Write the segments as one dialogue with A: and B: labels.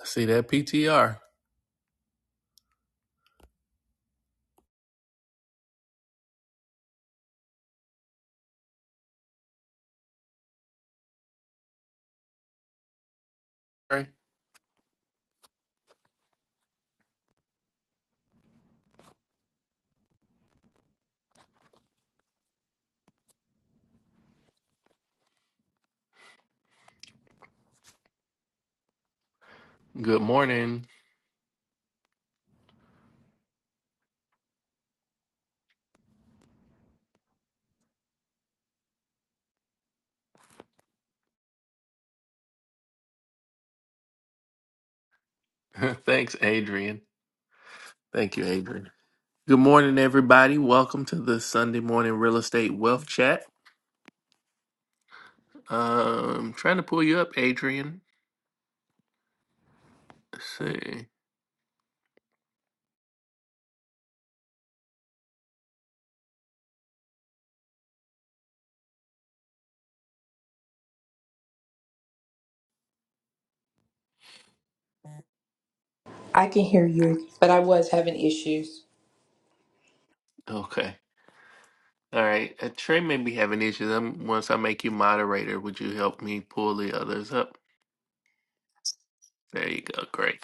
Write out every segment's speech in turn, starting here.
A: I See that PTR? Right. Good morning. Thanks, Adrian. Thank you, Adrian. Good morning, everybody. Welcome to the Sunday morning real estate wealth chat. Um, trying to pull you up, Adrian. Let's see.
B: I can hear you, but I was having issues.
A: Okay. All right. Uh, Trey may be having issues. i once I make you moderator, would you help me pull the others up? There you go. Great.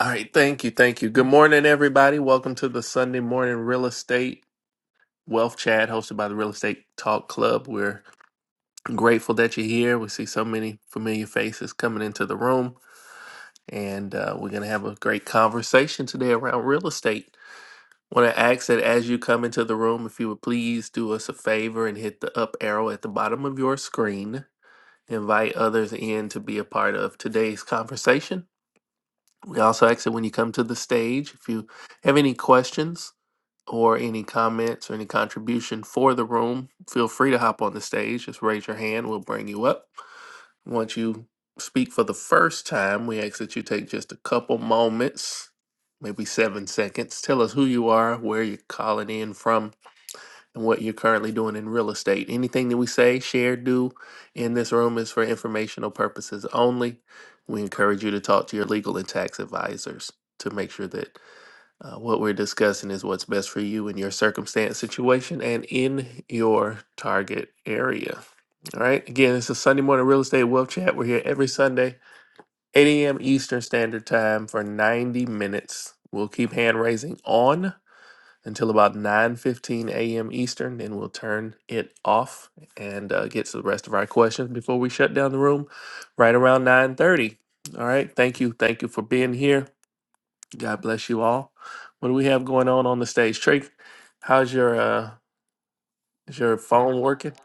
A: All right. Thank you. Thank you. Good morning, everybody. Welcome to the Sunday morning real estate wealth chat hosted by the Real Estate Talk Club. We're grateful that you're here. We see so many familiar faces coming into the room, and uh, we're going to have a great conversation today around real estate. Want to ask that as you come into the room, if you would please do us a favor and hit the up arrow at the bottom of your screen. Invite others in to be a part of today's conversation. We also ask that when you come to the stage, if you have any questions or any comments or any contribution for the room, feel free to hop on the stage. Just raise your hand, we'll bring you up. Once you speak for the first time, we ask that you take just a couple moments, maybe seven seconds. Tell us who you are, where you're calling in from, and what you're currently doing in real estate. Anything that we say, share, do in this room is for informational purposes only. We encourage you to talk to your legal and tax advisors to make sure that uh, what we're discussing is what's best for you in your circumstance, situation, and in your target area. All right. Again, it's a Sunday morning real estate wealth chat. We're here every Sunday, 8 a.m. Eastern Standard Time for 90 minutes. We'll keep hand raising on until about 9:15 a.m. Eastern. Then we'll turn it off and uh, get to the rest of our questions before we shut down the room right around 9:30. All right. Thank you. Thank you for being here. God bless you all. What do we have going on on the stage, Trey? How's your uh is your phone working?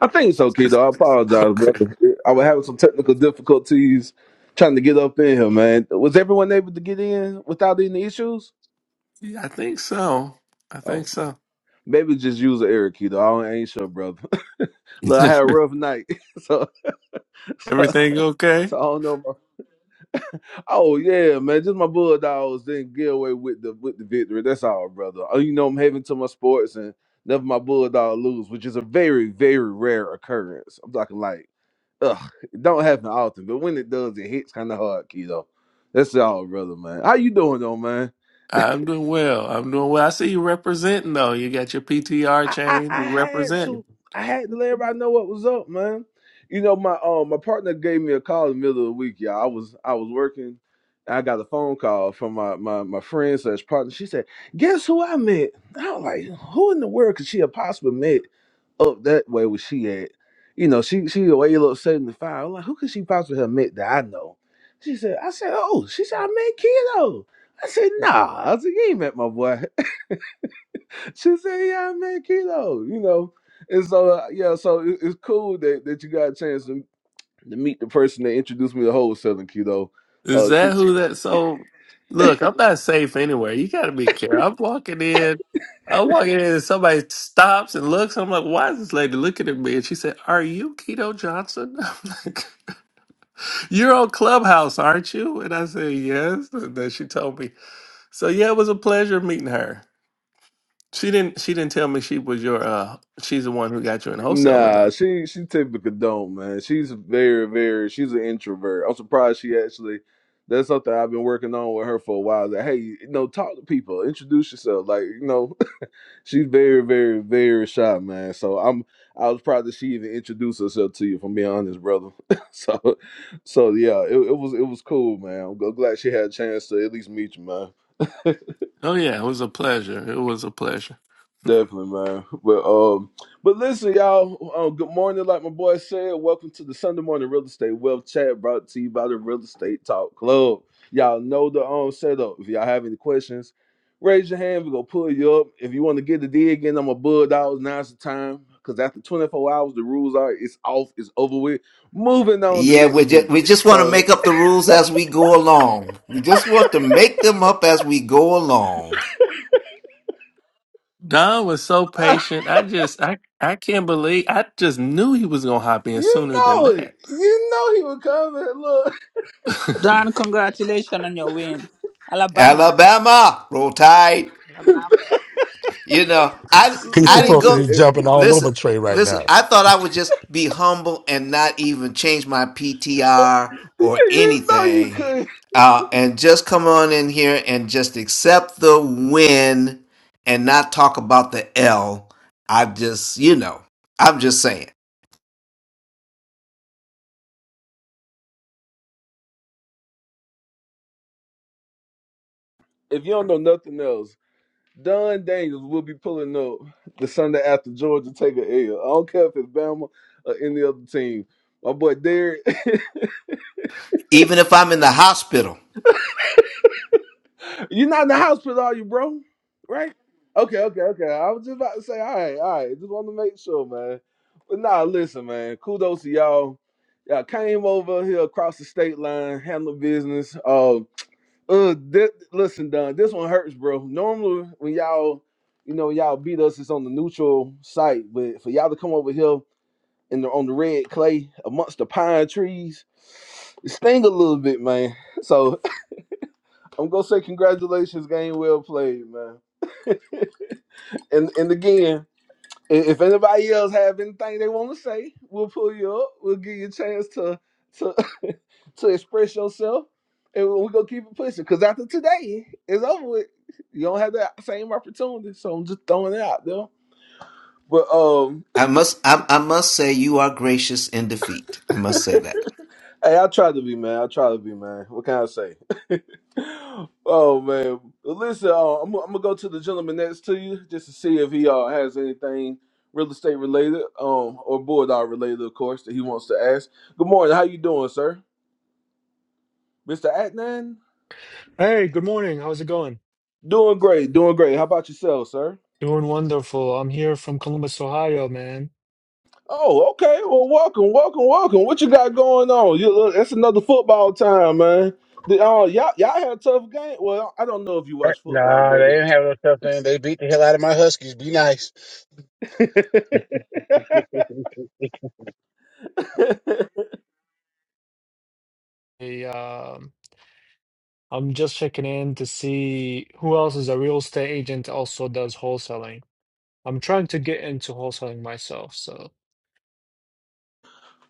C: I think it's okay though. I apologize,
A: Okay.
C: brother. I was having some technical difficulties trying to get up in here, man. Was everyone able to get in without any issues?
A: Yeah, I think so. I think
C: Oh,
A: so.
C: maybe just use an error key though. I ain't sure, brother. Look, I had a rough night, so so,
A: Everything okay?
C: so I don't know. bro. Oh yeah, man, just my Bulldogs didn't get away with the with the victory. That's all, brother. Oh, you know I'm having to my sports and never my Bulldog lose, which is a very very rare occurrence. I'm talking like. ugh, it don't happen often, but when it does, it hits kind of hard, keto. That's all, brother, man. How you doing, though, man?
A: I'm doing well. I'm doing well. I see you representing though. You got your PTR
C: I, I
A: chain.
C: I
A: You
C: had
A: representing.
C: to I had to let everybody know what was up, man. You know, my um my partner gave me a call in the middle of the week, y'all. I was I was working. I got a phone call from my my my friend slash partner. She said, "Guess who I met?" I was like, "Who in the world could she have possibly met?" up that way where she at. You know, she she way a little seventy five. I'm like, who could she possibly have met that I know? She said, I said, oh, she said I met Kilo. I said, nah. I said, you ain't met my boy. She said, yeah, I met Kilo. You know, and so uh, yeah, so it, it's cool that that you got a chance to, to meet the person that introduced me to wholesaling Kilo.
A: Is that who that? So, look, I'm not safe anywhere. You got to be careful. I'm walking in. I'm walking in, and somebody stops and looks. I'm like, why is this lady looking at me? And she said, Are you Keto Johnson? I'm like. You're on Clubhouse, aren't you? And I said, Yes. And then she told me. So yeah, it was a pleasure meeting her. She didn't she didn't tell me she was your uh she's the one who got you in wholesaling
C: Nah,
A: though.
C: she she typically don't, man. She's very, very she's an introvert. I'm surprised she actually that's something I've been working on with her for a while. That hey, you know, talk to people, introduce yourself. Like, you know, she's very, very, very shy, man. So I'm I was proud that she even introduced herself to you, if I'm being honest, brother. so so yeah, it, it was it was cool, man. I'm glad she had a chance to at least meet you, man.
A: Oh yeah, it was a pleasure. It was a pleasure.
C: Definitely, man. But um, but listen, y'all. Um, good morning, like my boy said. Welcome to the Sunday morning real estate wealth chat brought to you by the Real Estate Talk Club. Y'all know the um setup. If y'all have any questions, raise your hand. We're gonna pull you up. If you want to get the dig in, I'm a bulldog. Now's the time. Cause after 24 hours, the rules are it's off, it's over with. Moving on to
D: Yeah, we
C: next
D: just
C: week.
D: we just want to
C: So
D: make up the rules as we go along. We just want to make them up as we go along.
A: Don was so patient. I just I I can't believe I just knew he was gonna hop in
C: you
A: sooner than
C: know it.
A: that.
C: You know he was coming. look.
E: Don, congratulations on your win. Alabama.
D: Alabama, roll tide.
E: Alabama.
D: You know, I
F: He's
D: I didn't
F: supposed to
C: Listen,
D: go.
F: be
C: if
F: jumping all over
D: Listen,
F: Trey right
D: listen.
F: now.
D: I thought I would just be humble and not even change my PTR or
C: you know you
D: anything,
C: could.
D: uh, and just come on in here and just accept the win and not talk about the L. I just, you know, I'm just saying.
C: if you don't know nothing else, Don Daniels will be pulling up the Sunday after Georgia take a L. I don't care if it's Bama or any other team. My boy Derek,
D: Even if I'm in the hospital.
C: you're not in the hospital, are you, bro? Right? Okay, okay, okay. I was just about to say, all right, all right. Just want to make sure, man. But nah, listen, man. Kudos to y'all. Y'all came over here across the state line, handled business. Uh, Uh, thi- listen, Don, this one hurts, bro. Normally, when y'all, you know, y'all beat us, it's on the neutral site, but for y'all to come over here and on the red clay amongst the pine trees, it sting a little bit, man. So I'm gonna say congratulations, game well played, man. and and again, if anybody else have anything they want to say, we'll pull you up. We'll give you a chance to to to express yourself, and we're gonna keep it pushing. Cause after today, it's over with. You don't have that same opportunity, so I'm just throwing it out there. But um,
D: I must I, I must say you are gracious in defeat. I must say
C: hey,
D: that.
C: I try to be man. I try to be man. What can I say? Oh man, Well, listen, uh, I'm, I'm gonna go to the gentleman next to you just to see if he uh, has anything real estate related, um, or bulldog related, of course, that he wants to ask. Good morning, how you doing, sir, Mister Atnan?
G: Hey, good morning. How's it going?
C: Doing great, doing great. How about yourself, sir?
G: Doing wonderful. I'm here from Columbus, Ohio, man.
C: Oh, okay. Well, welcome, welcome, welcome. What you got going on? You, look, that's another football time, man. The, uh, y'all, y'all had a tough game. Well, I don't know if you watch football,
H: Nah, they didn't
C: brother.
H: have no tough thing. They beat the hell out of my Huskies. Be nice. hey,
G: Hey, um, I'm just checking in to see who else is a real estate agent also does wholesaling. I'm trying to get into wholesaling myself, so.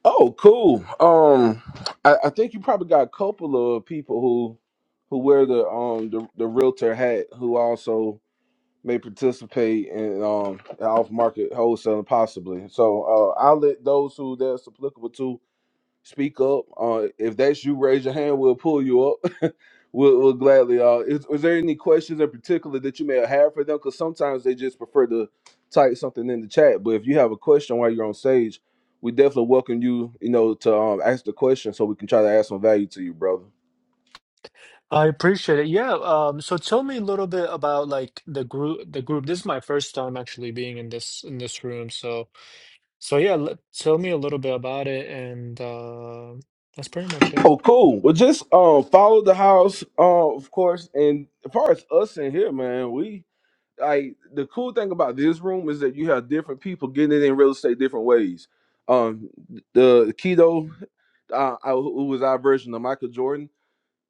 C: Oh, cool. Um, I, I think you probably got a couple of people who who wear the um the, the realtor hat who also may participate in um off market wholesaling possibly. So uh, I'll let those who that's applicable to Speak up. Uh, if that's you, raise your hand. We'll pull you up. we'll, we'll gladly. Uh, is, is there any questions in particular that you may have for them? Because sometimes they just prefer to type something in the chat. But if you have a question while you're on stage, we definitely welcome you. You know, to um, ask the question so we can try to add some value to you, brother.
G: I appreciate it. Yeah. Um, so tell me a little bit about like the group. The group. This is my first time actually being in this in this room. So so yeah. Let, tell me a little bit about it, and uh, that's pretty much it.
C: Oh, cool. Well, just um, follow the house, uh, of course. And as far as us in here, man, we like the cool thing about this room is that you have different people getting it in real estate different ways. Um, the keto, uh, I, who was our version of Michael Jordan,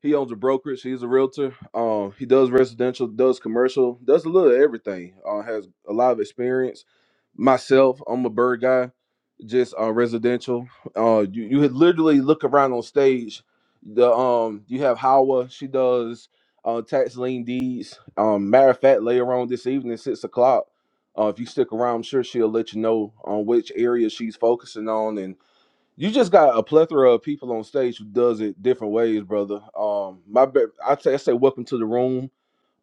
C: he owns a brokerage. He's a realtor. Um, he does residential, does commercial, does a little of everything. Uh, has a lot of experience. Myself, I'm a bird guy, just uh, residential. Uh, you you had literally look around on stage. The um, you have Hawa. She does uh, tax lien deeds. Um, matter of fact, later on this evening, six o'clock. Uh, if you stick around, I'm sure she'll let you know on which area she's focusing on and. You just got a plethora of people on stage who does it different ways, brother. Um, my be- I, say, I say, welcome to the room.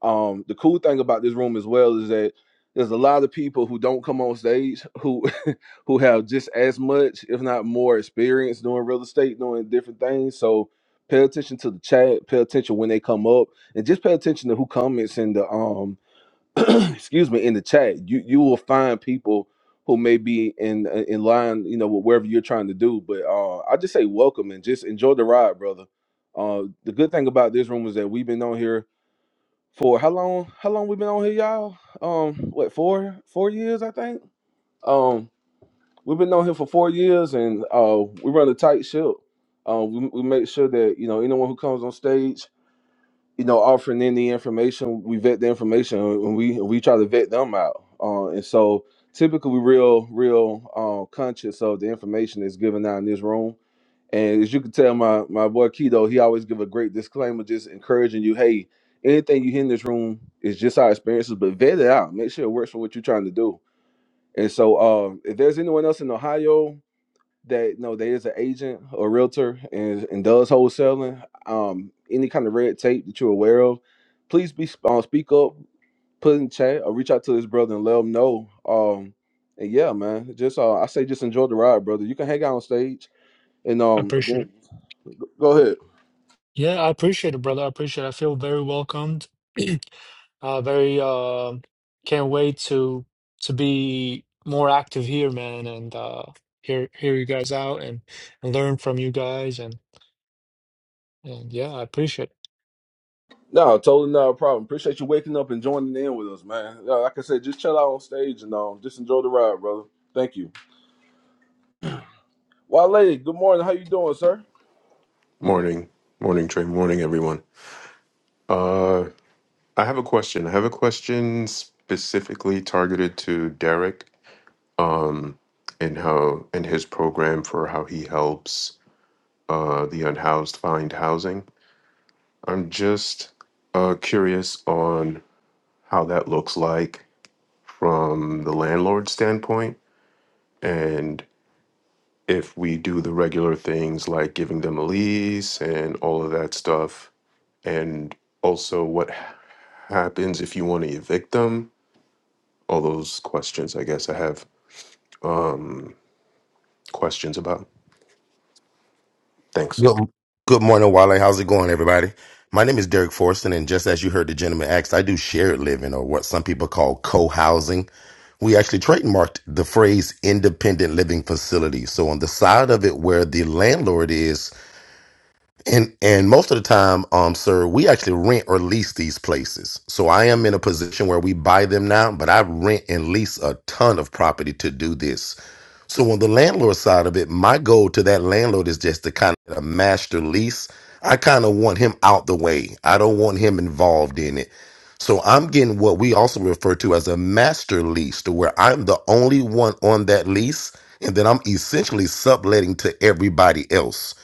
C: Um, the cool thing about this room as well is that there's a lot of people who don't come on stage who who have just as much, if not more, experience doing real estate, doing different things. So pay attention to the chat, pay attention when they come up, and just pay attention to who comments in the um excuse me in the chat you you will find people who may be in uh, in line you know with wherever you're trying to do but uh i just say welcome and just enjoy the ride brother uh the good thing about this room is that we've been on here for how long how long we been on here y'all um what four four years i think um we've been on here for four years and uh we run a tight ship um we, we make sure that you know anyone who comes on stage you know, offering any information, we vet the information and we we try to vet them out. Uh, and so typically we're real, real uh, conscious of the information that's given out in this room. And as you can tell, my my boy Keto, he always give a great disclaimer, just encouraging you, hey, anything you hear in this room is just our experiences, but vet it out. Make sure it works for what you're trying to do. And so uh, if there's anyone else in Ohio that no, that is an agent or realtor and, and does wholesaling, um, any kind of red tape that you're aware of, please be uh, speak up, put in chat, or reach out to this brother and let him know. Um, and yeah, man, just uh, I say just enjoy the ride, brother. You can hang out on stage and
G: I
C: um,
G: appreciate
C: again,
G: it.
C: go ahead.
G: Yeah, I appreciate it, brother. I appreciate it. I feel very welcomed. uh, very uh, can't wait to to be more active here, man, and uh, hear hear you guys out and, and learn from you guys, and and yeah, I appreciate it.
C: No, totally not a problem. Appreciate you waking up and joining in with us, man. Yeah, Like I said, just chill out on stage and um, just enjoy the ride, brother. Thank you. Wale, good morning. How you doing, sir?
I: Morning, morning, Trey. Morning, everyone. Uh, I have a question. I have a question specifically targeted to Derek, um, and how and his program for how he helps uh, the unhoused find housing. I'm just uh, curious on how that looks like from the landlord standpoint, and if we do the regular things like giving them a lease and all of that stuff and also what happens if you want to evict them all those questions i guess i have um questions about thanks
F: Good, good morning, Wale. How's it going, everybody? My name is Derek Forson, and just as you heard the gentleman ask, I do shared living or what some people call co-housing. We actually trademarked the phrase independent living facility. So on the side of it where the landlord is, and and most of the time, um, sir, we actually rent or lease these places. So I am in a position where we buy them now, but I rent and lease a ton of property to do this. So on the landlord side of it, my goal to that landlord is just to kind of get a master lease. I kind of want him out the way. I don't want him involved in it. So I'm getting what we also refer to as a master lease to where I'm the only one on that lease. And then I'm essentially subletting to everybody else.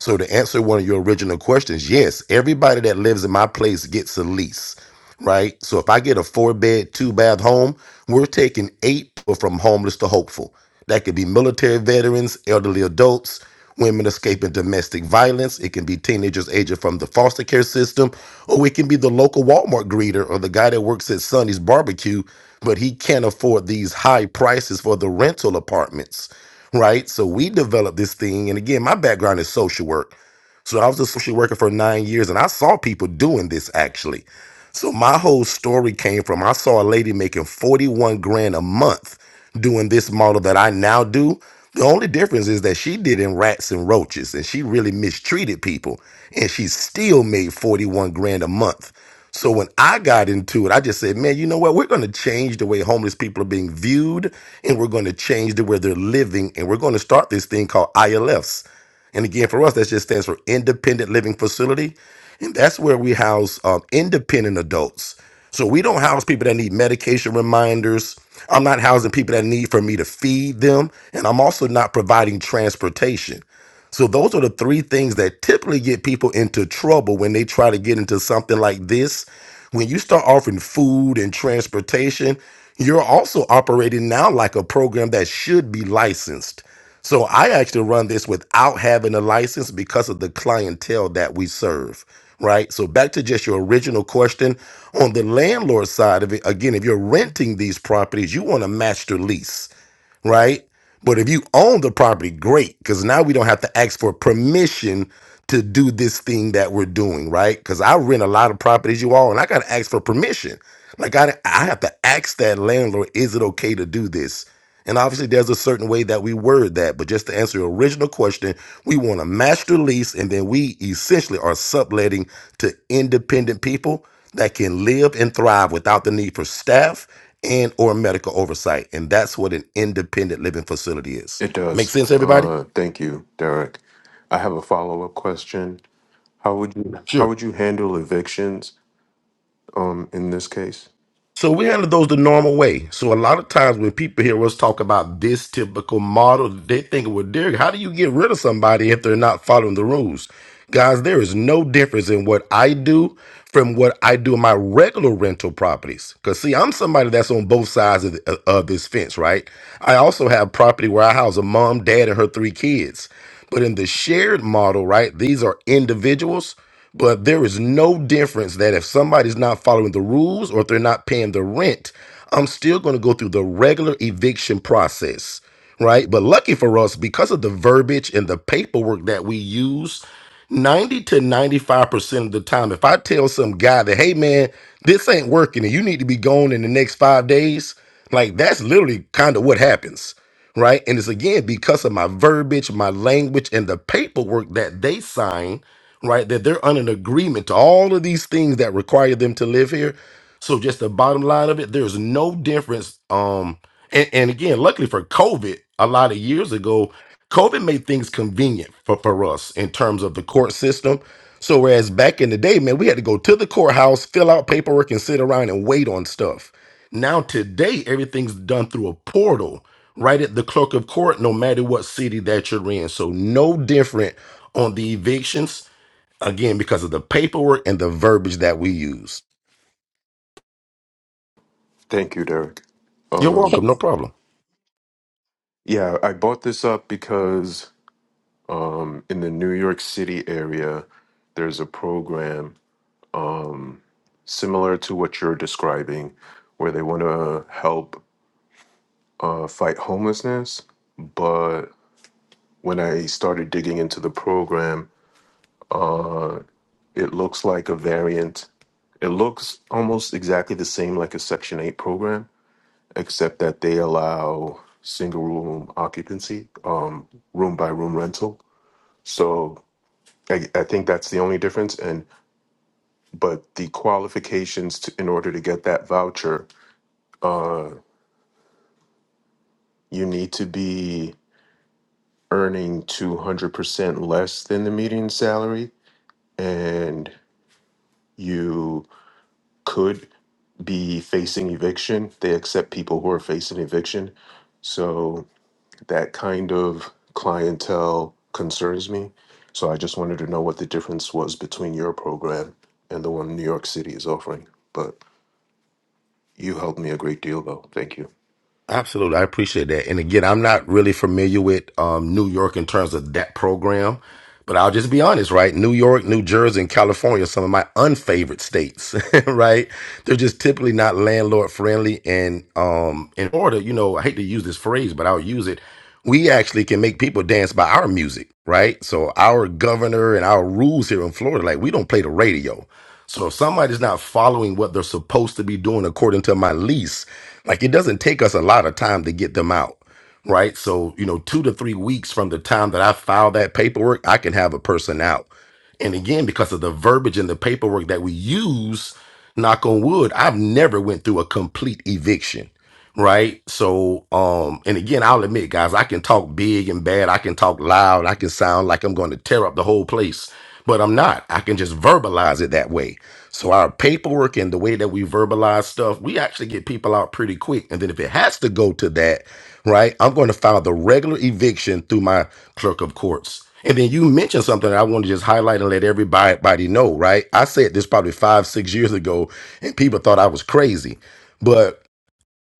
F: So to answer one of your original questions, yes, everybody that lives in my place gets a lease right? So if I get a four bed, two bath home, we're taking eight people from homeless to hopeful. That could be military veterans, elderly adults, women escaping domestic violence. It can be teenagers aging from the foster care system, or it can be the local Walmart greeter or the guy that works at Sonny's barbecue, but he can't afford these high prices for the rental apartments, right? So we developed this thing. And again, my background is social work. So I was a social worker for nine years and I saw people doing this actually. So my whole story came from I saw a lady making 41 grand a month doing this model that I now do. The only difference is that she did in rats and roaches and she really mistreated people and she still made 41 grand a month. So when I got into it, I just said, man, you know what? We're going to change the way homeless people are being viewed and we're going to change the way they're living. And we're going to start this thing called ILFs. And again, for us, that just stands for Independent Living Facility. And that's where we house um, independent adults. So we don't house people that need medication reminders. I'm not housing people that need for me to feed them. And I'm also not providing transportation. So those are the three things that typically get people into trouble when they try to get into something like this. When you start offering food and transportation, you're also operating now like a program that should be licensed. So I actually run this without having a license because of the clientele that we serve, right? So back to just your original question, on the landlord side of it, again, if you're renting these properties, you want a master lease right? But if you own the property, great, because now we don't have to ask for permission to do this thing that we're doing, right? Because I rent a lot of properties, you all, and I got to ask for permission. Like I, I have to ask that landlord, is it okay to do this? And obviously, there's a certain way that we word that. But just to answer your original question, we want a master lease, and then we essentially are subletting to independent people that can live and thrive without the need for staff and or medical oversight and that's what an independent living facility is
I: it
F: make
I: does
F: sense everybody
I: uh thank you derek i have a follow-up question how would you
F: Sure.
I: how would you handle evictions um in this case
F: So we handle those the normal way. So a lot of times when people hear us talk about this typical model, they think, well, Derek, how do you get rid of somebody if they're not following the rules? Guys, there is no difference in what I do from what I do in my regular rental properties. Because, see, I'm somebody that's on both sides of, the, uh, of this fence, right? I also have property where I house a mom, dad, and her three kids. But in the shared model, right, these are individuals. But there is no difference that if somebody's not following the rules or if they're not paying the rent, I'm still going to go through the regular eviction process, right? But lucky for us, because of the verbiage and the paperwork that we use, 90 to 95% of the time, if I tell some guy that, hey man, this ain't working and you need to be gone in the next five days, like that's literally kind of what happens right? And it's again because of my verbiage, my language, and the paperwork that they sign, right? That they're under an agreement to all of these things that require them to live here. So just the bottom line of it, there's no difference. Um, and, and again, luckily for COVID, a lot of years ago, COVID made things convenient for, for us in terms of the court system. So whereas back in the day, man, we had to go to the courthouse, fill out paperwork, and sit around and wait on stuff. Now today, everything's done through a portal right at the clerk of court, no matter what city that you're in. So no different on the evictions, again, because of the paperwork and the verbiage that we use.
I: thank you derek
F: You're
B: Hey,
F: welcome,
I: um
F: no problem.
I: yeah i bought this up because um in the new york city area there's a program similar to what you're describing, where they want to help uh, fight homelessness. But when I started digging into the program, it looks like a variant. It looks almost exactly the same like a Section 8 program, except that they allow single room occupancy, uh, room by room rental. So I, I think that's the only difference. And but the qualifications to, in order to get that voucher, you need to be earning 200% less than the median salary and you could be facing eviction. They accept people who are facing eviction. So that kind of clientele concerns me. So I just wanted to know what the difference was between your program and the one New York City is offering. But you helped me a great deal, though. Thank you.
F: Absolutely, I appreciate that. And again, I'm not really familiar with um, New York in terms of that program, but I'll just be honest, right? New York, New Jersey, and California are some of my unfavorite states, right? They're just typically not landlord friendly. And um, in order, you know, I hate to use this phrase, but I'll use it we actually can make people dance by our music, right? So our governor and our rules here in Florida, like we don't play the radio. So if somebody's not following what they're supposed to be doing according to my lease, like it doesn't take us a lot of time to get them out, right? So, you know, two to three weeks from the time that I file that paperwork, I can have a person out. And again, because of the verbiage and the paperwork that we use, knock on wood, I've never went through a complete eviction right? So, um, and again, I'll admit, guys, I can talk big and bad. I can talk loud. I can sound like I'm going to tear up the whole place, but I'm not. I can just verbalize it that way. So our paperwork and the way that we verbalize stuff, we actually get people out pretty quick. And then if it has to go to that, right, I'm going to file the regular eviction through my clerk of courts. And then you mentioned something that I want to just highlight and let everybody body know, right? I said this probably five, six years ago, and people thought I was crazy. But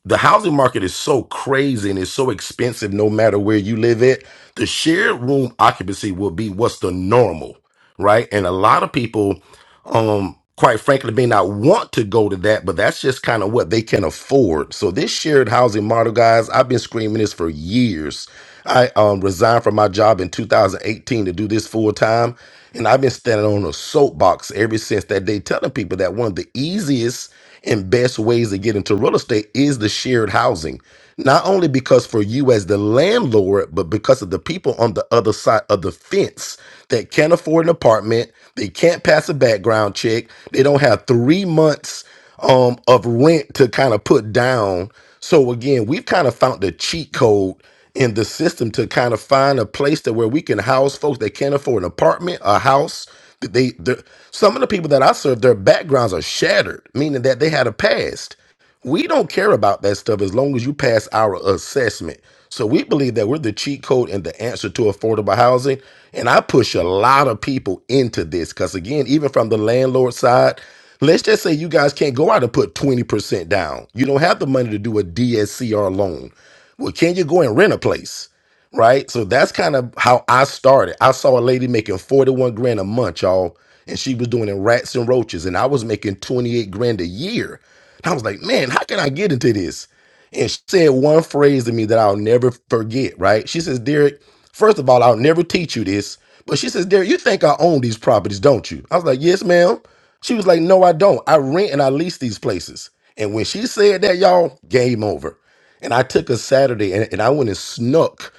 F: the housing market is so crazy and it's so expensive no matter where you live at the shared room occupancy will be what's the normal right and a lot of people um quite frankly may not want to go to that but that's just kind of what they can afford so this shared housing model guys i've been screaming this for years I um, resigned from my job in 2018 to do this full time. And I've been standing on a soapbox ever since that day, telling people that one of the easiest and best ways to get into real estate is the shared housing. Not only because for you as the landlord, but because of the people on the other side of the fence that can't afford an apartment, they can't pass a background check, they don't have three months um, of rent to kind of put down. So again, we've kind of found the cheat code in the system to kind of find a place that where we can house folks that can't afford an apartment, a house. That They, they're- some of the people that I serve, their backgrounds are shattered, meaning that they had a past. We don't care about that stuff as long as you pass our assessment. So we believe that we're the cheat code and the answer to affordable housing. And I push a lot of people into this because, again, even from the landlord side, let's just say you guys can't go out and put 20% down. You don't have the money to do a DSCR loan. Well, can you go and rent a place? right? So that's kind of how I started. I saw a lady making 41 grand a month, y'all, and she was doing it rats and roaches, and I was making 28 grand a year. And I was like, man, how can I get into this? And she said one phrase to me that I'll never forget, right? She says, Derek, first of all, I'll never teach you this. But she says, Derek, you think I own these properties, don't you? I was like, yes, ma'am. She was like, no, I don't. I rent and I lease these places. And when she said that, y'all, game over. And I took a Saturday and, and I went and snuck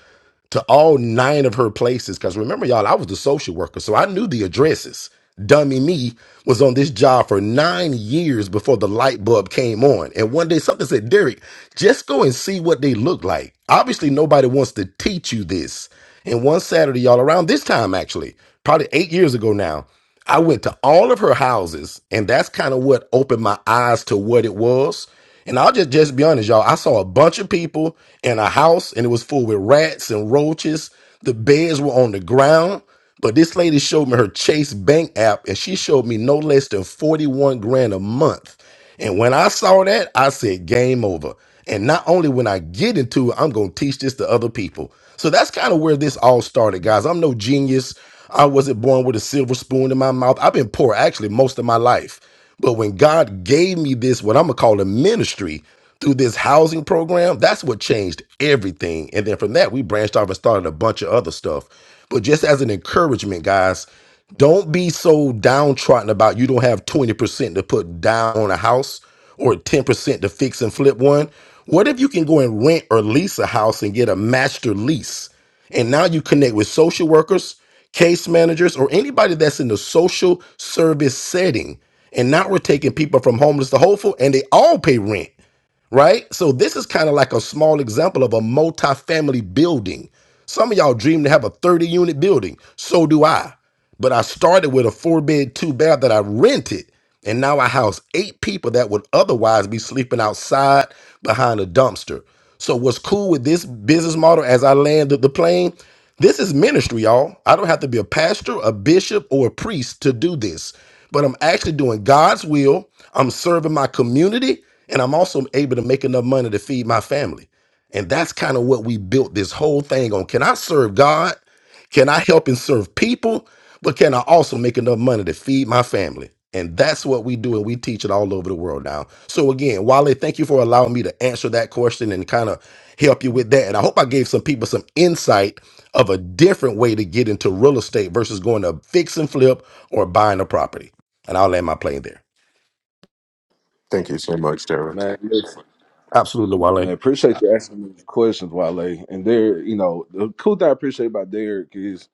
F: to all nine of her places. Because remember, y'all, I was the social worker, so I knew the addresses. Dummy me was on this job for nine years before the light bulb came on. And one day something said, Derek, just go and see what they look like. Obviously, nobody wants to teach you this. And one Saturday, y'all, around this time actually, probably eight years ago now, I went to all of her houses, and that's kind of what opened my eyes to what it was. And I'll just just be honest, y'all. I saw a bunch of people in a house, and it was full with rats and roaches. The beds were on the ground. But this lady showed me her Chase Bank app, and she showed me no less than forty-one grand a month. And when I saw that, I said, "Game over." And not only when I get into it, I'm gonna teach this to other people. So that's kind of where this all started, guys. I'm no genius. I wasn't born with a silver spoon in my mouth. I've been poor actually most of my life. But when God gave me this, what I'm gonna call a ministry through this housing program, that's what changed everything. And then from that, we branched off and started a bunch of other stuff. But just as an encouragement, guys, don't be so downtrodden about you don't have 20% to put down on a house or 10% to fix and flip one. What if you can go and rent or lease a house and get a master lease? And now you connect with social workers, case managers, or anybody that's in the social service setting. And now we're taking people from homeless to hopeful, and they all pay rent right? So this is kind of like a small example of a multi-family building. Some of y'all dream to have a 30 unit building. So do I. But I started with a four bed, two bath that I rented. And now I house eight people that would otherwise be sleeping outside behind a dumpster. So what's cool with this business model as I landed the plane, this is ministry, y'all. I don't have to be a pastor, a bishop, or a priest to do this but I'm actually doing God's will. I'm serving my community, and I'm also able to make enough money to feed my family. And that's kind of what we built this whole thing on. Can I serve God? Can I help and serve people? But can I also make enough money to feed my family? And that's what we do, and we teach it all over the world now. So again, Wale, thank you for allowing me to answer that question and kind of help you with that. And I hope I gave some people some insight of a different way to get into real estate versus going to fix and flip or buying a property. And I'll land my plane there.
I: Thank you so much, Derek.
C: Man, listen.
F: Absolutely,
C: Man,
F: Wale.
C: appreciate you asking me these questions, Wale. And there, you know, the cool thing I appreciate about Derek is,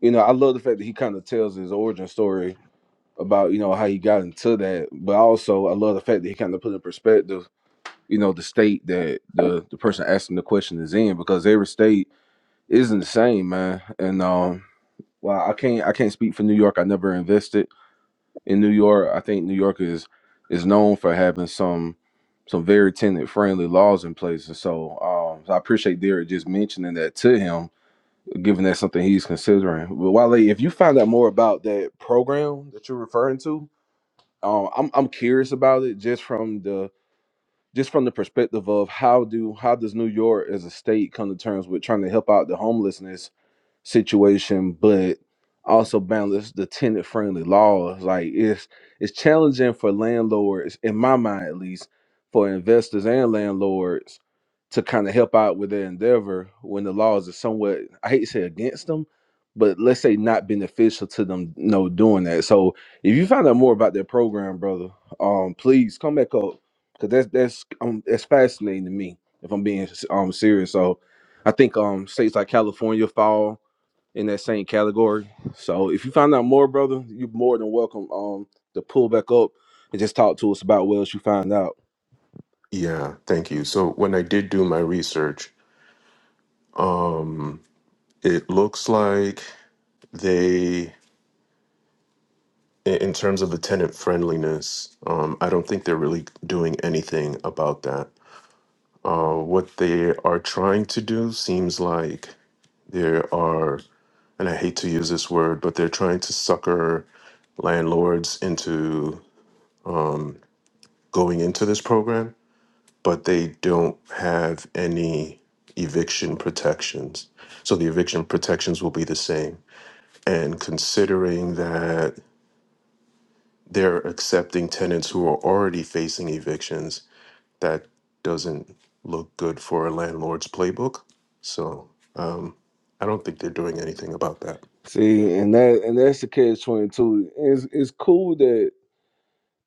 C: you know, I love the fact that he kind of tells his origin story about, you know, how he got into that. But also, I love the fact that he kind of put in perspective, you know, the state that the the person asking the question is in, because every state isn't the same, man. And um, well, I can't I can't speak for New York. I never invested, in New York, I think New York is is known for having some some very tenant friendly laws in place, and so, um, so I appreciate Derek just mentioning that to him, given that's something he's considering. But Wale, if you find out more about that program that you're referring to, um, I'm I'm curious about it just from the just from the perspective of how do how does New York as a state come to terms with trying to help out the homelessness situation, but also balance the tenant friendly laws. Like it's it's challenging for landlords, in my mind at least, for investors and landlords to kind of help out with their endeavor when the laws are somewhat I hate to say against them, but let's say not beneficial to them you know, doing that. So if you find out more about that program, brother, um please come back up because that's that's um that's fascinating to me if I'm being um serious. So I think um states like California fall in that same category. So if you find out more, brother, you're more than welcome um to pull back up and just talk to us about what else you find out.
I: Yeah, thank you. So when I did do my research, um, it looks like They, in in terms of the tenant friendliness, um, I don't think they're really doing anything about that. Uh, what they are trying to do seems like there are, and I hate to use this word, but they're trying to sucker landlords into going into this program, but they don't have any eviction protections. So the eviction protections will be the same. And considering that they're accepting tenants who are already facing evictions. That doesn't look good for a landlord's playbook. So um, I don't think they're doing anything about that.
C: See, and that and that's the catch twenty two. It's it's cool that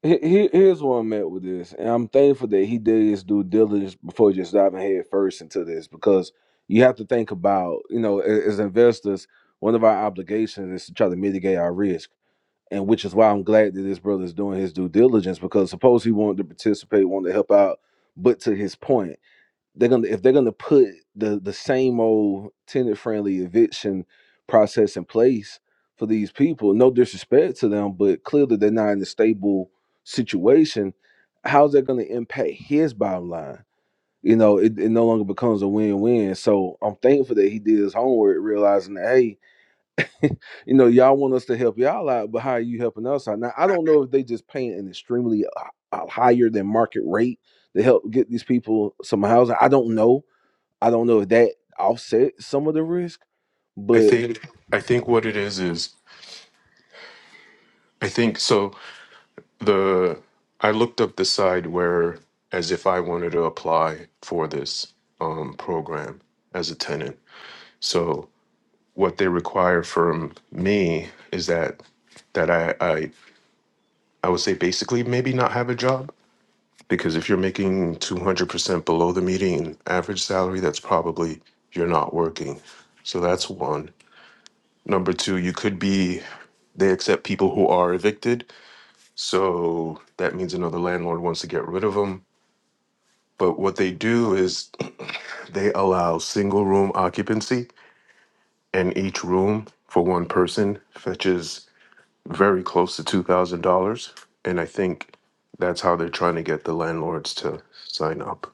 C: he, he- here's where I'm at with this, and I'm thankful that he did his due diligence before just diving head first into this because you have to think about you know a- as investors, one of our obligations is to try to mitigate our risk. and which is why I'm glad that this brother is doing his due diligence because suppose he wanted to participate, wanted to help out, but to his point, they're gonna if they're gonna put the the same old tenant friendly eviction process in place for these people, no disrespect to them, but clearly they're not in a stable situation. How's that gonna impact his bottom line? You know, it, it no longer becomes a win-win. So I'm thankful that he did his homework, realizing that hey, you know, y'all want us to help y'all out, but how are you helping us out? Now, I don't know if they just paying an extremely uh, uh, higher than market rate to help get these people some housing. I don't know. I don't know if that offset some of the risk,
I: I
C: but.
I: think I think what it is is I think so. The I looked up the side where as if I wanted to apply for this um, program as a tenant. So what they require from me is that that I, I I would say basically maybe not have a job Because if you're making 200% below the median average salary, that's probably you're not working. So that's one. Number two, you could be, they accept people who are evicted. So that means another landlord wants to get rid of them. But what they do is they allow single room occupancy, and each room for one person fetches very close to $2,000. And I think that's how they're trying to get the landlords to sign up.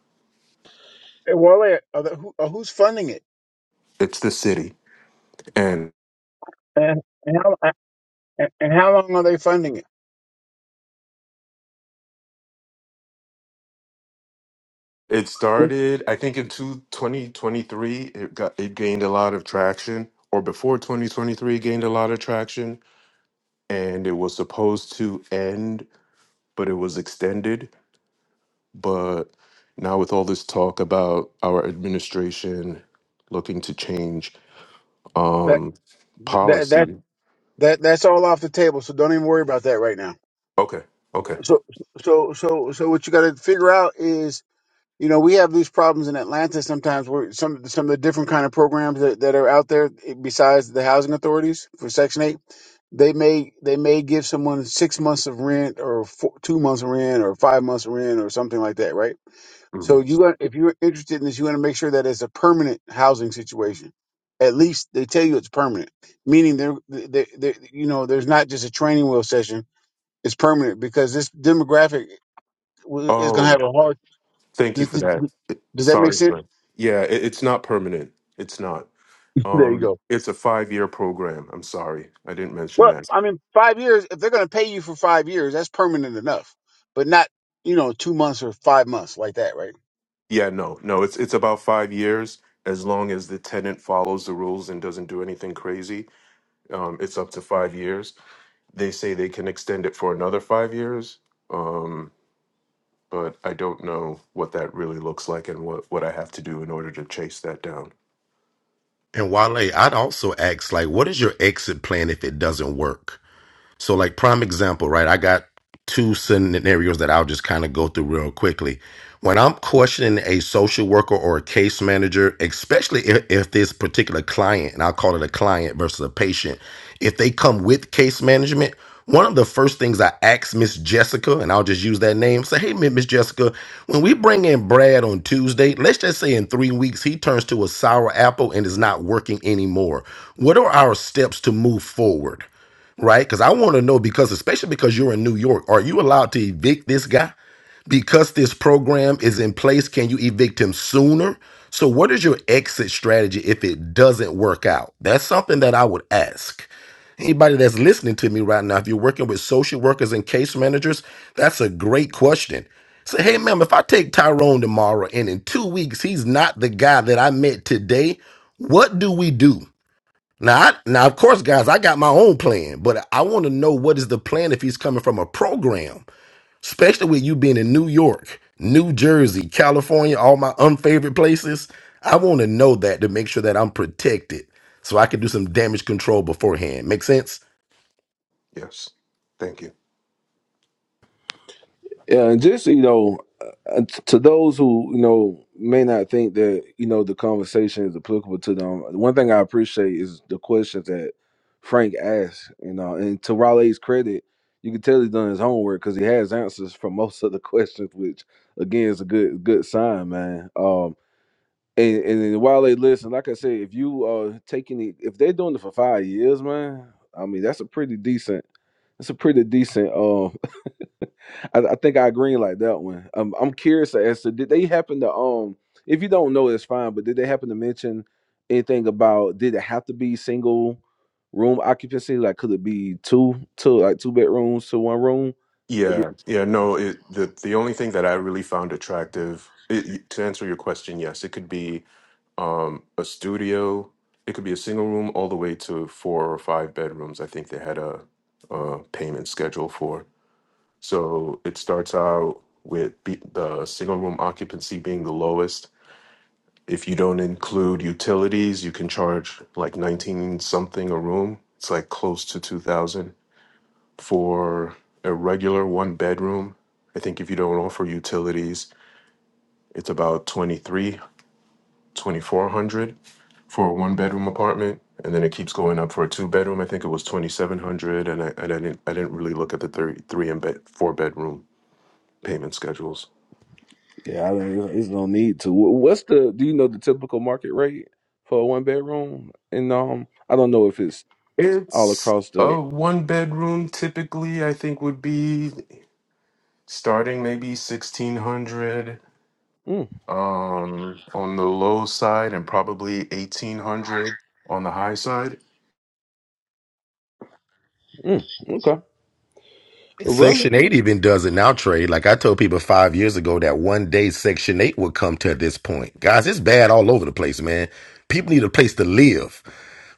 H: Wale, are the, who, uh, who's funding it?
I: It's the city. and.
H: And, and, how, and, and how long are they funding it?
I: It started, I think, in two twenty twenty three. It got it gained a lot of traction, or before 2023, it gained a lot of traction, and it was supposed to end, but it was extended. But now, with all this talk about our administration looking to change
H: That
I: um,
H: that that
I: policy,
H: that that's all off the table. So don't even worry about that right now.
I: okay, okay.
H: So so so so what you got to figure out is you know, we have these problems in Atlanta sometimes where some some of the different kind of programs that, that are out there eh, besides the housing authorities for Section Eight, they may they may give someone six months of rent or four, two months of rent or five months of rent or something like that, right? So
I: Mhm.
H: you got- if you're interested in this, you want to make sure that it's a permanent housing situation. At least they tell you it's permanent, meaning they're, they they you know there's not just a training wheel session. It's permanent because this demographic w- is going to
I: Oh,
H: have a hard.
I: thank you
H: Does,
I: for
H: does
I: that.
H: does that make
I: Sorry,
H: sense?
I: for- that. yeah, it, it's not permanent. It's not.
H: There you
I: Um,
H: go.
I: it's a five-year program. I'm sorry, I didn't mention
H: Well,
I: that.
H: I mean, five years, if they're going to pay you for five years, that's permanent enough, but not, you know, two months or five months like that, right?
I: Yeah, no, no, it's it's about five years. As long as the tenant follows the rules and doesn't do anything crazy, um, it's up to five years. They say they can extend it for another five years, um, but I don't know what that really looks like and what what I have to do in order to chase that down.
F: And Wale, I'd also ask, like, what is your exit plan if it doesn't work? So, like prime example, right? I got two scenarios that I'll just kind of go through real quickly. When I'm questioning a social worker or a case manager, especially if, if this particular client, and I'll call it a client versus a patient, if they come with case management, one of the first things I ask Miss Jessica, and I'll just use that name, say, hey, Miss Jessica, when we bring in Brad on Tuesday, let's just say in three weeks he turns to a sour apple and is not working anymore. What are our steps to move forward? right? Because I want to know because, especially because you're in New York, are you allowed to evict this guy? Because this program is in place, can you evict him sooner? So, what is your exit strategy if it doesn't work out? That's something that I would ask. Anybody that's listening to me right now, if you're working with social workers and case managers, that's a great question. Say, hey, ma'am, if I take Tyrone tomorrow and in two weeks he's not the guy that I met today, what do we do? Now, I, now, of course, guys, I got my own plan, but I want to know what is the plan if he's coming from a program, especially with you being in New York, New Jersey, California, all my unfavorite places. I want to know that to make sure that I'm protected so I can do some damage control beforehand. Make sense?
I: Yes, thank you.
C: Yeah, and just you know, uh, to those who you know may not think that you know the conversation is applicable to them, one thing I appreciate is the questions that Frank asked. You know, and to Raleigh's credit, you can tell he's done his homework because he has answers for most of the questions, which again is a good good sign, man. Um, and and then Raleigh, listen, like I said, if you uh taking it, if they're doing it for five years, man, I mean that's a pretty decent. That's a pretty decent. um, I, I think I agree like that one. Um, I'm curious as to did they happen to um if you don't know it's fine, but did they happen to mention anything about did it have to be single room occupancy? Like could it be two two like two bedrooms to one room?
I: Yeah, yeah, no, it, the the only thing that I really found attractive, it, to answer your question, yes, it could be um, a studio. It could be a single room all the way to four or five bedrooms. I think they had a, a payment schedule for. So it starts out with be- the single room occupancy being the lowest. If you don't include utilities, you can charge like 19 something a room. It's like close to 2000 for a regular one bedroom. I think if you don't offer utilities, it's about 23, 2400. for a one bedroom apartment, and then it keeps going up for a two bedroom. I think it was twenty seven hundred, and I and I didn't I didn't really look at the three three and bed, four bedroom payment schedules.
C: Yeah, I mean it's it's no need to. Wh- What's the do you know the typical market rate for a one bedroom? And um I don't know if it's all
I: It's
C: across the
I: a one bedroom typically. I think would be starting maybe sixteen hundred
C: mm,
I: um on the low side and probably 1800 on the high side
C: mm, okay. Well,
F: Section 8 even does it now, Trey. Like I told people five years ago that one day Section 8 would come to this point. Guys, it's bad all over the place, man. People need a place to live,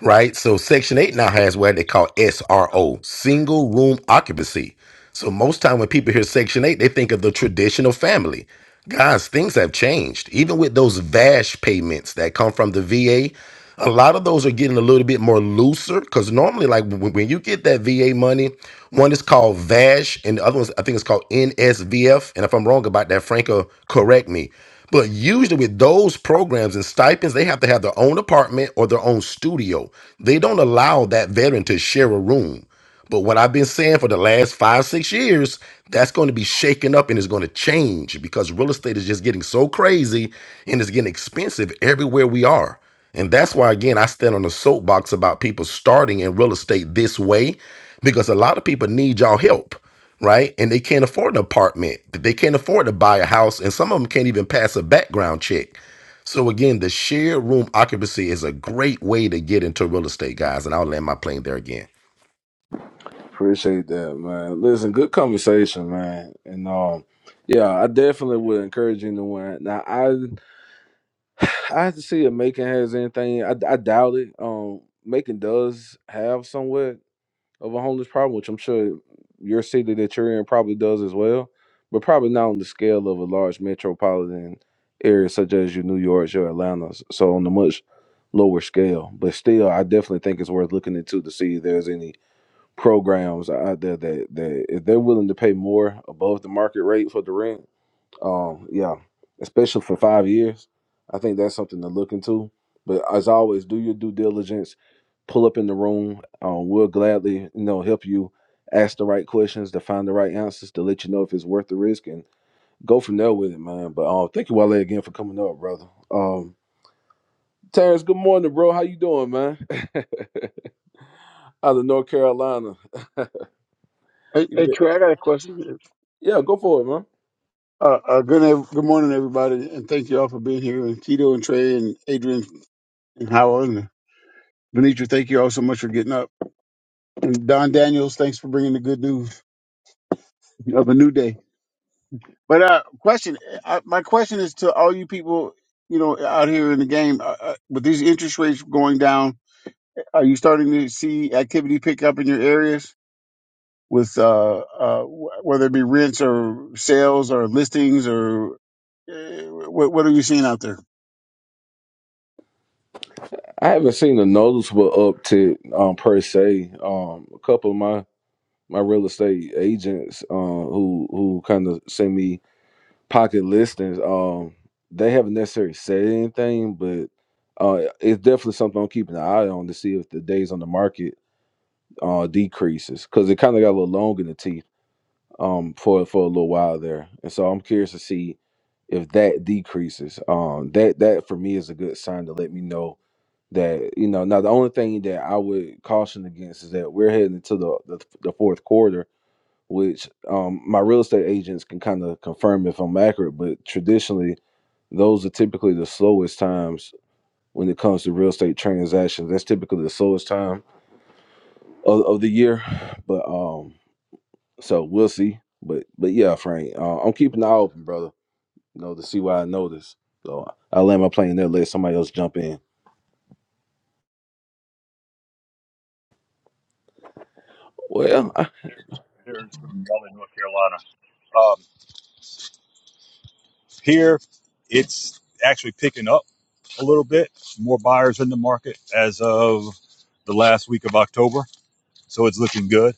F: right? So Section 8 now has what they call SRO, single room occupancy. So most time when people hear Section 8, they think of the traditional family. Guys, things have changed. Even with those VASH payments that come from the VA, a a lot of those are getting a little bit more looser because normally, like when, when you get that VA money, one is called VASH and the other one's I think it's called NSVF. And if I'm wrong about that, Franco, correct me. But usually with those programs and stipends, they have to have their own apartment or their own studio. They don't allow that veteran to share a room. But what I've been saying for the last five, six years, that's going to be shaken up and it's going to change because real estate is just getting so crazy and it's getting expensive everywhere we are. And that's why, again, I stand on the soapbox about people starting in real estate this way because a lot of people need y'all help, right? And they can't afford an apartment, they can't afford to buy a house, and some of them can't even pass a background check. So, again, the shared room occupancy is a great way to get into real estate, guys. And I'll land my plane there again.
C: Appreciate that, man. Listen, good conversation, man. And um, yeah, I definitely would encourage anyone. Now, I I have to see if Macon has anything. I, I doubt it. Um, Macon does have somewhat of a homeless problem, which I'm sure your city that you're in probably does as well, but probably not on the scale of a large metropolitan area such as your New York's, your Atlanta's. So on a much lower scale, but still, I definitely think it's worth looking into to see if there's any programs out there that that if they're willing to pay more above the market rate for the rent, um, yeah, especially for five years, I think that's something to look into. But as always, do your due diligence. Pull up in the room. Um, we'll gladly, you know, help you ask the right questions to find the right answers to let you know if it's worth the risk and go from there with it, man. But um, thank you, Wale, again for coming up, brother. Um, Terrence, good morning, bro. How you doing, man? Out of North Carolina.
H: Hey,
C: You
H: hey Trey, I got a question.
C: Yeah, go for it, man.
H: Uh, uh, good, ev- good morning, everybody, and thank you all for being here. And Tito and Trey and Adrian and Howard and Benitra, thank you all so much for getting up. And Don Daniels, thanks for bringing the good news of a new day. But uh, question, uh my question is to all you people, you know, out here in the game, uh, uh, with these interest rates going down Are you starting to see activity pick up in your areas with uh, uh, wh- whether it be rents or sales or listings or uh, what, what are you seeing out there?
C: I haven't seen a noticeable uptick um, per se. Um, a couple of my, my real estate agents uh, who who kind of send me pocket listings, um, they haven't necessarily said anything, but uh, it's definitely something I'm keeping an eye on to see if the days on the market uh, decreases because it kind of got a little long in the teeth um, for for a little while there, and so I'm curious to see if that decreases. Um, that that for me is a good sign to let me know that you know now the only thing that i would caution against is that we're heading into the the, the fourth quarter which um my real estate agents can kind of confirm if i'm accurate but traditionally those are typically the slowest times when it comes to real estate transactions that's typically the slowest time of, of the year but um so we'll see but but yeah frank uh, i'm keeping an eye open brother you know to see what i notice so i land my plane there let somebody else jump in well
J: here in Raleigh, North Carolina. Um, here, it's actually picking up a little bit. More buyers in the market as of the last week of October, so it's looking good.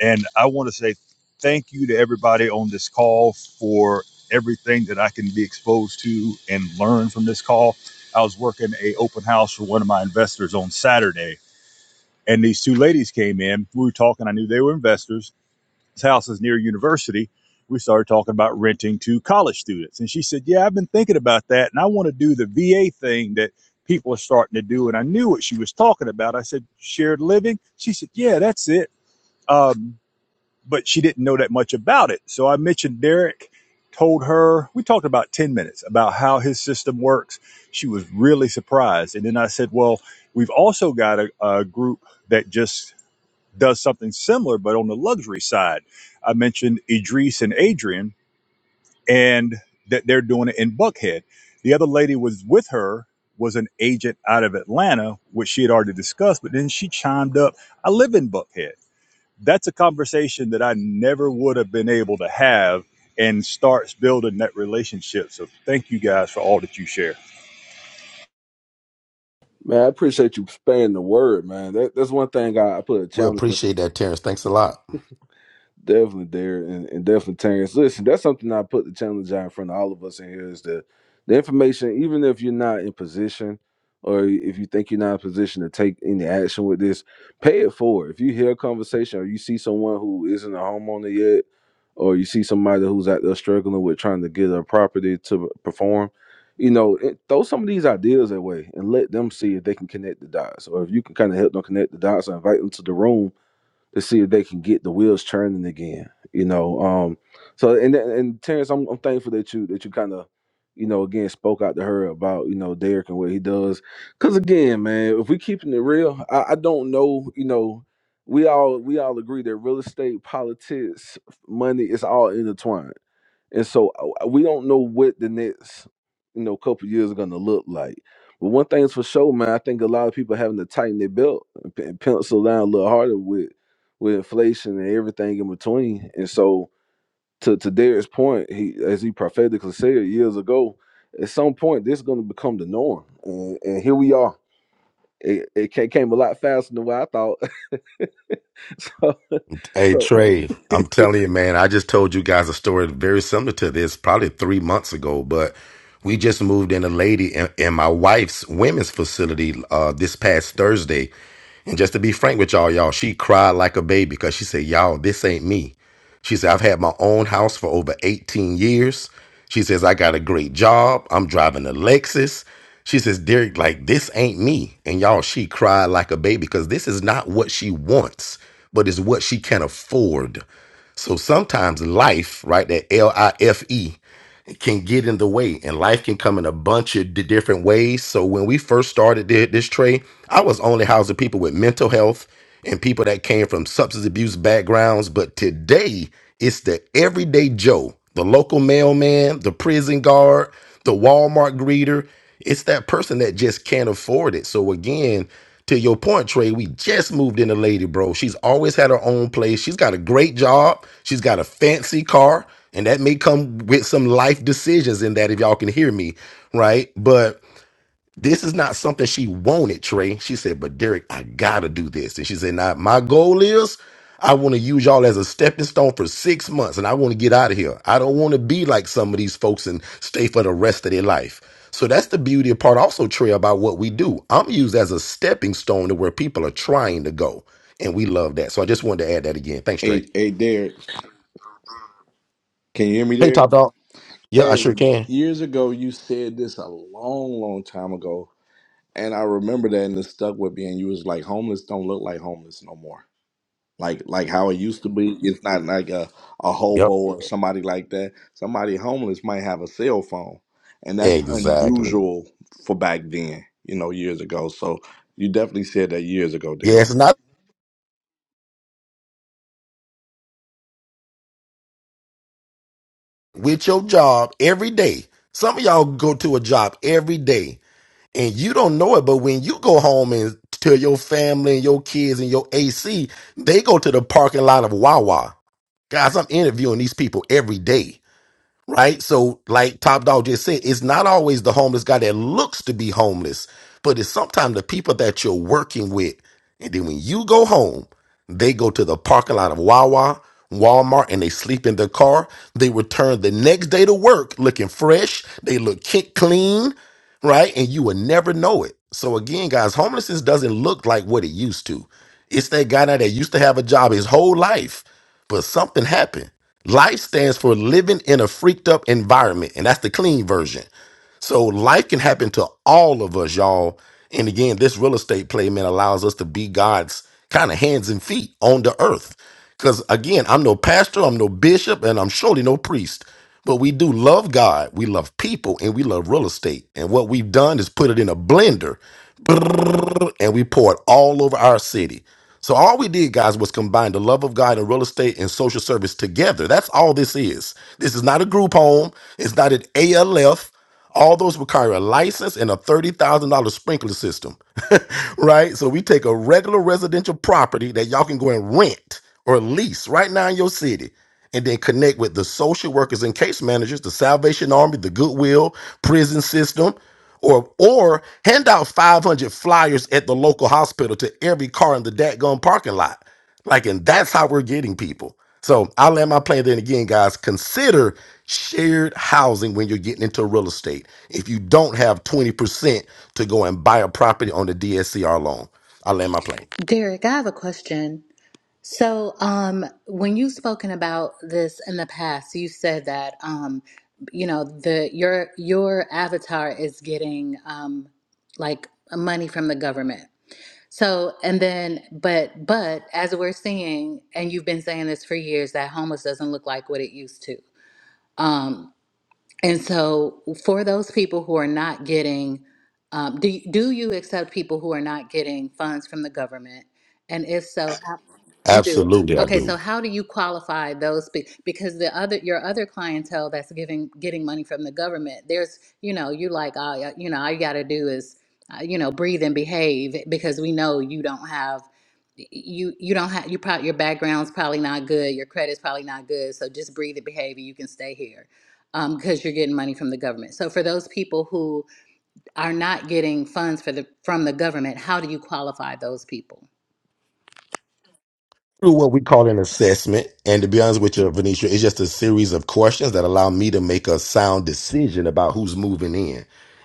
J: And I want to say thank you to everybody on this call for everything that I can be exposed to and learn from this call. I was working a open house for one of my investors on Saturday, and these two ladies came in. We were talking. I knew they were investors house is near a university. We started talking about renting to college students. And she said, Yeah, I've been thinking about that. And I want to do the VA thing that people are starting to do. And I knew what she was talking about. I said, Shared living? She said, Yeah, that's it. Um, but she didn't know that much about it. So I mentioned Derek, told her, we talked about 10 minutes about how his system works. She was really surprised. And then I said, Well, we've also got a, a group that just does something similar, but on the luxury side. I mentioned Idris and Adrian, and that they're doing it in Buckhead. The other lady was with her was an agent out of Atlanta, which she had already discussed, but then she chimed up, I live in Buckhead. That's a conversation that I never would have been able to have and starts building that relationship. So thank you guys for all that you share.
C: Man, I appreciate you spreading the word, man. That, that's one thing I, I put a
F: We
C: challenge in.
F: appreciate that, Terrence. Thanks a lot.
C: Definitely there and, and definitely Terrence. Listen, that's something I put the challenge out in front of all of us in here is the the information, even if you're not in position or if you think you're not in position to take any action with this, pay it forward. If you hear a conversation or you see someone who isn't a homeowner yet, or you see somebody who's out there struggling with trying to get a property to perform, you know, it, throw some of these ideas away and let them see if they can connect the dots or if you can kind of help them connect the dots or invite them to the room to see if they can get the wheels churning again. You know, um, so and and Terrence, I'm, I'm thankful that you that you kind of, you know, again spoke out to her about you know Derek and what he does, because again, man, if we keeping it real, I, I don't know, you know, we all we all agree that real estate, politics, money is all intertwined, and so uh, we don't know what the next you know couple years are gonna look like. But one thing's for sure, man, I think a lot of people having to tighten their belt and pe- and pencil down a little harder with with inflation and everything in between. And so, to to Derek's point, he as he prophetically said years ago, at some point this is going to become the norm. And, and here we are. It, it ca- came a lot faster than what I thought. so,
F: Hey,
C: so
F: Trey, I'm telling you, man, I just told you guys a story very similar to this probably three months ago, but we just moved in a lady in, in my wife's women's facility uh, this past Thursday. And just to be frank with y'all, y'all, she cried like a baby because she said, Y'all, this ain't me. She said, I've had my own house for over 18 years. She says, I got a great job. I'm driving a Lexus. She says, Derek, like, this ain't me. And y'all, she cried like a baby because this is not what she wants, but it's what she can afford. So sometimes life, right, that L I F E, can get in the way and life can come in a bunch of di- different ways so when we first started thi- this trade i was only housing people with mental health and people that came from substance abuse backgrounds but today it's the everyday joe the local mailman the prison guard the walmart greeter it's that person that just can't afford it. So again, to your point, Trey, we just moved in a lady, bro. She's always had her own place. She's got a great job. She's got a fancy car, and that may come with some life decisions in that if y'all can hear me, right? But this is not something she wanted, Trey. She said, but Derek, I gotta do this. And she said, now my goal is I want to use y'all as a stepping stone for six months and I want to get out of here. I don't want to be like some of these folks and stay for the rest of their life. So that's the beauty of part also, Trey, about what we do. I'm used as a stepping stone to where people are trying to go. And we love that. So I just wanted to add that again. Thanks, Trey.
K: Hey, hey, Derek, can you hear me,
F: Hey,
K: Derek?
F: Top Dog. Yeah, I
K: Hey,
F: sure can.
K: years ago, you said this a long, long time ago, and I remember that, and it stuck with me. And you was like, "Homeless don't look like homeless no more. Like, like how it used to be. It's not like a a hobo
F: Yep.
K: or somebody like that. Somebody homeless might have a cell phone, and that's
F: Exactly.
K: unusual for back then. You know, years ago. So you definitely said that years ago,
F: Yeah,
K: Derek.
F: it's not with your job every day. Some of y'all go to a job every day and you don't know it, but when you go home and tell your family and your kids and your AC, they go to the parking lot of Wawa. Guys, I'm interviewing these people every day right? So, like Top Dog just said, it's not always the homeless guy that looks to be homeless, but it's sometimes the people that you're working with. And then when you go home, they go to the parking lot of Wawa, Walmart, and they sleep in their car. They return the next day to work looking fresh. They look ki- clean, right? And you will never know it. So, again, guys, homelessness doesn't look like what it used to. It's that guy now that used to have a job his whole life, but something happened. Life stands for living in a freaked up environment, and that's the clean version. So life can happen to all of us, y'all. And again, this real estate play, man, allows us to be God's kind of hands and feet on the earth. Because again, I'm no pastor, I'm no bishop, and I'm surely no priest. But we do love God, we love people, and we love real estate. And what we've done is put it in a blender, brrrr, and we pour it all over our city. So all we did, guys, was combine the love of God and real estate and social service together. That's all this is. This is not a group home. It's not an ALF. All those require a license and a $30,000 sprinkler system, right? So we take a regular residential property that y'all can go and rent or lease right now in your city and then connect with the social workers and case managers, the Salvation Army, the Goodwill, prison system, or or hand out 500 flyers at the local hospital to every car in the dadgum parking lot. Like, and that's how we're getting people. So I'll land my plane then again, guys. Consider shared housing when you're getting into real estate. If you don't have 20% to go and buy a property on the DSCR loan, I'll land my plane.
L: Derek, I have a question. So, um, when you've spoken about this in the past, you said that um, you know the your your avatar is getting um, like money from the government. So, and then, but but as we're seeing, and you've been saying this for years, that homeless doesn't look like what it used to. Um, and so, for those people who are not getting, um, do do you accept people who are not getting funds from the government? And if so, you do.
F: Absolutely, I
L: Okay,
F: do.
L: so how do you qualify those be- because the other your other clientele that's giving getting money from the government, there's, you know, you like, oh, yeah, you know, all you got to do is uh, you know, breathe and behave because we know you don't have you you don't have you probably your background's probably not good, your credit's probably not good, so just breathe and behave and you can stay here. Um, because you're getting money from the government. So for those people who are not getting funds for the from the government, how do you qualify those people?
F: Through what we call an assessment. And to be honest with you, Venetia, it's just a series of questions that allow me to make a sound decision about who's moving in.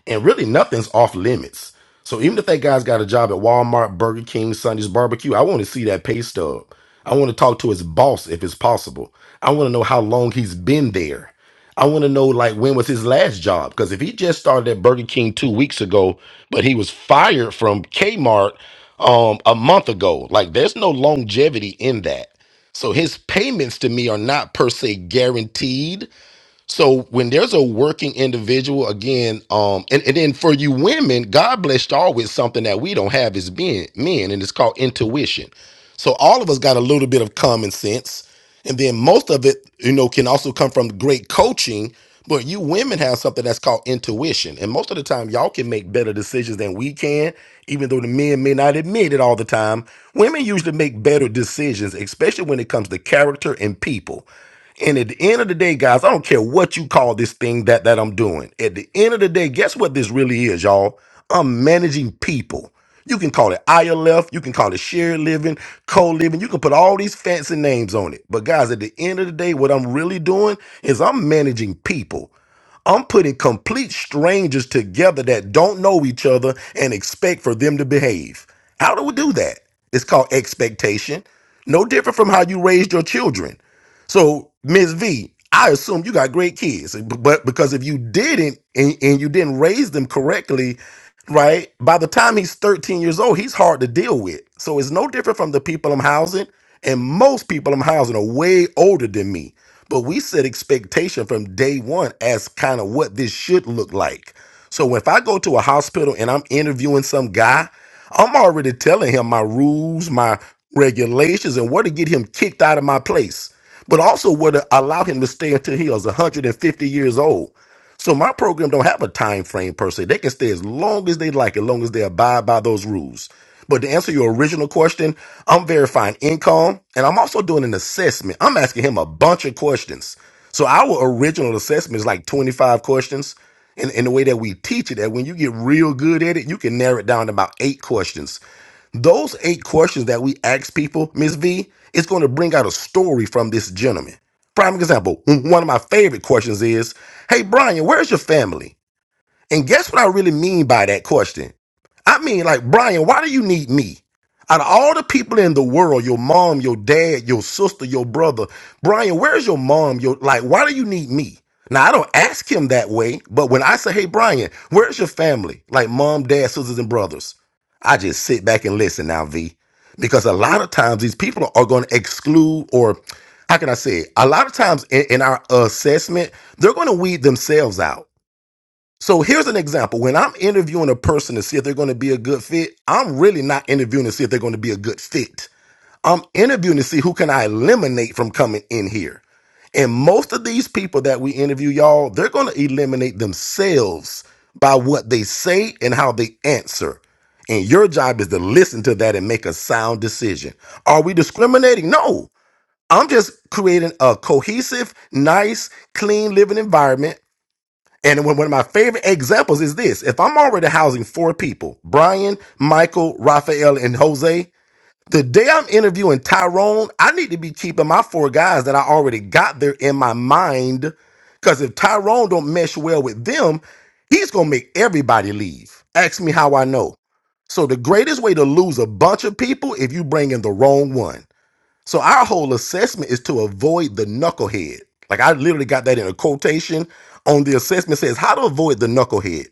F: And really, nothing's off limits. So even if that guy's got a job at Walmart, Burger King, Sunday's Barbecue, I want to see that pay stub. I want to talk to his boss if it's possible. I want to know how long he's been there. I want to know like when was his last job because if he just started at Burger King two weeks ago, but he was fired from Kmart um a month ago, like there's no longevity in that. So his payments to me are not per se guaranteed so when there's a working individual again, um, and, and then for you women, God blessed y'all with something that we don't have as being men, and it's called intuition. So all of us got a little bit of common sense, and then most of it, you know, can also come from great coaching. But you women have something that's called intuition, and most of the time, y'all can make better decisions than we can, even though the men may not admit it all the time. Women usually make better decisions, especially when it comes to character and people. And at the end of the day, guys, I don't care what you call this thing that that I'm doing. At the end of the day, guess what this really is, y'all? I'm managing people. You can call it ILF, you can call it shared living, co-living, you can put all these fancy names on it. But guys, at the end of the day, what I'm really doing is I'm managing people. I'm putting complete strangers together that don't know each other and expect for them to behave. How do we do that? It's called expectation. No different from how you raised your children. So, Miss V, I assume you got great kids, but because if you didn't and, and you didn't raise them correctly, right? By the time he's 13 years old, he's hard to deal with. So it's no different from the people I'm housing, and most people I'm housing are way older than me. But we set expectation from day one as kind of what this should look like. So if I go to a hospital and I'm interviewing some guy, I'm already telling him my rules, my regulations, and where to get him kicked out of my place but also would allow him to stay until he was 150 years old. So my program don't have a time frame per se. They can stay as long as they like, as long as they abide by those rules. But to answer your original question, I'm verifying income and I'm also doing an assessment. I'm asking him a bunch of questions. So our original assessment is like 25 questions. And, and the way that we teach it, that when you get real good at it, you can narrow it down to about eight questions. Those eight questions that we ask people, Miss V, it's going to bring out a story from this gentleman. Prime example, m- one of my favorite questions is, Hey, Brian, where's your family? And guess what I really mean by that question? I mean, like, Brian, why do you need me? Out of all the people in the world, your mom, your dad, your sister, your brother, Brian, where's your mom? Your like, why do you need me? Now I don't ask him that way, but when I say, "Hey, Brian, where's your family?" Like mom, dad, sisters, and brothers, I just sit back and listen now, V, because a lot of times these people are going to exclude, or how can I say, it? a lot of times in, in our assessment, they're going to weed themselves out so here's an example. When I'm interviewing a person to see if they're going to be a good fit, I'm really not interviewing to see if they're going to be a good fit. I'm interviewing to see who can I eliminate from coming in here. And most of these people that we interview, y'all, they're going to eliminate themselves by what they say and how they answer. And your job is to listen to that and make a sound decision. Are we discriminating? No. I'm just creating a cohesive, nice, clean living environment and one of my favorite examples is this. If I'm already housing four people, Brian, Michael, Raphael, and Jose, the day I'm interviewing Tyrone, I need to be keeping my four guys that I already got there in my mind. Because if Tyrone don't mesh well with them, he's going to make everybody leave. Ask me how I know. So the greatest way to lose a bunch of people if you bring in the wrong one. So our whole assessment is to avoid the knucklehead. Like I literally got that in a quotation on the assessment says how to avoid the knucklehead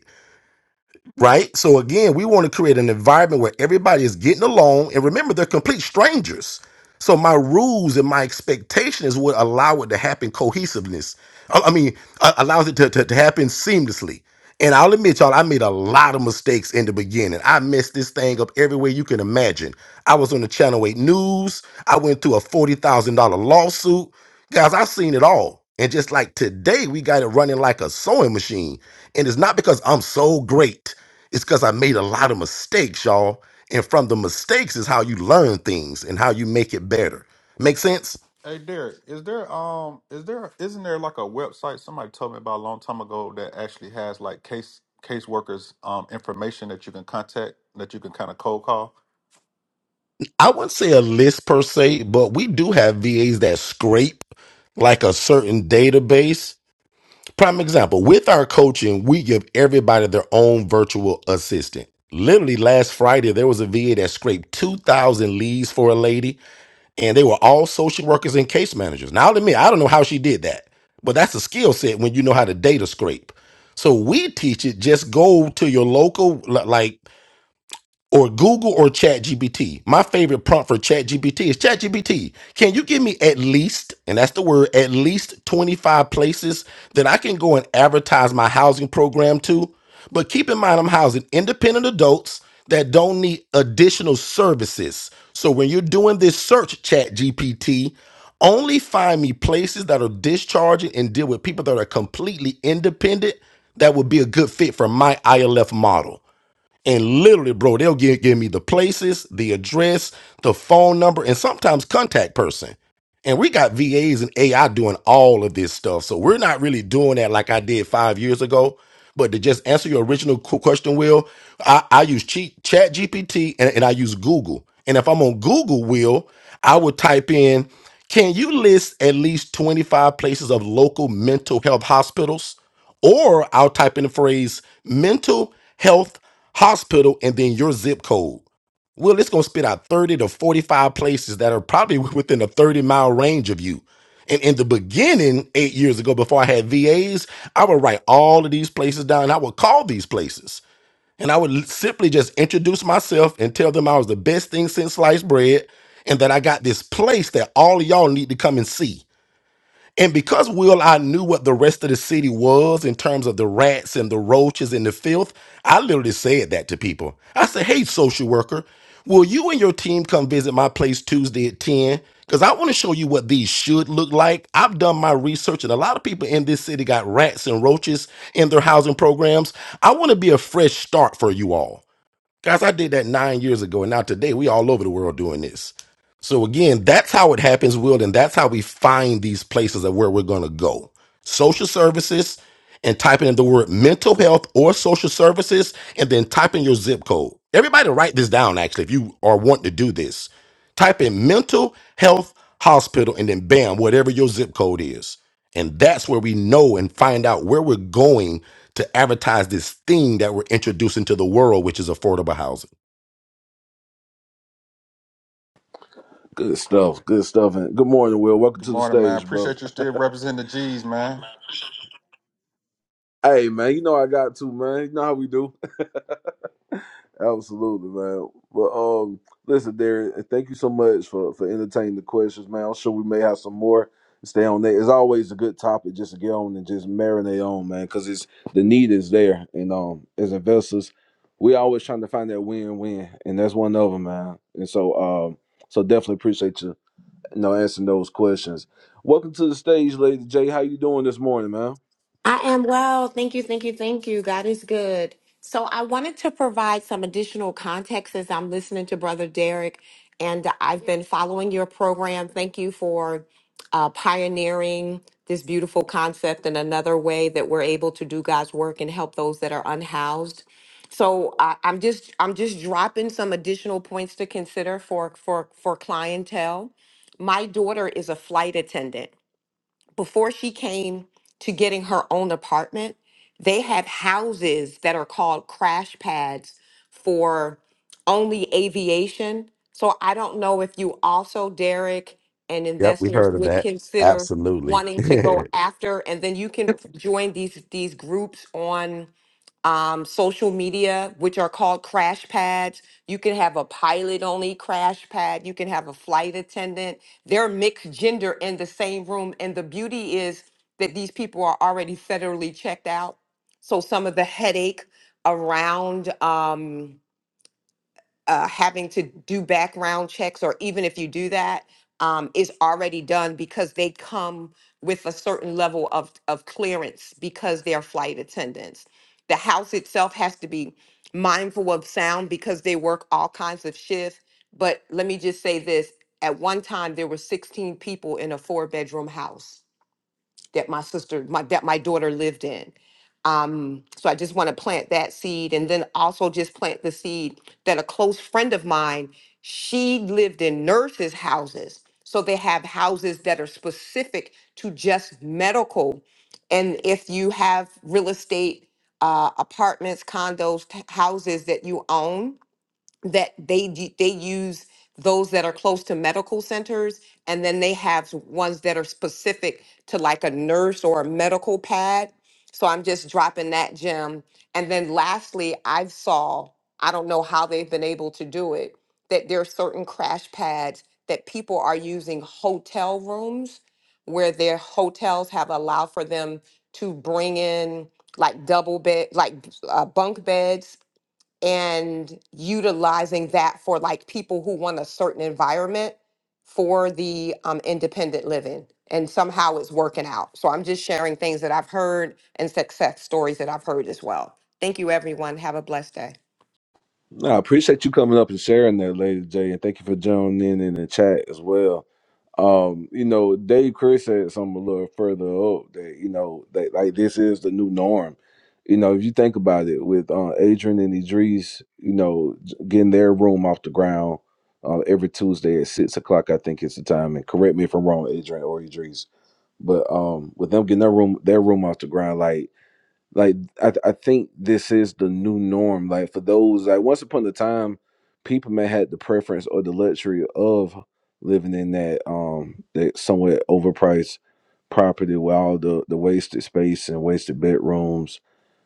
F: right? So again, we want to create an environment where everybody is getting along, and remember, they're complete strangers. So my rules and my expectation is what allow it to happen cohesiveness. I I mean, uh, allows it to, to, to happen seamlessly. And I'll admit, y'all, I made a lot of mistakes in the beginning. I messed this thing up every way you can imagine. I was on the Channel 8 News. I went through a $40,000 lawsuit. Guys, I've seen it all. And just like today, we got it running like a sewing machine. And it's not because I'm so great. It's because I made a lot of mistakes, y'all. And from the mistakes is how you learn things and how you make it better. Make sense?
M: Hey Derek, is there um is there isn't there like a website somebody told me about a long time ago that actually has like case caseworkers um information that you can contact that you can kind of cold call?
F: I wouldn't say a list per se, but we do have VAs that scrape like a certain database. Prime example with our coaching, we give everybody their own virtual assistant. Literally last Friday, there was a VA that scraped 2,000 leads for a lady and they were all social workers and case managers. Now, I'll admit, I don't know how she did that, but that's a skill set when you know how to data scrape. So we teach it. Just go to your local, li- like or Google or ChatGPT. My favorite prompt for ChatGPT is ChatGPT. Can you give me at least, and that's the word, at least 25 places that I can go and advertise my housing program to? But keep in mind, I'm housing independent adults that don't need additional services. So when you're doing this search, ChatGPT, only find me places that are discharging and deal with people that are completely independent that would be a good fit for my ILF model. And literally, bro, they'll give, give me the places, the address, the phone number, and sometimes contact person. And we got VAs and AI doing all of this stuff. So we're not really doing that like I did five years ago. But to just answer your original qu- question, Will, I, I use Cheat, Chat GPT and, and I use Google. And if I'm on Google, Will, I would type in, can you list at least 25 places of local mental health hospitals? Or I'll type in the phrase mental health hospital and then your zip code. Well, it's gonna spit out 30 to 45 places that are probably within a 30 mile range of you. And in the beginning, eight years ago, before I had VAs, I would write all of these places down. I would call these places. And I would l- simply just introduce myself and tell them I was the best thing since sliced bread and that I got this place that all of y'all need to come and see. And because Will, I knew what the rest of the city was in terms of the rats and the roaches and the filth, I literally said that to people. I said, hey, social worker, will you and your team come visit my place Tuesday at 10? Because I want to show you what these should look like. I've done my research, and a lot of people in this city got rats and roaches in their housing programs. I want to be a fresh start for you all. Guys, I did that nine years ago, and now today we all over the world doing this. So again, that's how it happens, Will, and that's how we find these places of where we're gonna go. Social services, and typing in the word mental health or social services, and then type in your zip code. Everybody write this down actually, if you are wanting to do this. Type in mental health hospital and then bam, whatever your zip code is. And that's where we know and find out where we're going to advertise this thing that we're introducing to the world, which is affordable housing.
C: good stuff. Good stuff. And good morning, Will. Welcome
M: Good
C: to the
M: morning, man.
C: stage, brother.
M: Appreciate you still representing the G's, man.
C: Hey, man. You know I got to, man. You know how we do. Absolutely, man. But um, listen, Derek, thank you so much for for entertaining the questions, man. I'm sure we may have some more. Stay on that. It's always a good topic just to get on and just marinate on, man, because it's the need is there. And um, as investors, we always trying to find that win-win, and that's one of them, man. And so um, so definitely appreciate you, you know, answering those questions. Welcome to the stage, Lady J. How you doing this morning, man?
N: I am well. Thank you, thank you, thank you. God is good. So I wanted to provide some additional context as I'm listening to Brother Derek, and I've been following your program. Thank you for uh, pioneering this beautiful concept and another way that we're able to do God's work and help those that are unhoused. So I I'm just I'm just dropping some additional points to consider for for for clientele. My daughter is a flight attendant before she came to getting her own apartment, they have houses that are called crash pads for only aviation. So I don't know if you also, Derek, and
F: Yep, we've
N: investors
F: heard of
N: would
F: that.
N: consider
F: Absolutely.
N: wanting to go after, and then you can join these these groups on um, social media, which are called crash pads. You can have a pilot only crash pad. You can have a flight attendant. They're mixed gender in the same room. And the beauty is that these people are already federally checked out. So some of the headache around. Um, uh, having to do background checks, or even if you do that, um, is already done because they come with a certain level of, of clearance because they're flight attendants. The house itself has to be mindful of sound because they work all kinds of shifts. But let me just say this at one time, there were 16 people in a four bedroom house that my sister, my that my daughter lived in. Um, so I just want to plant that seed and then also just plant the seed that a close friend of mine, she lived in nurses' houses. So they have houses that are specific to just medical. And if you have real estate, uh, apartments, condos, t- houses that you own, that they d- they use those that are close to medical centers and then they have ones that are specific to like a nurse or a medical pad so i'm just dropping that gem and then lastly i saw i don't know how they've been able to do it that there are certain crash pads that people are using hotel rooms where their hotels have allowed for them to bring in like double bed like uh, bunk beds and utilizing that for like people who want a certain environment for the um, independent living and somehow it's working out so i'm just sharing things that i've heard and success stories that i've heard as well thank you everyone have a blessed day
C: No, I appreciate you coming up and sharing that, Lady J, and thank you for joining in in the chat as well. Um, you know, Dave Chris said something a little further up that you know that like this is the new norm. You know, if you think about it, with uh, Adrian and Idris, you know, j- getting their room off the ground uh, every Tuesday at six o'clock, I think is the time. And correct me if I'm wrong, Adrian or Idris, but um, with them getting their room their room off the ground, like like I, I think this is the new norm like for those like once upon a time people may had the preference or the luxury of living in that um that somewhat overpriced property with all the the wasted space and wasted bedrooms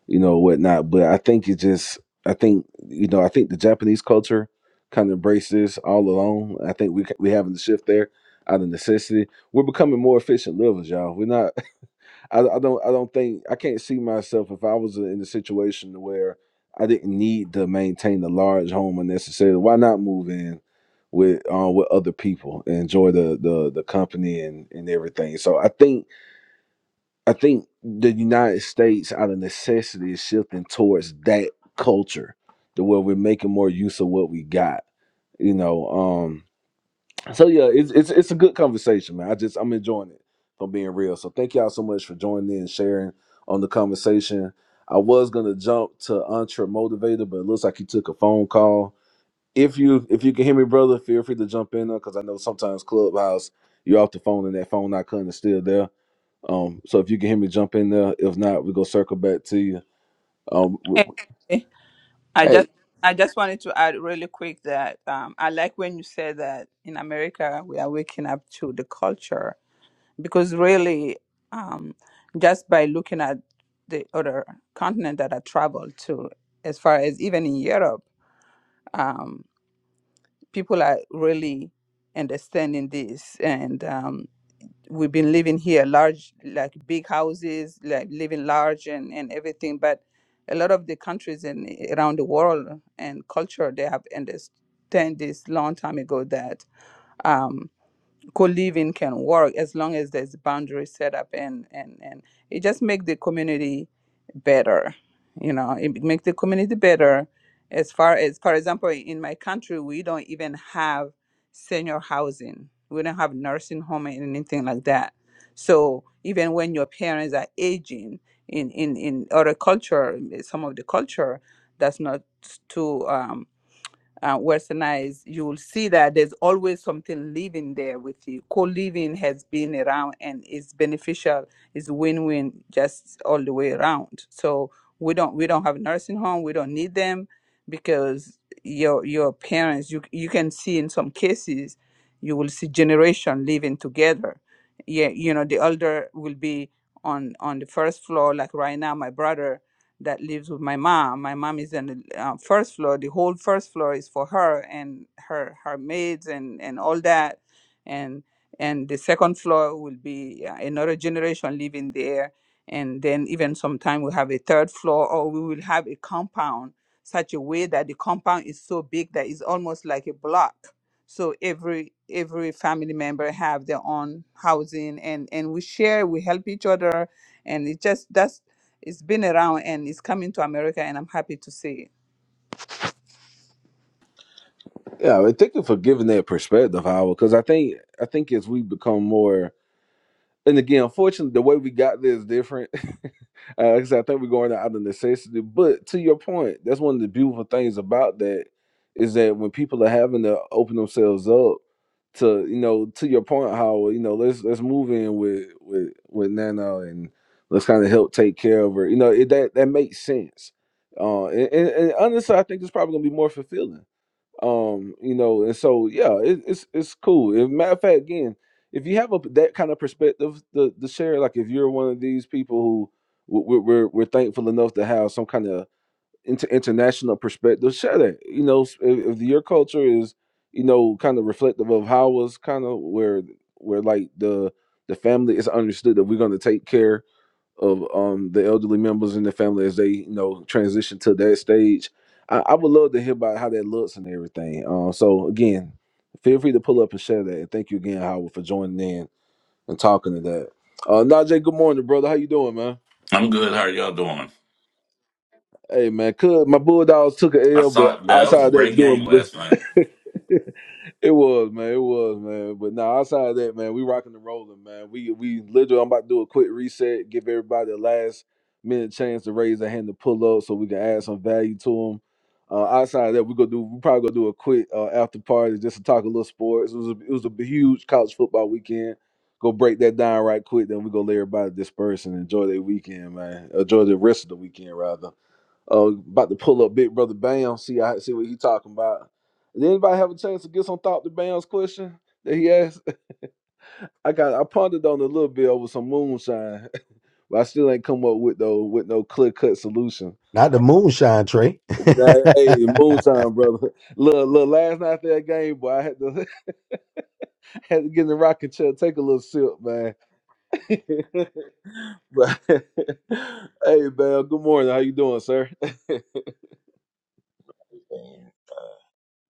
C: you know whatnot but i think it just i think you know i think the japanese culture kind of embraced this all along i think we ca- we having the shift there out of necessity we're becoming more efficient livers y'all we're not I, I don't I don't think I can't see myself if I was in a situation where I didn't need to maintain a large home unnecessarily. Why not move in with uh, with other people and enjoy the, the the company and and everything? So I think I think the United States out of necessity is shifting towards that culture, to where we're making more use of what we got. You know, um, so yeah, it's it's it's a good conversation, man. I just I'm enjoying it. If I'm being real, so thank y'all so much for joining in and sharing on the conversation. I was gonna jump to Entre Motivator, but it looks like he took a phone call. If you if you can hear me, brother, feel free to jump in there because I know sometimes Clubhouse you're off the phone and that phone icon is still there. Um, so if you can hear me, jump in there. If not, we go circle back to you. Um, w-
E: Hey,
C: w-
E: hey, I
C: hey,
E: just I just wanted to add really quick that um, I like when you said that in America we are waking up to the culture because really um, just by looking at the other continent that I traveled to, as far as even in Europe. um, people are really understanding this and um, we've been living here large like big houses like living large and, and everything but a lot of the countries in around the world and culture they have understand this long time ago that um, co-living can work as long as there's boundaries set up and and and it just make the community better you know it make the community better as far as for example in my country we don't even have senior housing we don't have nursing home and anything like that so even when your parents are aging in in in other culture in some of the culture that's not too um, uh, westernized, you will see that there's always something living there with you. Co-living has been around and is beneficial. Is win-win just all the way around. So we don't we don't have nursing home. We don't need them because your your parents. You you can see in some cases, you will see generation living together. Yeah, you know the elder will be on on the first floor. Like right now, my brother that lives with my mom. My mom is on the uh, first floor. The whole first floor is for her and her her maids and and all that, and and the second floor will be uh, another generation living there, and then even sometime we have a third floor, or we will have a compound such a way that the compound is so big that it's almost like a block. So every every family member have their own housing, and and we share, we help each other, and it just that's it's been around and it's coming to America, and I'm happy to see it.
C: yeah, and thank you for giving that perspective, Howard, because I think I think as we become more and again, unfortunately, the way we got there is different. uh, 'cause I think we're going out of necessity. But to your point, that's one of the beautiful things about that is that when people are having to open themselves up to, you know, to your point, how you know, let's let's move in with with with Nana and let's kind of help take care of her. You know, it, that that makes sense. Uh, and, and, and honestly, I think it's probably gonna be more fulfilling um you know and so yeah it, it's it's cool and matter of fact again if you have a that kind of perspective to, to share like if you're one of these people who we're, we're, we're thankful enough to have some kind of inter- international perspective share that you know s- if, if your culture is you know kind of reflective of how was kind of where where like the the family is understood that we're going to take care of um the elderly members in the family as they you know transition to that stage. I, I would love to hear about how that looks and everything. Um, so again, feel free to pull up and share that. And thank you again, Howard, for joining in and talking to that. Uh, Najee, good morning, brother. How you doing, man?
O: I'm good. How are y'all doing?
C: Hey man, cuz my Bulldogs took an
O: I
C: L, but
O: saw that that was
C: outside
O: a
C: of that we're
O: great
C: doing
O: game last night.
C: it was man, it was man. But now outside of that, man, we rocking and rolling, man. We we literally I'm about to do a quick reset, give everybody the last minute chance to raise their hand to pull up so we can add some value to them. Uh, outside of that, we gonna do we probably gonna do a quick uh, after party just to talk a little sports. It was a, it was a huge college football weekend. Go break that down right quick, then we gonna let everybody disperse and enjoy their weekend, man. Enjoy the rest of the weekend rather. Uh, about to pull up Big Brother Bam. See, I see what he talking about. Did anybody have a chance to get some thought to Bam's question that he asked? I got I pondered on it a little bit over some moonshine, but I still ain't come up with no with no clear cut solution.
F: Not
C: Uh,
F: me.
C: nah, hey, moonshine, brother. Look, look, last night that game, boy, I had to had to get in the rocking chair, take a little sip, man. but hey, Bam, good morning. How you doing, sir?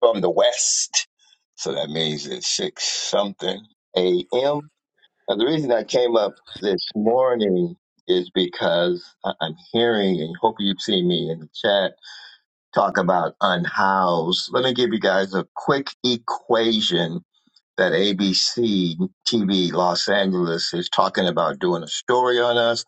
P: from the west. So that means it's six something a.m. Now, the reason I came up this morning is because I- I'm hearing, and hope you've seen me in the chat, talk about unhoused. Let me give you guys a quick equation that ABC TV Los Angeles is talking about doing a story on us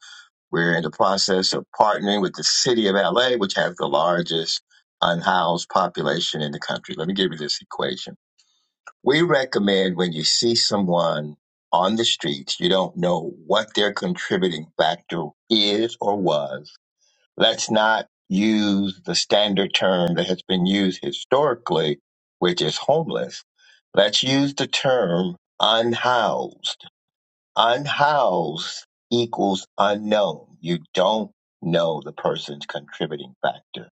P: we're in the process of partnering with the city of LA, which has the largest unhoused population in the country. Let me give you this equation. We recommend when you see someone on the streets, you don't know what their contributing factor is or was. Let's not use the standard term that has been used historically, which is homeless. Let's use the term unhoused Unhoused equals unknown. You don't know the person's contributing factor.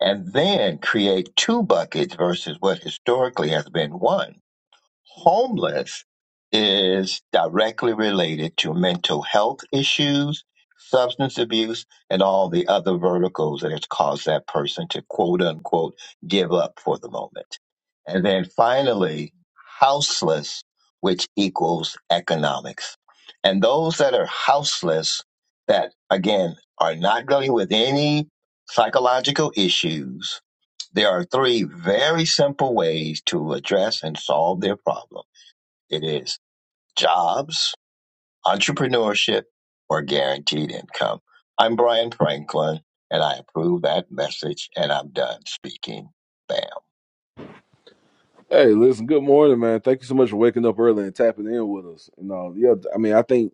P: And then create two buckets versus what historically has been one homeless is directly related to mental health issues, substance abuse, and all the other verticals that has caused that person to quote unquote give up for the moment. And then finally, houseless, which equals economics. And those that are houseless, that again are not dealing with any psychological issues, there are three very simple ways to address and solve their problem. It is jobs, entrepreneurship, or guaranteed income. I'm Brian Franklin, and I approve that message, and I'm done speaking. Bam.
C: Hey, listen, good morning, man. Thank you so much for waking up early and tapping in with us. You know, yeah, I mean, I think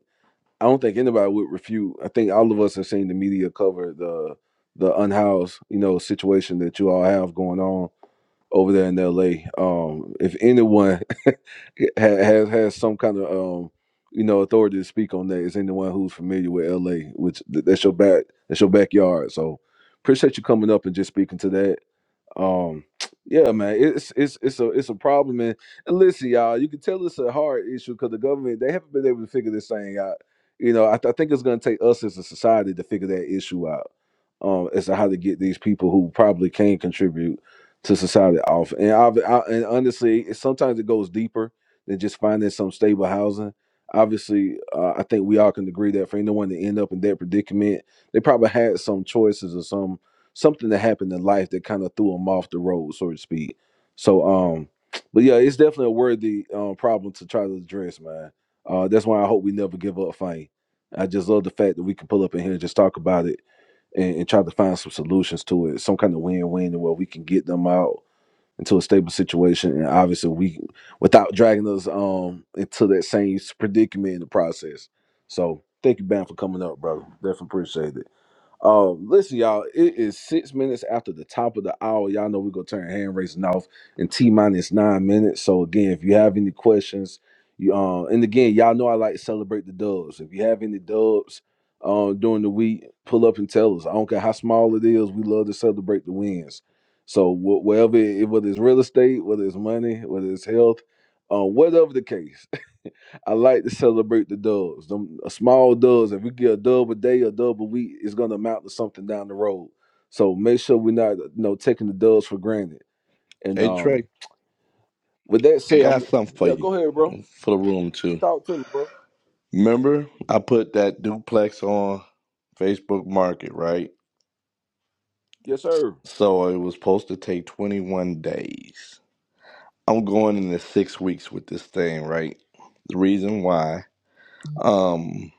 C: I don't think anybody would refute. I think all of us have seen the media cover the the unhoused, you know, situation that you all have going on over there in LA. Um, if anyone ha- has has some kind of um, you know, authority to speak on that, is anyone who's familiar with LA, which th- that's your back that's your backyard. So appreciate you coming up and just speaking to that um yeah man it's it's it's a it's a problem and, and listen y'all you can tell it's a hard issue because the government they haven't been able to figure this thing out you know i, th- I think it's going to take us as a society to figure that issue out um as to how to get these people who probably can contribute to society off and I've, I, and honestly it, sometimes it goes deeper than just finding some stable housing obviously uh, i think we all can agree that for anyone to end up in that predicament they probably had some choices or some something that happened in life that kind of threw him off the road, so to speak. So, um, but yeah, it's definitely a worthy um, problem to try to address, man. Uh, that's why I hope we never give up fighting. I just love the fact that we can pull up in here and just talk about it and, and try to find some solutions to it, some kind of win-win where we can get them out into a stable situation, and obviously we without dragging us um into that same predicament in the process. So, thank you, Ben, for coming up, brother. Definitely appreciate it. Um, listen, y'all, it is six minutes after the top of the hour. Y'all know we're gonna turn hand raising off in T minus nine minutes. So again, if you have any questions, you um and again, y'all know I like to celebrate the dubs. If you have any dubs um during the week, pull up and tell us. I don't care how small it is, we love to celebrate the wins. So wh- wherever it, whether it's real estate, whether it's money, whether it's health, uh, whatever the case, I like to celebrate the dubs. Them uh, small dubs. If we get a dub a day, a dub a week, it's gonna amount to something down the road. So make sure we're not, you know, taking the dubs for granted. And
K: Hey,
C: um,
K: Trey,
C: with that
K: I
C: said,
K: got
C: I'm
K: something for
C: yeah.
K: you
C: Go ahead, bro.
K: for the room too.
C: Talk to me, bro.
K: Remember, I put that duplex on Facebook Market, right?
C: Yes, sir.
K: So it was supposed to take 21 days. I'm going into six weeks with this thing, right? The reason why, um,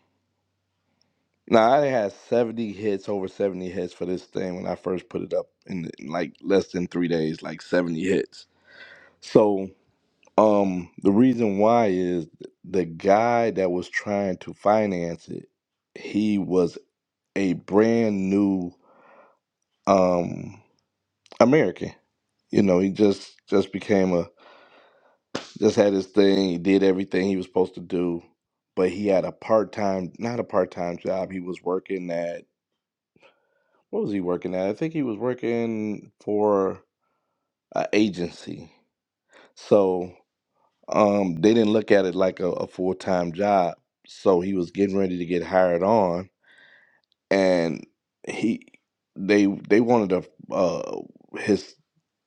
K: now I had 70 hits, over 70 hits for this thing when I first put it up in, in like less than three days, like 70 hits. So, um, the reason why is the guy that was trying to finance it, he was a brand new um American. You know, he just just became a just had his thing. He did everything he was supposed to do, but he had a part time, not a part time job. He was working at what was he working at? I think he was working for an agency. So um, they didn't look at it like a, a full time job. So he was getting ready to get hired on, and he they they wanted to uh his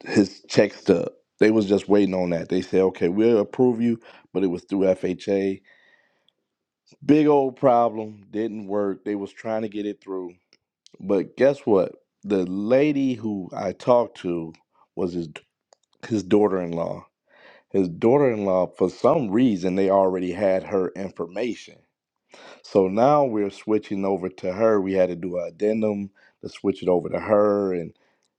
K: his checks to they was just waiting on that. They said, okay, we'll approve you, but it was through FHA. Big old problem, didn't work. They was trying to get it through. But guess what? The lady who I talked to was his his daughter-in-law. His daughter-in-law, for some reason, they already had her information. So now we're switching over to her. We had to do an addendum to switch it over to her and,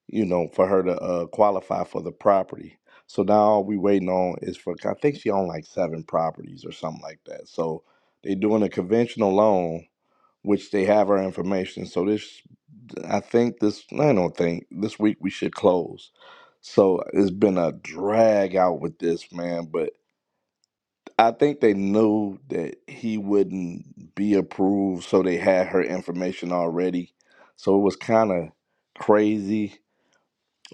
K: you know, for her to uh, qualify for the property. So now all we waiting on is for, I think she owned like seven properties or something like that. So they doing a conventional loan, which they have our information. So this, I think this, I don't think, this week we should close. So it's been a drag out with this, man, but I think they knew that he wouldn't be approved, so they had her information already. So it was kind of crazy.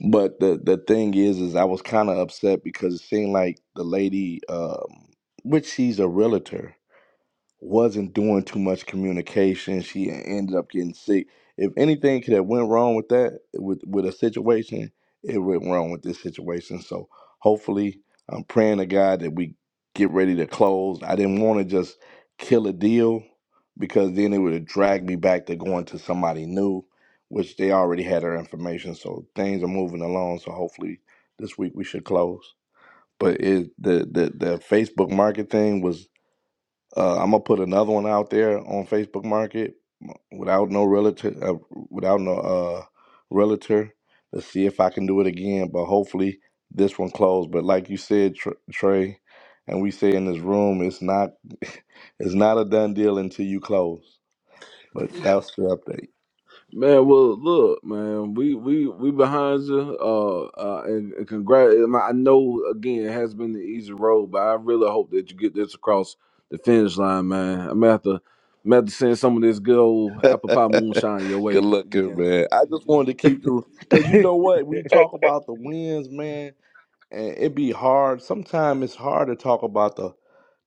K: But the the thing is, is I was kind of upset because it seemed like the lady, um, which she's a realtor, wasn't doing too much communication. She ended up getting sick. If anything could have went wrong with that, with with a situation, it went wrong with this situation. So hopefully, I'm praying to God that we get ready to close. I didn't want to just kill a deal because then it would have dragged me back to going to somebody new, which they already had our information. So things are moving along. So hopefully, this week we should close. But it, the the the Facebook market thing was uh, I'm gonna put another one out there on Facebook Market without no relative, uh, without no uh, realtor to see if I can do it again. But hopefully this one closed. But like you said, Tr- Trey, and we say in this room, it's not it's not a done deal until you close. But that's the update.
C: Man, well, look, man, we we we behind you. Uh, uh and, and congrats. I know again it has been the easy road, but I really hope that you get this across the finish line, man. I'm gonna have to, I'm gonna have to send some of this good old apple pie moonshine your
K: Good
C: way. You
K: looking,
C: can
K: man. I just wanted to keep the because you know what we
H: Hey,
K: talk about the wins, man, and it be hard. Sometimes it's hard to talk about the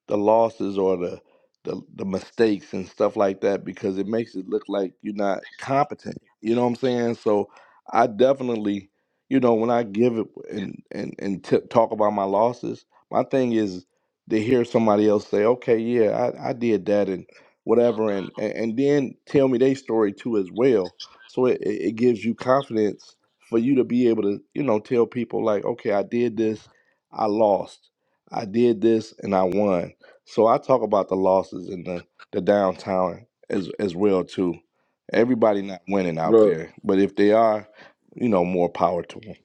K: the losses or the, the the mistakes and stuff like that because it makes it look like you're not competent. You know what I'm saying? So I definitely, you know, when I give it and and and t- talk about my losses, my thing is to hear somebody else say, "Okay, yeah, I, I did that and whatever," and, and and then tell me their story too as well. So it, it it gives you confidence for you to be able to, you know, tell people like, "Okay, I did this, I lost." I did this and I won. So I talk about the losses and the the downtown as as well too. Everybody not winning out
C: bro.
K: there, but if they are, you know, more power to them.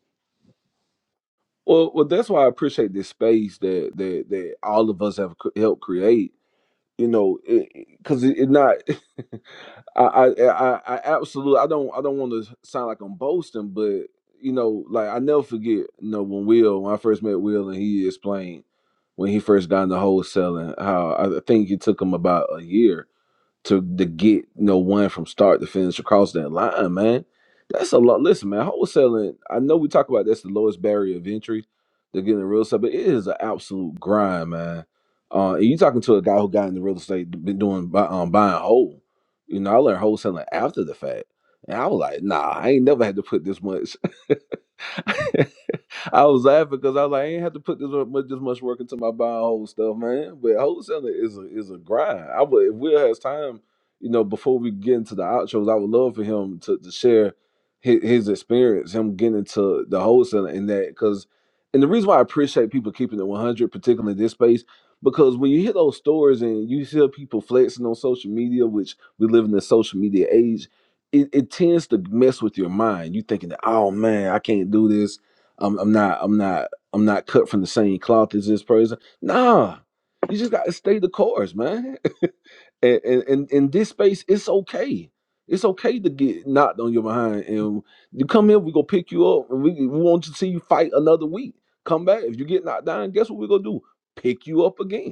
C: Well, well, that's why I appreciate this space that that that all of us have cr- helped create. You know, because it, 'cause it, it not. I, I, I, I absolutely. I don't. I don't want to sound like I'm boasting, but you know, like I never forget. You know, when Will, when I first met Will, and he explained when he first got into wholesaling, how I think it took him about a year to to get you know one from start to finish across that line, man. That's a lot. Listen, man, wholesaling. I know we talk about that's the lowest barrier of entry to getting into real estate, but it is an absolute grind, man. Uh, and you talking to a guy who got into real estate, been doing buy, um, buying whole. You know, I learned wholesaling after the fact, and I was like, nah, I ain't never had to put this much. I was laughing because I was like, I ain't have to put this much this much work into my buy and hold stuff, man. But wholesaling is a is a grind. I would if Will has time, you know, before we get into the outros, I would love for him to, to share his, his experience, him getting into the wholesaling and that because and the reason why I appreciate people keeping it 100, particularly in this space, because when you hear those stories and you hear people flexing on social media, which we live in the social media age, it, it tends to mess with your mind. You thinking, that, oh man, I can't do this I'm, I'm not, I'm not, I'm not cut from the same cloth as this person. Nah, you just gotta stay the course, man. And and in, in this space, it's okay. It's okay to get knocked on your behind, and you come here, we gonna pick you up, and we, we want to see you fight another week. Come back if you get knocked down. Guess what we are gonna do? Pick you up again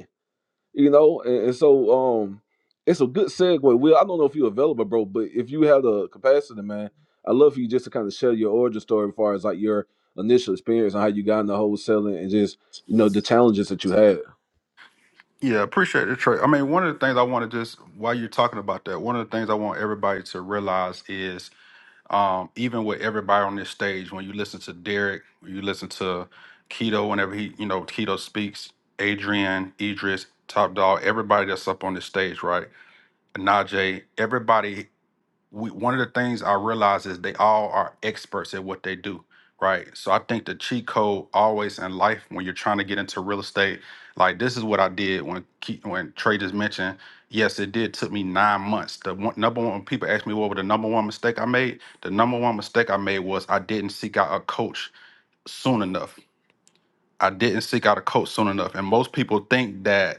C: you know and, and so um it's a good segue will i don't know if you're available bro but if you have the capacity man i love for you just to kind of share your origin story as far as like your initial experience and how you got into wholesaling and just you know the challenges that you had
M: Yeah, appreciate it, Trey. I mean, one of the things I want to just while you're talking about that, one of the things I want everybody to realize is um, even with everybody on this stage, when you listen to Derek, when you listen to Keto, whenever he, you know, Keto speaks, Adrian, Idris, Top Dog, everybody that's up on this stage, right? Najee, everybody we, one of the things I realize is they all are experts at what they do, right? So I think the cheat code always in life when you're trying to get into real estate, like this is what I did when Ke- when Trey just mentioned. Yes, it did took me nine months. The one, number one when people ask me what was the number one mistake I made. The number one mistake I made was I didn't seek out a coach soon enough. I didn't seek out a coach soon enough, and most people think that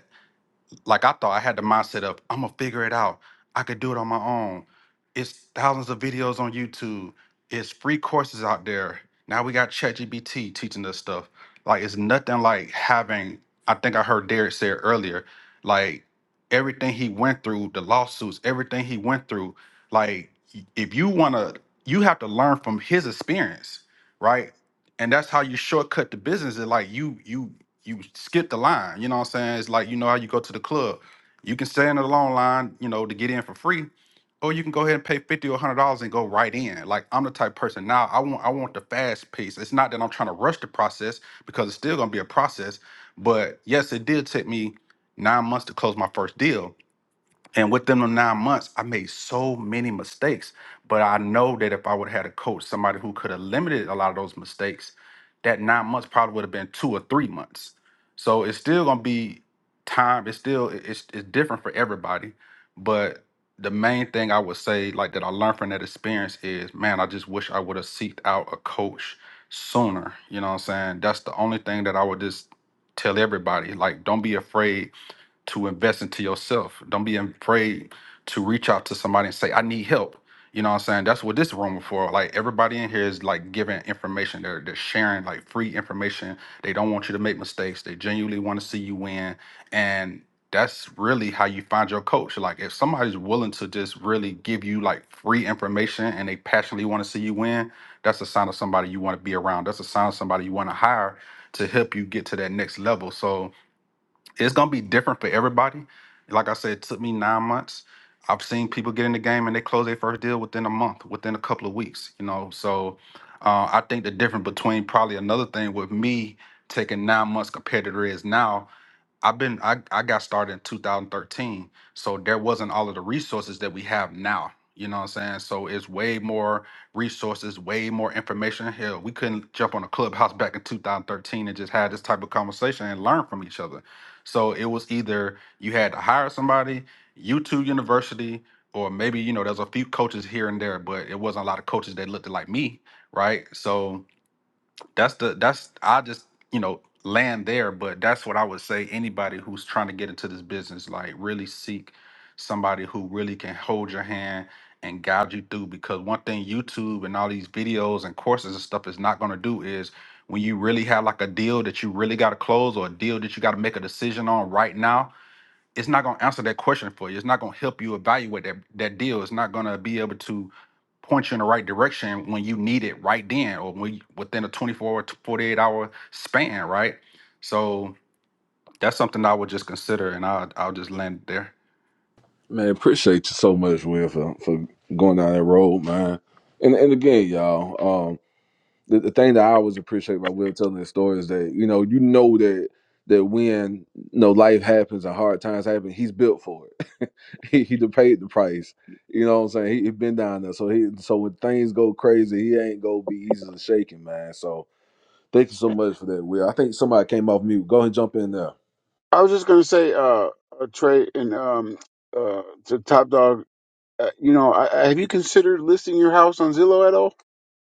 M: like I thought I had the mindset of I'm gonna figure it out. I could do it on my own. It's thousands of videos on YouTube. It's free courses out there. Now we got ChatGPT teaching us stuff. Like it's nothing like having. I think I heard Derek say it earlier. Like everything he went through, the lawsuits, everything he went through. Like y- if you wanna, you have to learn from his experience, right? And that's how you shortcut the business. Is like you you you skip the line. You know what I'm saying? It's like you know how you go to the club. You can stand in the long line, you know, to get in for free, or you can go ahead and pay fifty or hundred dollars and go right in. Like I'm the type of person now. I want I want the fast pace. It's not that I'm trying to rush the process because it's still gonna be a process. But yes, it did take me nine months to close my first deal and within the nine months, I made so many mistakes. But I know that if I would have had a coach, somebody who could have limited a lot of those mistakes, that nine months probably would have been two or three months. So it's still gonna be time. It's still it's it's different for everybody. But the main thing I would say, like that I learned from that experience is, man, I just wish I would have seeked out a coach sooner. You know what I'm saying? That's the only thing that I would just tell everybody. Like, don't be afraid to invest into yourself. Don't be afraid to reach out to somebody and say, I need help. You know what I'm saying? That's what this room is for. Like everybody in here is like giving information. They're they're sharing like free information. They don't want you to make mistakes. They genuinely want to see you win. And that's really how you find your coach. Like if somebody's willing to just really give you like free information and they passionately want to see you win, that's a sign of somebody you want to be around. That's a sign of somebody you want to hire to help you get to that next level. So it's gonna be different for everybody. Like I said, it took me nine months. I've seen people get in the game and they close their first deal within a month, within a couple of weeks. You know, so uh, I think the difference between probably another thing with me taking nine months compared to there is now I've been I, I got started in 2013, so there wasn't all of the resources that we have now. You know what I'm saying? So it's way more resources, way more information. Hell, we couldn't jump on a clubhouse back in 2013 and just have this type of conversation and learn from each other. So it was either you had to hire somebody, YouTube University, or maybe you know there's a few coaches here and there, but it wasn't a lot of coaches that looked like me, right? So that's the that's I just you know land there, but that's what I would say. Anybody who's trying to get into this business, like really seek somebody who really can hold your hand and guide you through. Because one thing YouTube and all these videos and courses and stuff is not going to do is when you really have like a deal that you really got to close or a deal that you got to make a decision on right now it's not going to answer that question for you. It's not going to help you evaluate that, that deal. It's not going to be able to point you in the right direction when you need it right then or when you, within a 24 to 48 hour span, right? So that's something I would just consider and I'll, I'll just land it there.
C: Man, appreciate you so much, Will, for, for going down that road, man. And and again, y'all, um, the, the thing that I always appreciate about Will telling this story is that you know you know that that when you know life happens and hard times happen, he's built for it. He he done paid the price. You know what I'm saying? He, he been down there. So he so when things go crazy, he ain't gonna be easy to shaking, man. So thank you so much for that, Will. I think somebody came off mute. Go ahead and jump in there.
H: I was just going to say, uh, uh, Trey and um, uh, to Top Dog, uh, you know, I, I- have you considered listing your house on Zillow at all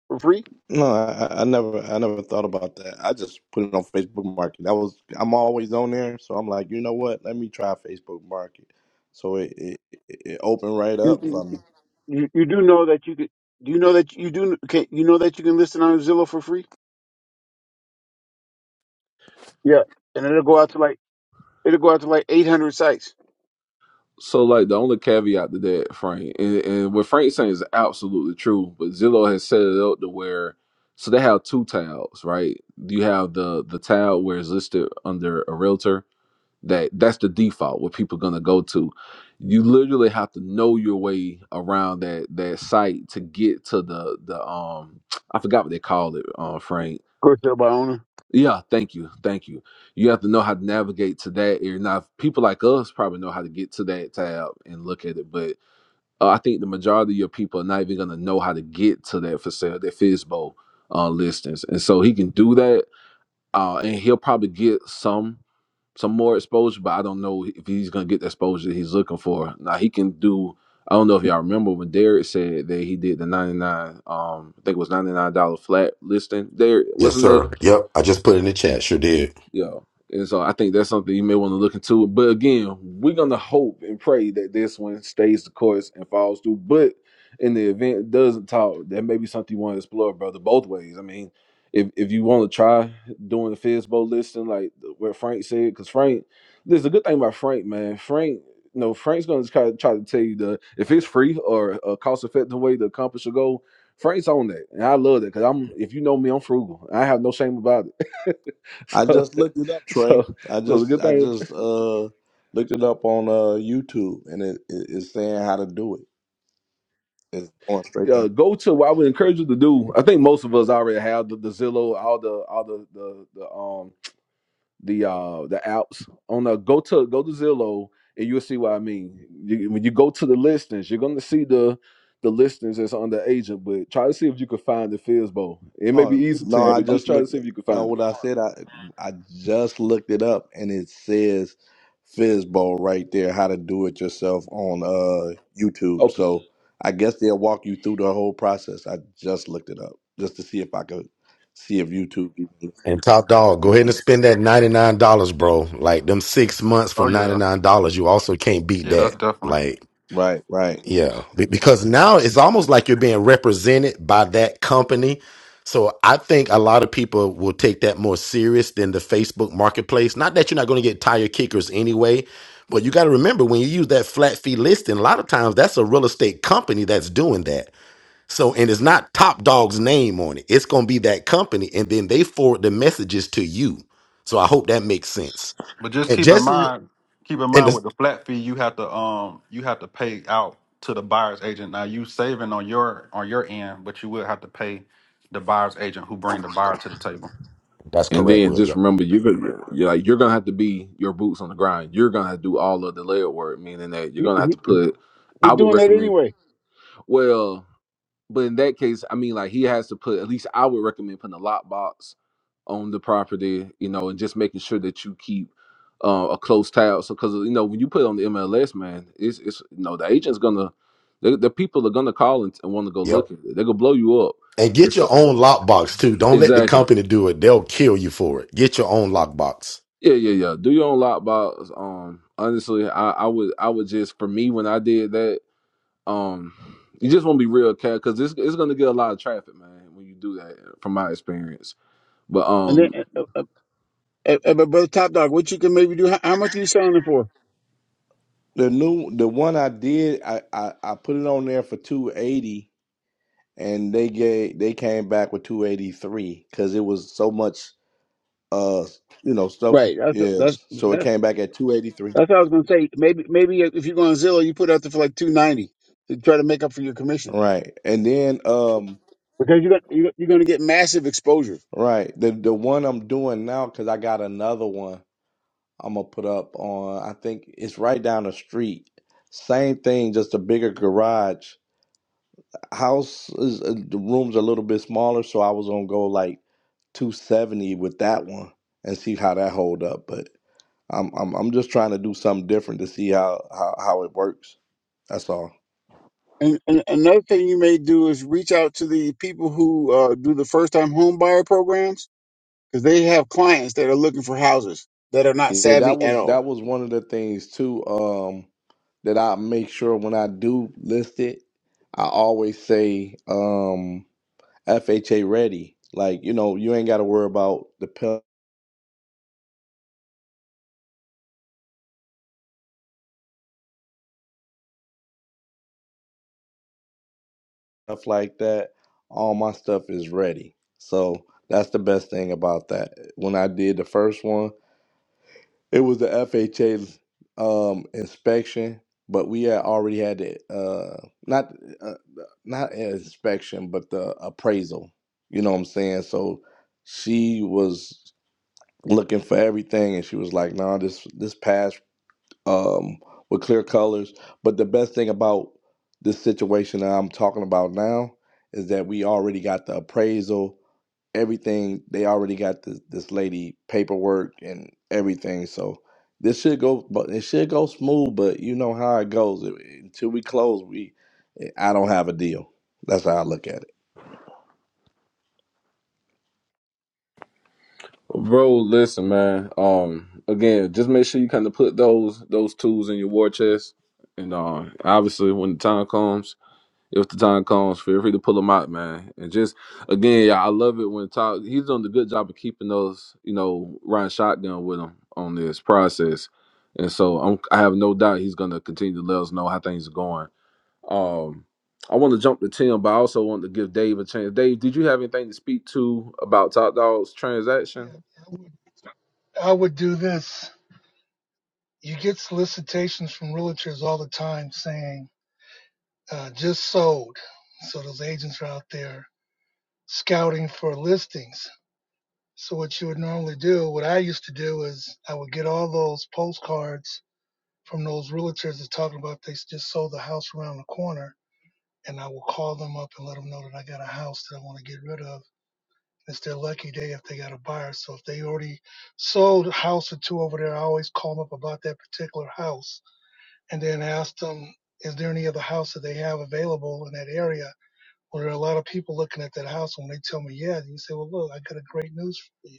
H: for free?
K: No, I, I I never I never thought about that. I just put it on Facebook Market. That was I'm always on there, so I'm like, you know what? Let me try Facebook Market. So it it, it it opened right
H: You,
K: up
H: you,
K: for me.
H: you you do know that you could. Do you know that you do? Can, you know that you can list it on Zillow for free? Yeah, and it'll go out to like it'll go out to like eight hundred sites.
C: So like the only caveat to that, Frank, and, and what Frank's saying is absolutely true, but Zillow has set it up to where so they have two tabs, right? You have the the tab where it's listed under a realtor, that that's the default what people are going to go to you literally have to know your way around that that site to get to the the um i forgot what they call it uh, frank
H: Of course, they'll by owner.
C: yeah thank you thank you you have to know how to navigate to that area now people like us probably know how to get to that tab and look at it but uh, i think the majority of your people are not even going to know how to get to that for sale that fisbo uh, listings and so he can do that uh, and he'll probably get some some more exposure, but I don't know if he's gonna get the exposure that he's looking for. Now he can do. I don't know if y'all remember when Derek said that he did the ninety nine. Um, I think it was ninety nine dollar flat listing. There
F: Yes,
C: wasn't that
F: sir. Yep. I just put it in the chat. Sure did.
C: yeah. And so I think that's something you may want to look into. But again, we're gonna hope and pray that this one stays the course and falls through. But in the event it doesn't talk, that may be something you want to explore, brother, both ways. I mean, if if you want to try doing the Fizbo listing, like what Frank said, because Frank, there's a good thing about Frank, man. Frank, you know, Frank's gonna try, try to tell you the if it's free or a cost effective way to accomplish a goal. Frank's on that, and I love that because I'm. If you know me, I'm frugal. I have no shame about it.
K: I
C: So,
K: just looked it up,
C: so,
K: Trey. I
C: so the
K: just
C: good
K: I
C: thing,
K: just uh looked it up on uh YouTube, and it, it it's saying how to do it. It's going straight.
C: uh, go to what I would encourage you to do. I think most of us already have the, the Zillow, all the, all the, the, the, um, the, uh, the apps on the go to go to Zillow, and you'll see what I mean. You, when you go to the listings, you're gonna see the, the listings that's on the agent. But try to see if you can find the Fizbo. It may be
K: Oh
C: easy to
K: no,
C: you,
K: I
C: but just
K: just
C: try to
K: looked.
C: see
K: At,
C: if you can
K: no,
C: find it.
K: what I said, I I just looked it up, and it says Fizzball right there, how to do it yourself on uh YouTube.
C: Okay.
K: So I guess they'll walk you through the whole process. I just looked it up just to see if I could see if YouTube.
F: And top dog, go ahead and spend that $99, bro. Like them six months for
M: Oh, yeah.
F: $99, you also can't beat
M: Yeah, that's
F: that.
M: definitely.
F: Like,
K: Right, right.
F: Yeah, be- because now it's almost like you're being represented by that company. So I think a lot of people will take that more serious than the Facebook marketplace. Not that you're not going to get tire kickers anyway, but you got to remember when you use that flat fee listing, a lot of times that's a real estate company that's doing that. So and it's not Top Dog's name on it. It's going to be that company and then they forward the messages to you. So I hope that makes sense.
M: But just
F: And
M: keep in
F: just l-
M: mind, keep in
F: and
M: mind with
F: this,
M: the flat fee, you have to um you have to pay out to the buyer's agent. Now you saving on your on your end, but you will have to pay the buyer's agent who bring the buyer to the table.
F: that's
C: And
F: correct,
C: then
F: Will.
C: just
F: Yep.
C: remember, you're gonna you're like you're gonna have to be your boots on the grind. You're gonna have to do all of the layer work, meaning that you're
H: He,
C: gonna have
H: he,
C: to put.
H: he
C: I would
H: doing that
C: recommend.
H: anyway.
C: Well, but in that case, I mean, like he has to put. At least I would recommend putting a lock box on the property, you know, and just making sure that you keep uh, a close tab. So, because you know, when you put it on the MLS, man, it's it's you know the agent's gonna the, the people are gonna call and, and want to go
F: Yep.
C: look at it. They're gonna blow you up.
F: And get
C: It's-
F: your own lockbox too. Don't let the
C: Exactly.
F: company do it. They'll kill you for it. Get your own lockbox.
C: Yeah, yeah, yeah. Do your own lockbox. Um, honestly, I, I would, I would just for me when I did that, um, you just want to be real, cat, because it's it's gonna get a lot of traffic, man, when you do that. From my experience, but
H: And then,
C: um,
H: uh, uh, uh, uh, but brother Top Dog, what you can maybe do? How, how much are you selling it for?
K: The new, the one I did, I I, I put it on there for two eighty. and they gave they came back with 283 because it was so much uh you know stuff
H: Right. That's that's
K: yes so it
H: that,
K: came back at 283
H: that's what I was gonna say. Maybe maybe if you go on Zillow, you put it out there for like two ninety to try to make up for your commission
K: right and then um
H: because you're gonna, you're, you're gonna get massive exposure.
K: right the the one i'm doing now because i got another one i'm gonna put up on i think it's right down the street same thing just a bigger garage house is uh, the rooms a little bit smaller so i was gonna go like 270 with that one and see how that hold up but. I'm I'm I'm just trying to do something different to see how how, how it works. That's all.
H: And, and another thing you may do is reach out to the people who uh, do the first time home buyer programs because they have clients that are looking for houses that are not
K: Yeah, that
H: savvy at
K: was
H: all.
K: that was one of the things too. Um, that I make sure when I do list it, I always say um FHA ready. Like you know, you ain't got to worry about the pill- stuff like that. All my stuff is ready. So that's the best thing about that. When I did the first one. It was the FHA um, inspection, but we had already had the uh, not uh, not an inspection, but the appraisal. You know what I'm saying? So she was looking for everything, and she was like, "No, nah, this this passed um, with clear colors. But the best thing about this situation that I'm talking about now is that we already got the appraisal, everything. They already got this, this lady paperwork and everything. So this should go, but it should go smooth. But you know how it goes. Until we close, we I don't have a deal. That's how I look at it.
C: bro, listen, man. Um, again, just make sure you kind of put those those tools in your war chest, and uh, obviously when the time comes. if the time comes, feel free to pull him out, man. And just again, yeah, I love it when Todd he's doing a good job of keeping those, you know, riding shotgun with him on this process. And so I'm, I have no doubt he's gonna continue to let us know how things are going. Um, I want to jump to Tim, but I also want to give Dave a chance. Dave, did you have anything to speak to about Top Dog's
Q: Yeah,
C: transaction?
Q: I would I would do this. You get solicitations from realtors all the time saying uh, just sold. So those agents are out there scouting for listings. So what you would normally do, what I used to do is I would get all those postcards from those realtors that's talking about they just sold the house around the corner, and I will call them up and let them know that I got a house that I want to get rid of. It's their lucky day if they got a buyer. So if they already sold a house or two over there, I always call them up about that particular house and then ask them, is there any other house that they have available in that area? Well, there are a lot of people looking at that house. And when they tell me, yeah, you say, well, look, I got a great news for you.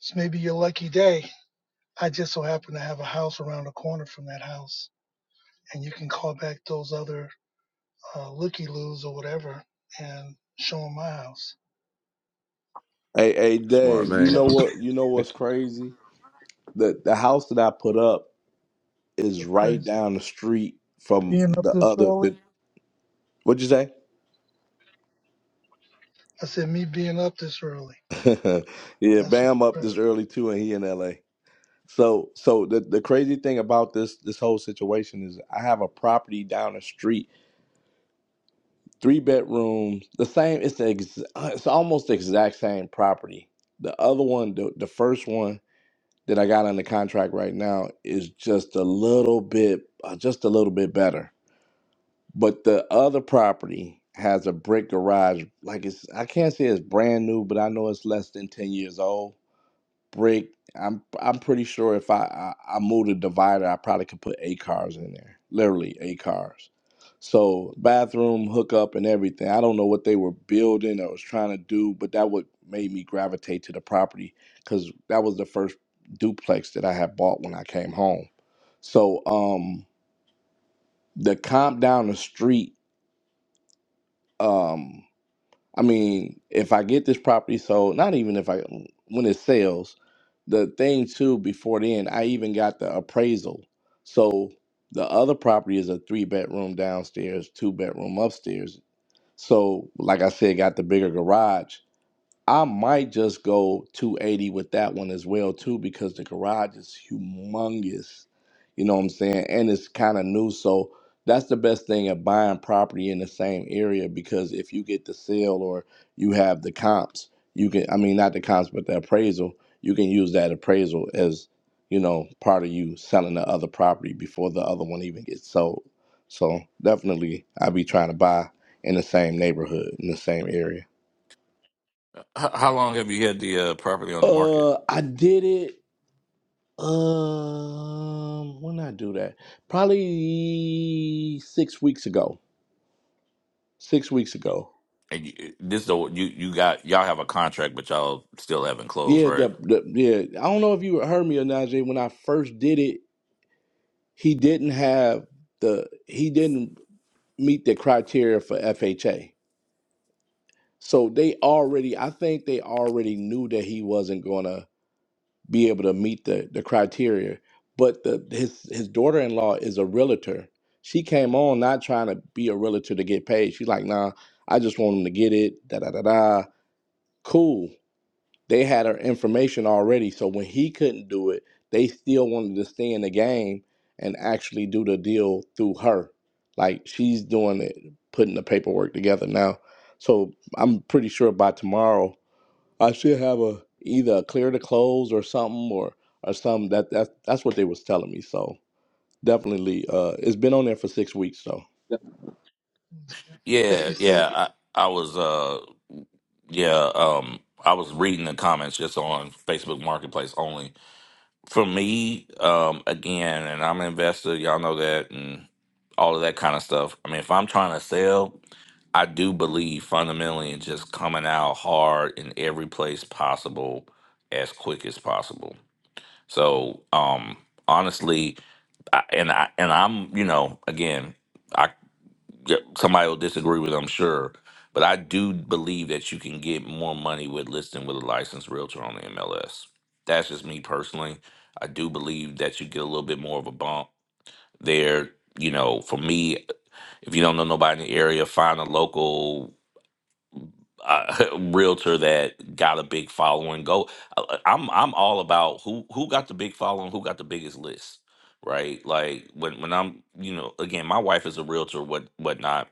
Q: It's maybe your lucky day. I just so happen to have a house around the corner from that house. And you can call back those other uh, looky-loos or whatever and show them my house.
K: Hey, hey,
C: Smart
K: Dave. You
C: man.
Q: Cut.
K: know what? You know what's crazy? The the house that I put up is
Q: That's
K: right
Q: crazy.
K: down the street from
Q: Being up
K: the
Q: this
K: other.
Q: early.
K: The, what'd you say?
Q: I said, me being up this early.
K: yeah,
Q: That's what
K: Bam up
Q: was
K: this early too, and he in L.A. So, so the the crazy thing about this this whole situation is, I have a property down the street, three bedrooms, the same. It's the ex, uh, it's almost the exact same property. The other one, the the first one. that I got under contract right now is just a little bit, uh, just a little bit better. But the other property has a brick garage, like it's I can't say it's brand new, but I know it's less than ten years old break. I'm I'm pretty sure if I I, I moved a divider, I probably could put eight cars in there. Literally eight cars. So bathroom hookup and everything. I don't know what they were building or was trying to do, but that would made me gravitate to the property because that was the first duplex that I had bought when I came home. So um the comp down the street. Um I mean, if I get this property sold, not even if I when it sells, the thing too before then, I even got the appraisal. So the other property is a three bedroom downstairs, two bedroom upstairs. So like I said, got the bigger garage. I might just go 280 with that one as well too because the garage is humongous. You know what I'm saying? And it's kind of new, so that's the best thing of buying property in the same area because if you get the sale or you have the comps, you can I mean not the comps but the appraisal, you can use that appraisal as, you know, part of you selling the other property before the other one even gets sold. So definitely I'd be trying to buy in the same neighborhood, in the same area.
O: H- how long have you had the uh, property on the market?
K: Uh, I did it. Um, when I do that, probably six weeks ago. Six weeks ago.
O: And you, this the you you got y'all have a contract, but y'all still haven't closed,
K: Yeah, the,
O: right?
K: the, yeah. I don't know if you heard me or not, Jay. When I first did it, he didn't have the he didn't meet the criteria for FHA. So they already, I think they already knew that he wasn't gonna. be able to meet the the criteria. But the his his daughter in law is a realtor. She came on not trying to be a realtor to get paid. She's like, nah, I just want him to get it. Da da da da. Cool. They had her information already, so when he couldn't do it, they still wanted to stay in the game and actually do the deal through her. Like she's doing it, putting the paperwork together now. So I'm pretty sure by tomorrow I should have a either a clear to close or something or or something that that that's what they was telling me. So definitely, uh, it's been on there for six weeks. So
O: Yeah,
Q: you said.
O: yeah. I I was uh yeah um I was reading the comments just on Facebook Marketplace only. For me, um again, and I'm an investor. Y'all know that, and all of that kind of stuff. I mean, if I'm trying to sell. I do believe fundamentally in just coming out hard in every place possible as quick as possible. So, um, honestly, I, and I and I'm you know again, I yeah, somebody will disagree with I'm sure, but I do believe that you can get more money with listing with a licensed realtor on the MLS. That's just me personally. I do believe that you get a little bit more of a bump there. You know, for me, if you don't know nobody in the area, find a local. uh, realtor that got a big following go I- i'm i'm all about who who got the big following who got the biggest list right like when when i'm you know again my wife is a realtor what whatnot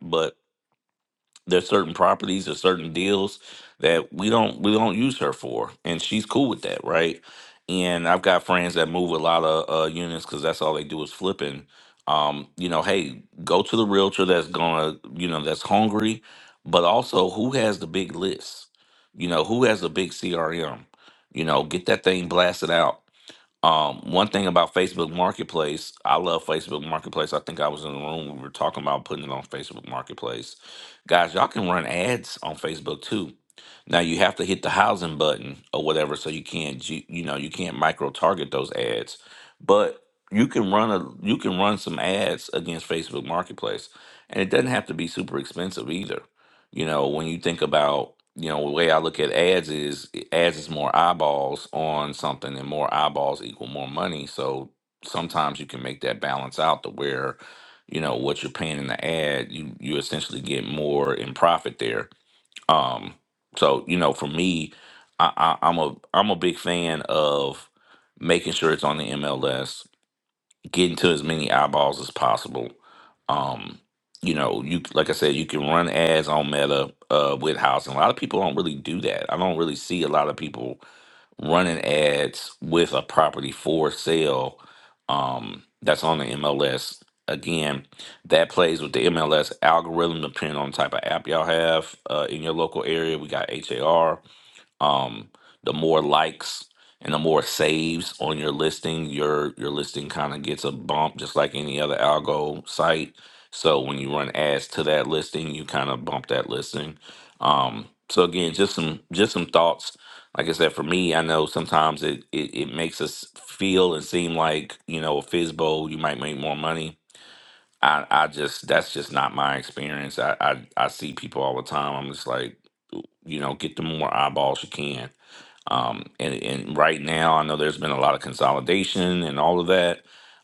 O: there's certain properties or certain deals that we don't we don't use her for, and she's cool with that, right? And I've got friends that move a lot of uh, units because that's all they do is flipping. Um, you know, hey, go to the realtor that's gonna, you know, that's hungry, but also who has the big list? You know, who has a big CRM? You know, get that thing blasted out um, one thing about Facebook Marketplace, I love Facebook Marketplace. I think I was in the room when we were talking about putting it on Facebook Marketplace. Guys, y'all can run ads on Facebook too. Now you have to hit the housing button or whatever, so you can't you, you know you can't micro target those ads, but you can run a you can run some ads against Facebook Marketplace, and it doesn't have to be super expensive either. You know when you think about you know the way I look at ads is ads is more eyeballs on something and more eyeballs equal more money so sometimes you can make that balance out to where you know what you're paying in the ad you you essentially get more in profit there um so you know for me i, I i'm a i'm a big fan of making sure it's on the mls getting to as many eyeballs as possible um you know you like i said you can run ads on meta uh with housing a lot of people don't really do that i don't really see a lot of people running ads with a property for sale um, that's on the MLS. Again, that plays with the MLS algorithm, depending on the type of app y'all have uh, in your local area. We got HAR um the more likes and the more saves on your listing your your listing kind of gets a bump just like any other algo site so when you run ads to that listing you kind of bump that listing um so again just some just some thoughts like i said for me i know sometimes it it, it makes us feel and seem like you know a fizbo you might make more money i i just that's just not my experience i i, I see people all the time i'm just like you know get the more eyeballs you can um, and, and right now, I know there's been a lot of consolidation and all of that,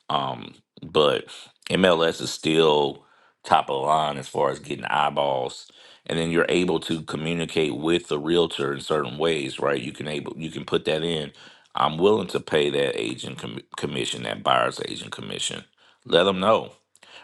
O: um, but MLS is still top of the line as far as getting eyeballs. And then you're able to communicate with the realtor in certain ways, right? You can able you can put that in. I'm willing to pay that agent com- commission, that buyer's agent commission. Let them know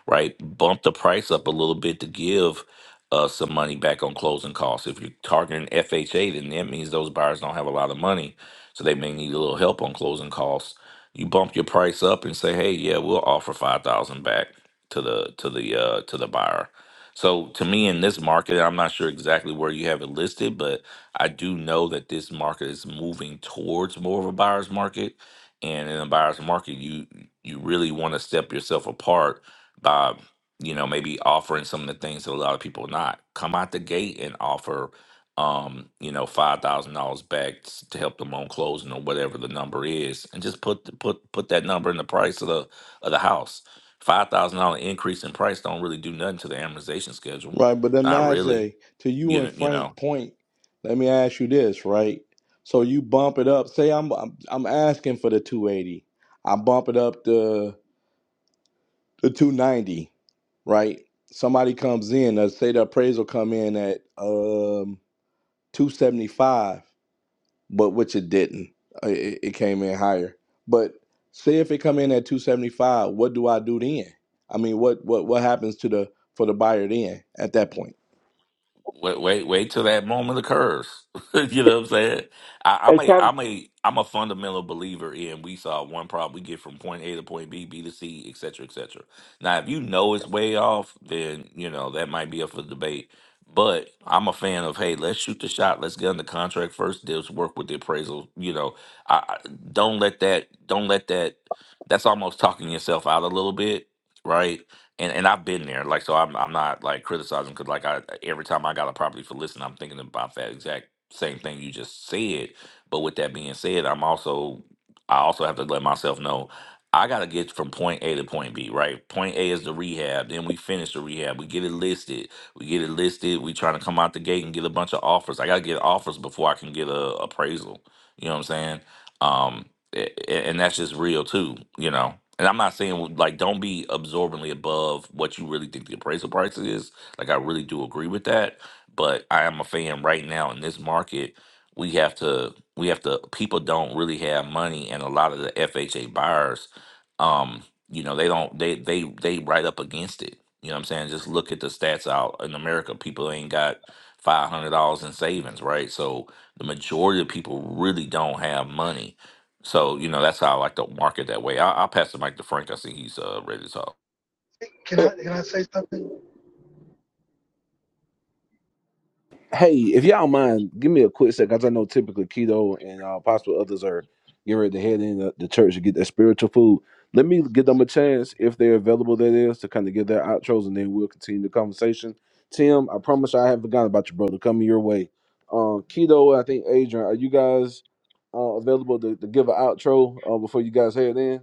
O: right? Bump the price up a little bit to give uh, some money back on closing costs. If you're targeting FHA, then that means those buyers don't have a lot of money, so they may need a little help on closing costs. You bump your price up and say, "Hey, yeah, we'll offer five thousand back to the to the uh, to the buyer." So to me, in this market, I'm not sure exactly where you have it listed, but I do know that this market is moving towards more of a buyer's market. And in a buyer's market, you you really want to step yourself apart by you know maybe offering some of the things that a lot of people not come out the gate and offer um you know five thousand dollars back s- to help them on closing or whatever the number is and just put the- put put that number in the price of the of the house five thousand dollar increase in price don't really do nothing to the amortization schedule
K: right, but then
O: not really
K: Najee, to you
O: you
K: and
O: know you know
K: Frank Point, let me ask you this, right? So you bump it up. Say I'm I'm, I'm asking for the two eighty. I bump it up to. the 290, right? Somebody comes in, let's say the appraisal come in at um 275, but which it didn't. Uh, It, it came in higher. But say if it come in at 275, what do I do then? I mean, what what what happens to the for the buyer then at that point?
O: Wait, wait, wait till that moment occurs. you know what I'm saying? I,
H: Hey,
O: I'm
H: top.
O: a,
H: Dog,
O: I'm a, I'm a fundamental believer in we solve one problem, we get from point A to point B, B to C, et cetera, et cetera. Now, if you know it's way off, then you know that might be up for debate. But I'm a fan of hey, let's shoot the shot, let's get on the contract first. Let's work with the appraisal. You know, I, I don't let that, don't let that. That's almost talking yourself out a little bit, right? and and I've been there. Like, so I'm I'm not like criticizing because like I every time I got a property for listing, I'm thinking about that exact same thing you just said. But with that being said, I'm also I also have to let myself know I gotta get from point A to point B, right? Point A is the rehab. Then we finish the rehab. We get it listed. We get it listed. We trying to come out the gate and get a bunch of offers. I gotta get offers before I can get a appraisal. You know what I'm saying? Um. A- and that's just real too, you know. And I'm not saying like don't be absorbently above what you really think the appraisal price is. Like I really do agree with that, but I am a fan right now in this market. We have to we have to people don't really have money and a lot of the FHA buyers um you know they don't they they they right up against it. You know what I'm saying? Just look at the stats out in America people ain't got $500 in savings, right? So the majority of people really don't have money so you know that's how I like to market that way. I, I'll pass the mic to Frank. I see he's uh, ready to talk.
Q: Can
H: Hey,
Q: I can I say something?
C: Hey, if y'all mind, give me a quick sec, because I know typically keto and uh, possible others are getting ready to head in the, the church to get their spiritual food. Let me give them a chance, if they're available, that is, to kind of give their outros, and then we'll continue the conversation. Tim, I promise I haven't forgotten about you, brother. Coming your way. Uh, keto, I think Adrian, are you guys uh, available to, to give an outro uh, before you guys head in?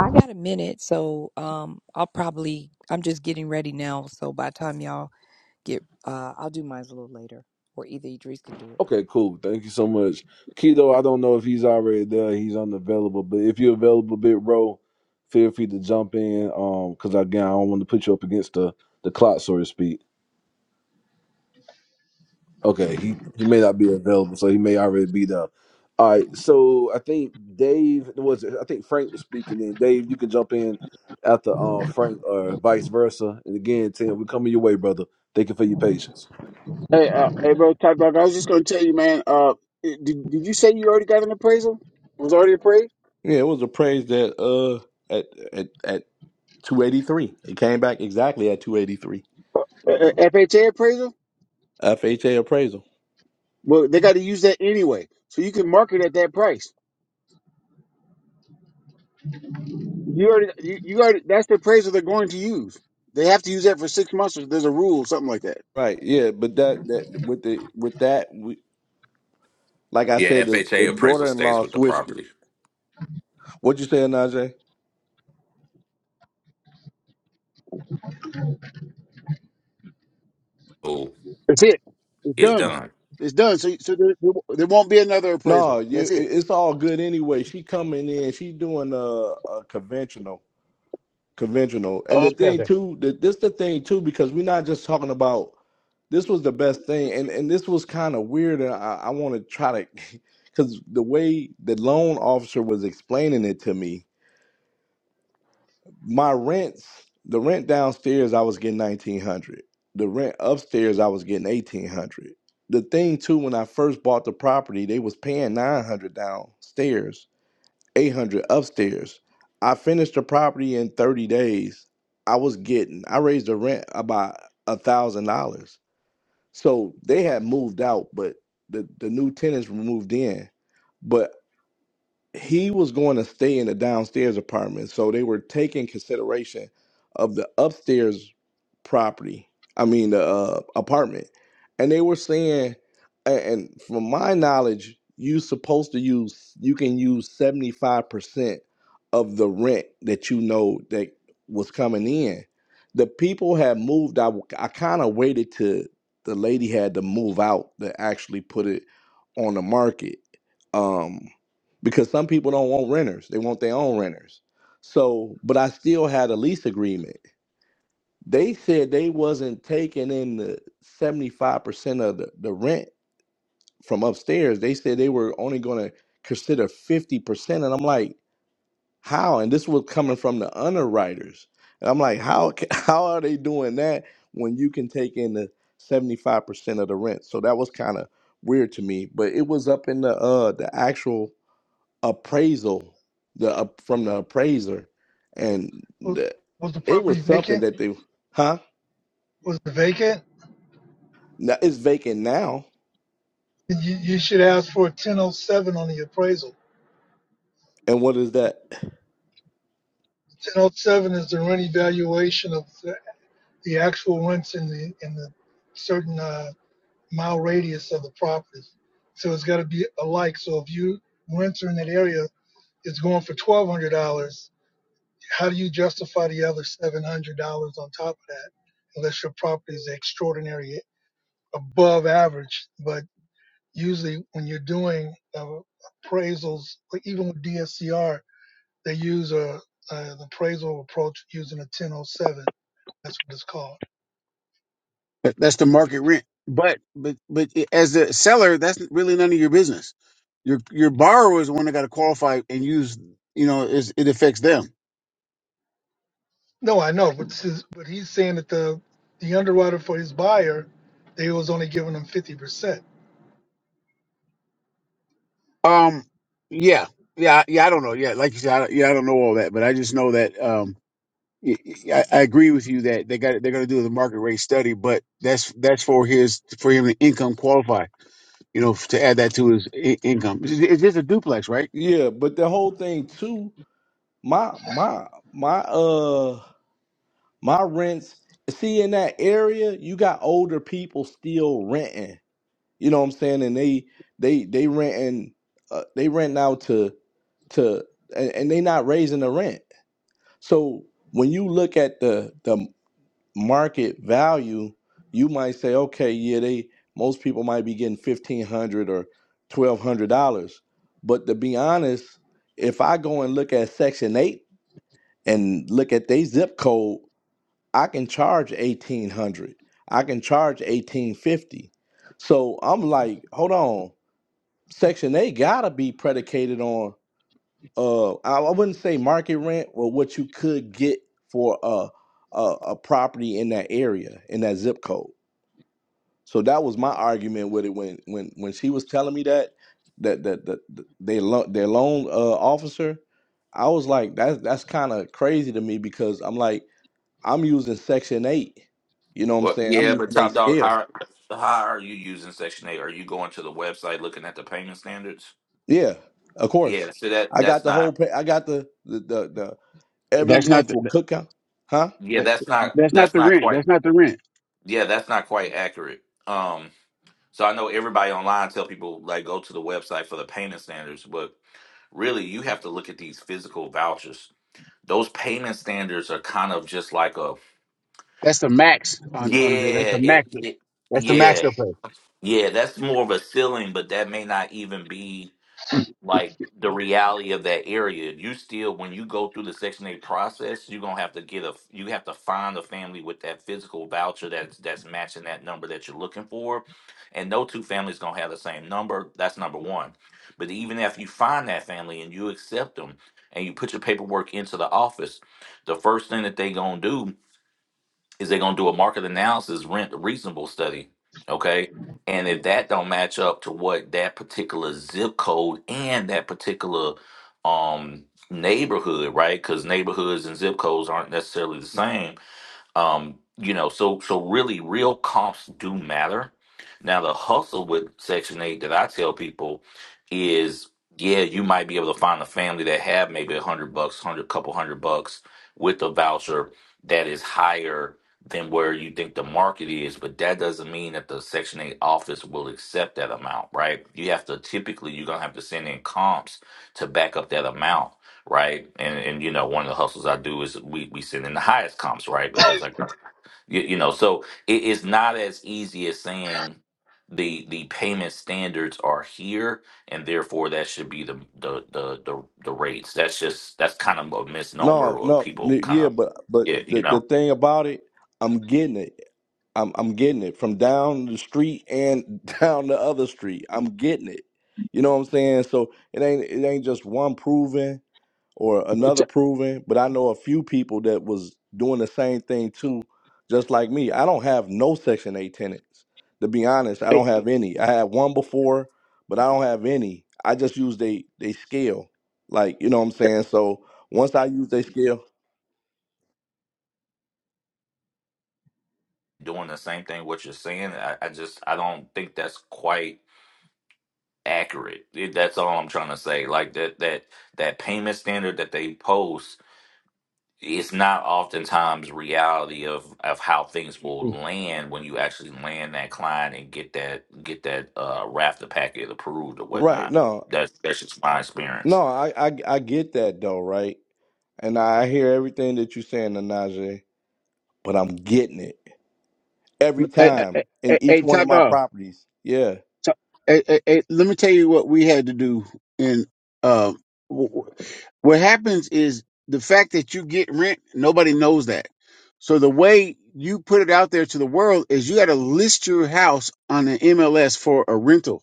B: I got a minute, so um, I'll probably I'm just getting ready now. So by the time y'all get, uh, I'll do mine a little later, or either Idris can do it.
C: Okay, cool. Thank you so much. Keto, I don't know if he's already there. He's unavailable, but if you're available, Big row, feel free to jump in. Um, because again, I don't want to put you up against the the clock, so to speak. Okay, he he may not be available, so he may already be down. All right, so I think Dave was it- I think Frank was speaking, and Dave, you can jump in after uh, Frank or vice versa. And again, Tim, we're coming your way, brother. Thank you for your patience.
H: hey, uh, hey, bro, Top Dog. I was just gonna tell you, man. Uh, did did you say you already got an appraisal? Was already appraised?
K: Yeah, it was appraised at uh at at at 283. It came back exactly at 283.
H: Uh, uh, FHA appraisal?
K: FHA appraisal.
H: Well, they got to use that anyway, so you can market at that price. You already, you, you already. That's the appraisal they're going to use. They have to use that for six months. Or there's a rule, something like that.
K: Right. Yeah, but that that with the with that we. Like I
O: Yeah,
K: said, the, the
O: FHA appraisal stays
K: daughter-in-law
O: with the
K: switched it.
O: property.
K: What you saying, Najee?
O: Cool.
H: That's it. It's
O: It's
H: done.
O: done.
H: It's done. So, so there, there won't be another
K: No,
H: appraisal. That's
K: you,
H: it.
K: it- it's all good anyway. She coming in. She doing a, a conventional, conventional. And the
H: Okay,
K: thing
H: okay.
K: too, that this the thing too, because we're not just talking about. This was the best thing, and and this was kind of weird. And I, I want to try to, because the way the loan officer was explaining it to me, my rents the rent downstairs i was getting 1900 the rent upstairs i was getting 1800 the thing too when i first bought the property they was paying 900 downstairs 800 upstairs i finished the property in 30 days i was getting i raised the rent about a thousand dollars so they had moved out but the, the new tenants moved in but he was going to stay in the downstairs apartment, so they were taking consideration of the upstairs property. I mean, the uh, apartment, and they were saying, a- and from my knowledge, you supposed to use you can use seventy five percent of the rent that you know that was coming in. The people had moved. I I kind of waited till the lady had to move out to actually put it on the market. Um, because some people don't want renters they want their own renters so but i still had a lease agreement they said they wasn't taking in the 75% of the, the rent from upstairs they said they were only going to consider 50% and i'm like how and this was coming from the underwriters and i'm like how ca- how are they doing that when you can take in the 75% of the rent so that was kind of weird to me but it was up in the uh the actual appraisal the up from the appraiser and
Q: Was
K: the,
Q: was the
K: it
Q: property
K: was something
Q: vacant?
K: that they huh
Q: Was it vacant?
K: now it's vacant now
Q: You, you should ask for a 1007 on the appraisal.
K: and what is that
Q: 1007 is the rent evaluation of the, the actual rents in the in the certain uh, mile radius of the property. So it's got to be alike. So if you rents are in that area, it's going for twelve hundred dollars How do you justify the other $700 on top of that unless your property is extraordinary above average? But usually when you're doing uh, appraisals, like even with DSCR, they use a, an appraisal approach using a 1007. That's what it's called.
H: That- That's the market rent. But, but, but as the seller, that's really none of your business. Your, your borrower is the one that got to qualify and use, you know, is, it affects them.
Q: No, I know, but, this is, but he's saying that the, the underwriter for his buyer, they was only giving him 50%.
H: Um, yeah, yeah, I- yeah. I don't know. Yeah. Like you said, I, yeah, I don't know all that, but I just know that, Um. I I agree with you that they got they're going to do the market rate study, but that's that's for his for him to income qualify. You know, to add that to his I- income. It's it's just a duplex, right?
K: yeah but the whole thing too my my my uh my rents see in that area you got older people still renting you know what i'm saying and they they they renting uh, they renting out to to and, and they not raising the rent so when you look at the the market value, you might say, okay, yeah, they most people might be getting fifteen hundred or twelve hundred dollars. But to be honest, if I go and look at section eight and look at their zip code, I can charge eighteen hundred. I can charge eighteen fifty. So I'm like, hold on, section eight gotta be predicated on uh I, I wouldn't say market rent or what you could get for a, a a property in that area in that zip code. So that was my argument with it when when when she was telling me that that that, that, that they lo- their loan uh, officer, I was like that's that's kind of crazy to me because I'm like I'm using section 8. You know what I'm
O: Well,
K: saying? I'm
O: yeah, but
K: using a
O: Top Dog,
K: scale.
O: how how are you using Section Eight? Are you going to the website looking at the payment standards?
K: Yeah, of
O: Yeah,
K: course.
O: so that
K: I got
O: that's
K: the whole
O: not
K: pa- I got the the the, the
H: That's
K: everyone
H: not the,
K: for cookout. Huh?
O: yeah
H: that-
O: that's not
H: that's not
O: that's
H: the
O: not
H: rent.
O: quite
H: That's not the rent.
O: yeah that's not quite accurate. Um, so I know everybody online tell people like go to the website for the payment standards, but really you have to look at these physical vouchers those payment standards are kind of just like a
H: That's the max
O: yeah
H: on on the, that's the
O: it,
H: max.
O: it
H: That's the max
O: yeah
H: they'll pay.
O: yeah that's more of a ceiling but that may not even be like the reality of that area you still when you go through the section 8 process you're gonna have to get a you have to find a family with that physical voucher that's that's matching that number that you're looking for and no two families gonna have the same number that's number one but even if you find that family and you accept them and you put your paperwork into the office the first thing that they gonna do is they're going to do a market analysis rent reasonable study okay and if that don't match up to what that particular zip code and that particular um neighborhood right because neighborhoods and zip codes aren't necessarily the same um, you know, so so really, real comps do matter. Now, the hustle with Section Eight that I tell people is, yeah, you might be able to find a family that have maybe a hundred bucks, hundred couple hundred bucks with a voucher that is higher than where you think the market is, but that doesn't mean that the Section Eight office will accept that amount, right? You have to typically you're gonna have to send in comps to back up that amount right? And and you know, one of the hustles I do is we we send in the highest comps, right? Because like you, you know, so it is not as easy as saying the the payment standards are here and therefore that should be the the the the, the rates. That's just that's kind of a misnomer
K: No,
O: or
K: no,
O: people
K: n-
O: kind
K: yeah,
O: of
K: but but
O: yeah,
K: the
O: you
K: the
O: know,
K: thing about it, I'm getting it. I'm I'm getting it from down the street and down the other street. I'm getting it. You know what I'm saying? So it ain't it ain't just one proving or another proven, but I know a few people that was doing the same thing too, just like me. I don't have no Section 8 tenants. To be honest, I
H: Hey,
K: don't have any. I had one before, but I don't have any. I just use they they scale. Like, you know what I'm saying? So once I use they scale,
O: doing the same thing what you're saying. I, I just I don't think that's quite accurate. It- That's all I'm trying to say. Like that that that payment standard that they post it's not oftentimes reality of of how things will
H: hey,
O: land when you actually land that client and get that get that uh rafter packet approved or
K: right,
O: whatnot.
K: no.
O: That's that's just my experience.
K: No, I, I I get that though, right? And I hear everything that you're saying, Nanaje, but I'm getting it every
H: hey,
K: time
H: hey,
K: in
H: hey,
K: each
H: hey,
K: one of
H: top
K: my
H: dog.
K: properties. Yeah.
H: So, eh, eh, eh, let me tell you what we had to do. And uh, w- w- what happens is the fact that you get rent, nobody knows that. So the way you put it out there to the world is you got to list your house on an MLS for a rental.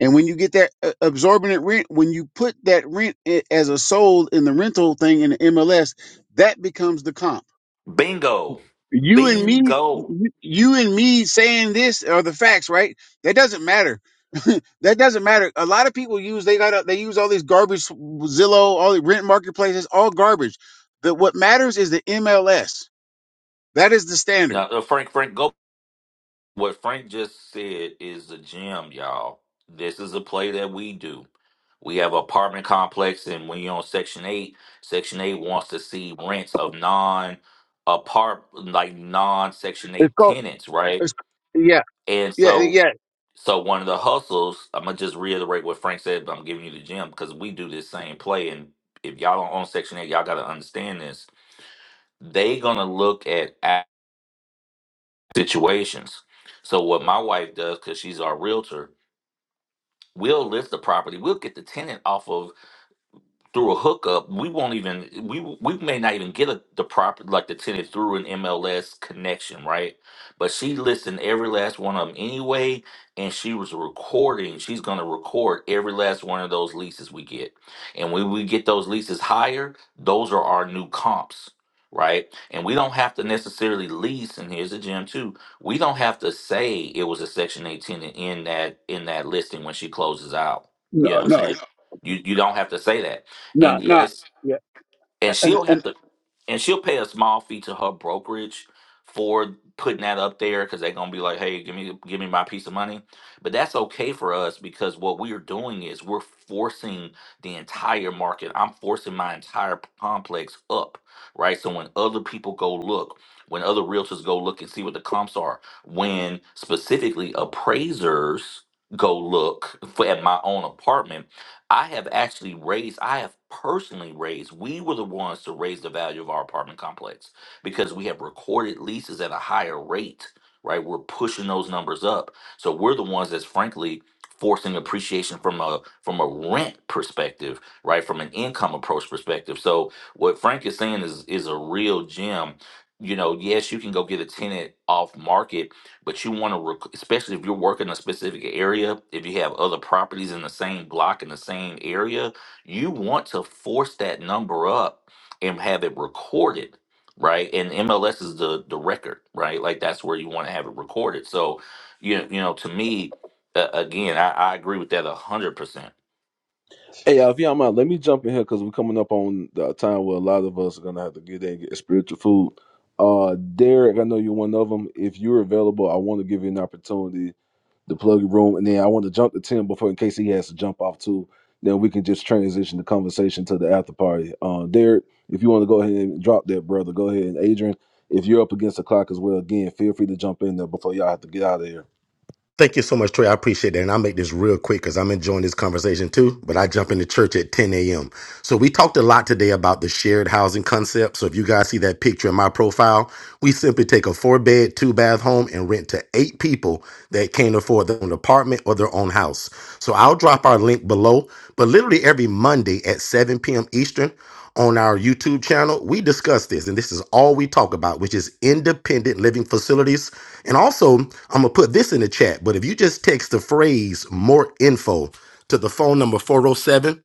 H: And when you get that uh, absorbent rent, when you put that rent i- as a sold in the rental thing in the MLS, that becomes the comp.
O: Bingo.
H: You and me,
O: Bingo.
H: you and me saying this are the facts, right? That doesn't matter. that doesn't matter. A lot of people use they got they use all these garbage Zillow, all the rent marketplaces, all garbage. That what matters is the MLS. That is the
O: Now
H: standard.
O: uh, Frank Frank go What Frank just said is a gem, y'all. This is a play that we do. We have an apartment complex, and when you're on Section 8, Section 8 wants to see rents of non apart like non Section
H: It's
O: 8
H: called.
O: tenants, right?
H: It's yeah,
O: And
H: yeah,
O: so
H: yeah.
O: so one of the hustles, I'm gonna just reiterate what Frank said, but I'm giving you the gem because we do this same play. And if y'all don't own Section 8, y'all gotta understand this. They gonna look at act- situations. So what my wife does, because she's our realtor, We'll list the property. We'll get the tenant off of through a hookup, we won't even we we may not even get a, the proper like the tenant through an MLS connection, right? But she listened every last one of them anyway, and she was recording. She's gonna record every last one of those leases we get, and when we get those leases higher, those are our new comps. Right, and we don't have to necessarily lease. And here's the gem too. We don't have to say it was a Section 8 tenant in that in that listing when she closes out. You
H: No,
O: know what I'm
H: no,
O: saying? You you don't have to say that
H: no,
O: and
H: not
O: yes,
H: yeah.
O: and she'll have to, and she'll pay a small fee to her brokerage for putting that up there because they're gonna be like, hey, give me give me my piece of money. But that's okay for us because what we are doing is we're forcing the entire market. I'm forcing my entire p- complex up, right? So when other people go look, when other realtors go look and see what the comps are, when specifically appraisers go look for at my own apartment I have actually raised, I have personally raised, we were the ones to raise the value of our apartment complex because we have recorded leases at a higher rate, right? We're pushing those numbers up. So we're the ones that's frankly forcing appreciation from a from a rent perspective, right? From an income approach perspective. So what Frank is saying is is a real gem. You know, yes, you can go get a tenant off market but you want to rec- especially if you're working a specific area if you have other properties in the same block in the same area you want to force that number up and have it recorded right and mls is the the record right like that's where you want to have it recorded so you, you know to me uh, again I, I agree with that 100%
C: Hey, uh, if y'all mind, let me jump in here because we're coming up on the time where a lot of us are gonna have to get in and get spiritual food. Uh, Derek, I know you're one of them. If you're available, I want to give you an opportunity to plug your room, and then I want to jump to Tim before in case he has to jump off too. Then we can just transition the conversation to the after party. Uh, Derek, if you want to go ahead and drop that, brother, go ahead. And Adrian, if you're up against the clock as well, again, feel free to jump in there before y'all have to get out of here.
F: Thank you so much, Trey. I appreciate that. And I'll make this real quick because I'm enjoying this conversation too. But I jump into church at 10 a.m. So we talked a lot today about the shared housing concept. So if you guys see that picture in my profile, we simply take a four bed, two bath home and rent to eight people that can't afford their own apartment or their own house. So I'll drop our link below, but literally every Monday at 7 p.m. Eastern on our YouTube channel, we discuss this and this is all we talk about, which is independent living facilities. And also, I'm going to put this in the chat, but if you just text the phrase more info to the phone number 407,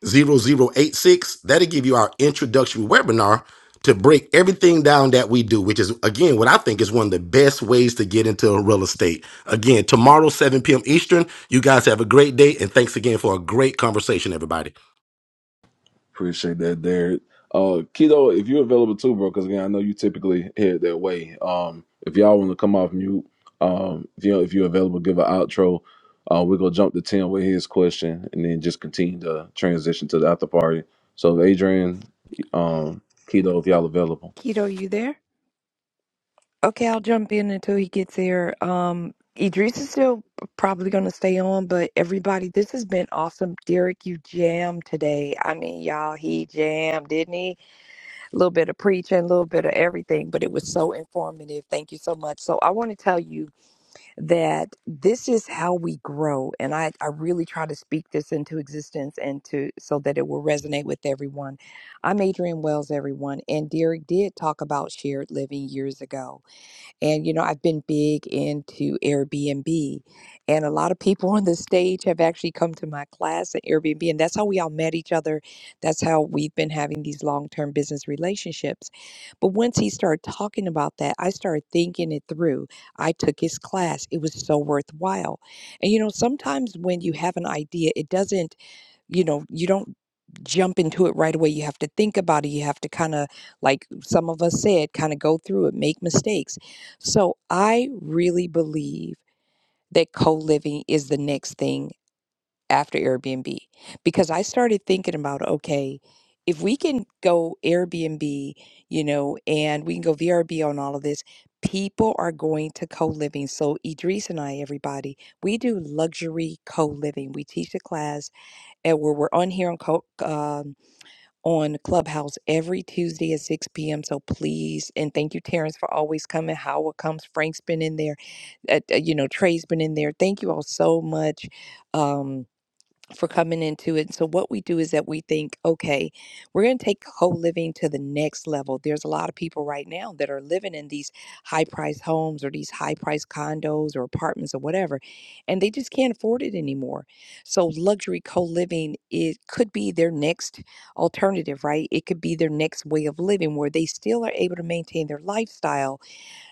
F: that That'll give you our introductory webinar to break everything down that we do, which is, again, what I think is one of the best ways to get into real estate. Again, tomorrow, 7 p.m. Eastern. You guys have a great day, and thanks again for a great conversation, everybody.
C: Appreciate that, Derek. Uh, Keto, if you're available too, bro, because again, I know you typically head that way. Um, if y'all want to come off mute, um, if you if you're available, give an outro. Uh, we're gonna jump to Tim with his question, and then just continue to transition to the after party. So, Adrian, um, Keto, if y'all available,
B: Keto, you there? Okay, I'll jump in until he gets there. Um, Idris is still probably going to stay on, but everybody, this has been awesome. Derek, you jammed today. I mean, y'all, he jammed, didn't he? A little bit of preaching, a little bit of everything, but it was so informative. Thank you so much. So I want to tell you. that this is how we grow and I, I really try to speak this into existence and to so that it will resonate with everyone i'm adrian wells everyone and derek did talk about shared living years ago and, you know, I've been big into Airbnb. And a lot of people on the stage have actually come to my class at Airbnb. And that's how we all met each other. That's how we've been having these long term business relationships. But once he started talking about that, I started thinking it through. I took his class, it was so worthwhile. And, you know, sometimes when you have an idea, it doesn't you know, you don't jump into it right away. You have to think about it. You have to kind of, like some of us said, kind of go through it, make mistakes. So I really believe that co living is the next thing after Airbnb because I started thinking about, okay, if we can go Airbnb, you know, and we can go VRB on all of this, people are going to co living. So Idris and I, everybody, we do luxury co living. We teach a class and we're, we're on here on Co- um, on Clubhouse every Tuesday at 6 p.m. So please, and thank you, Terrence, for always coming. Howard comes. Frank's been in there. Uh, uh, you know, Trey's been in there. Thank you all so much. Um, for coming into it. So what we do is that we think, okay, we're going to take co-living to the next level. There's a lot of people right now that are living in these high-priced homes or these high-priced condos or apartments or whatever, and they just can't afford it anymore. So luxury co-living it could be their next alternative, right? It could be their next way of living where they still are able to maintain their lifestyle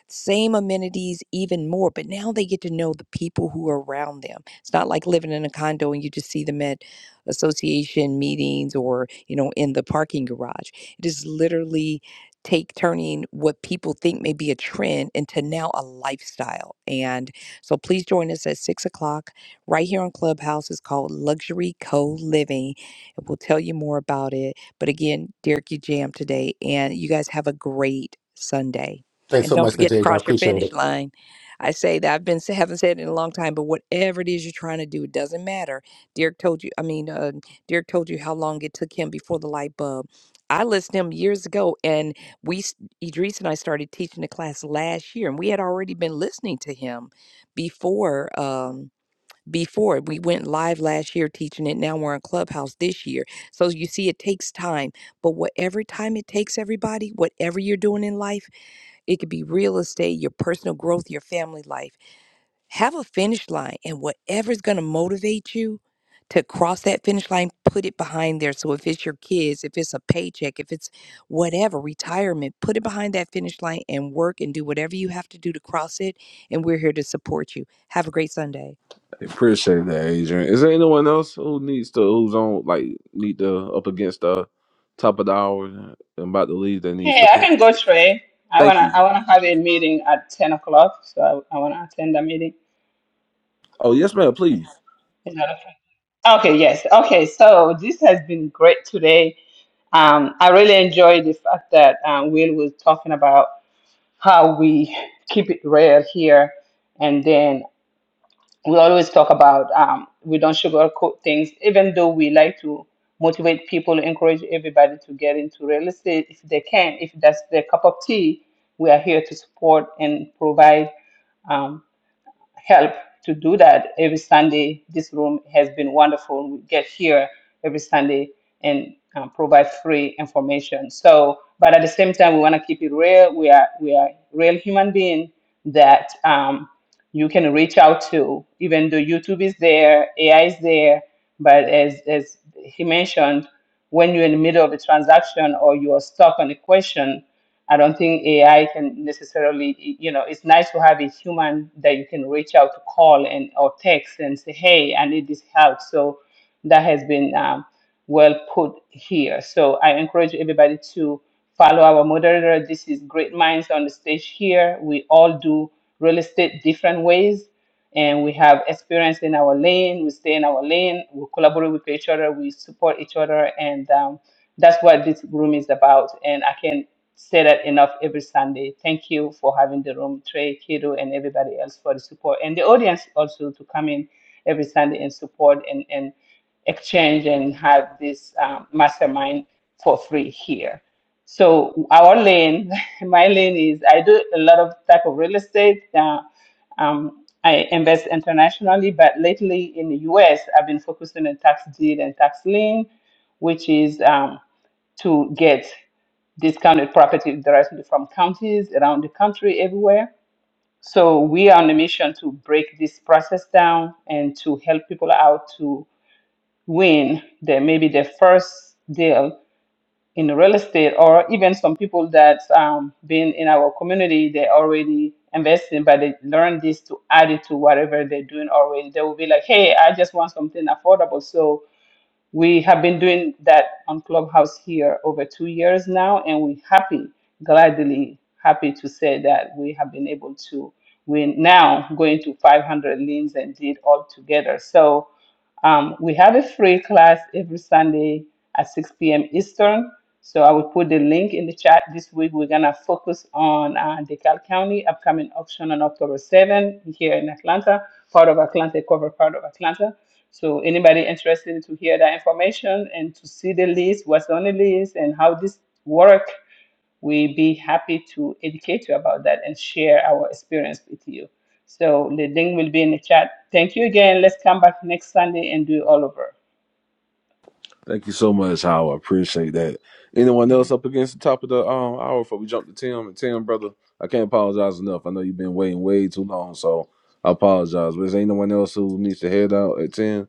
B: same amenities, even more. But now they get to know the people who are around them. It's not like living in a condo and you just see them at association meetings or, you know, in the parking garage. It is literally take turning what people think may be a trend into now a lifestyle. And so please join us at six o'clock right here on Clubhouse. It's called Luxury Co Living. And we'll tell you more about it. But again, Derek, you jammed today, and you guys have a great Sunday
F: Thanks
B: and
F: so
B: don't
F: much. Mister
B: forget to cross your finish line. I say that I've been haven't said it in a long time, but whatever it is you're trying to do, it doesn't matter. Derek told you. I mean, uh, Derek told you how long it took him before the light bulb. I listened to him years ago, and we s- Idris and I started teaching the class last year, and we had already been listening to him before. Um, before we went live last year teaching it now we're on clubhouse this year so you see it takes time but whatever time it takes everybody whatever you're doing in life it could be real estate, your personal growth, your family life. Have a finish line, and whatever's going to motivate you to cross that finish line, put it behind there. So if it's your kids, if it's a paycheck, if it's whatever, retirement, put it behind that finish line and work and do whatever you have to do to cross it. And we're here to support you. Have a great Sunday.
C: appreciate that, Adrian. Is there anyone else who needs to who's on like need to up against the top of the hour and about to leave that needs
E: Hey,
C: to?
E: I can go Trey. I
C: Thank
E: wanna
C: you.
E: I wanna have a meeting at ten o'clock, so I, I wanna attend the meeting.
C: Oh yes, ma'am. Please.
E: Is that okay? Okay, yes. Okay, so this has been great today. Um, I really enjoyed the fact that um, Will was talking about how we keep it rare here, and then we always talk about um, we don't sugarcoat things, even though we like to motivate people, encourage everybody to get into real estate if they can, if that's their cup of tea. We are here to support and provide um, help to do that every Sunday. This room has been wonderful. We get here every Sunday and um, provide free information. So, but at the same time, we want to keep it real. We are we are real human beings that um, you can reach out to. Even though YouTube is there, AI is there, but as as he mentioned, when you're in the middle of a transaction or you are stuck on a question, I don't think AI can necessarily, you know, it's nice to have a human that you can reach out to call and or text and say, hey, I need this help. So that has been um, well put here. So I encourage everybody to follow our moderator. This is Great Minds on the stage here. We all do real estate different ways and we have experience in our lane. We stay in our lane. We collaborate with each other. We support each other, and um, that's what this room is about. And I can say that enough every Sunday. Thank you for having the room, Trey, Kido, and everybody else for the support, and the audience also to come in every Sunday and support and, and exchange and have this um, mastermind for free here. So our lane, my lane is I do a lot of type of real estate. Uh, um, I invest internationally, but lately in the U.S., I've been focusing on tax deed and tax lien, which is um, to get discounted property directly from counties around the country everywhere. So we are on a mission to break this process down and to help people out to win their maybe their first deal in real estate or even some people that's um, been in our community, they already investing, but they learn this to add it to whatever they're doing already. They will be like, hey, I just want something affordable. So we have been doing that on Clubhouse here over two years now, and we're happy, gladly happy to say that we have been able to. We're now going to 500 limbs and deed all together. So um, we have a free class every Sunday at 6 p.m. Eastern. So I will put the link in the chat. This week we're gonna focus on uh, DeKalb County upcoming auction on October 7 here in Atlanta, part of Atlanta, cover part of Atlanta. So anybody interested to hear that information and to see the list, what's on the list, and how this work, we be happy to educate you about that and share our experience with you. So the link will be in the chat. Thank you again. Let's come back next Sunday and do it all over.
C: Thank you so much, Howard. I appreciate that. Anyone else up against the top of the um hour before we jump to Tim? And Tim, brother, I can't apologize enough. I know you've been waiting way too long, so I apologize. But is there anyone else who needs to head out at 10?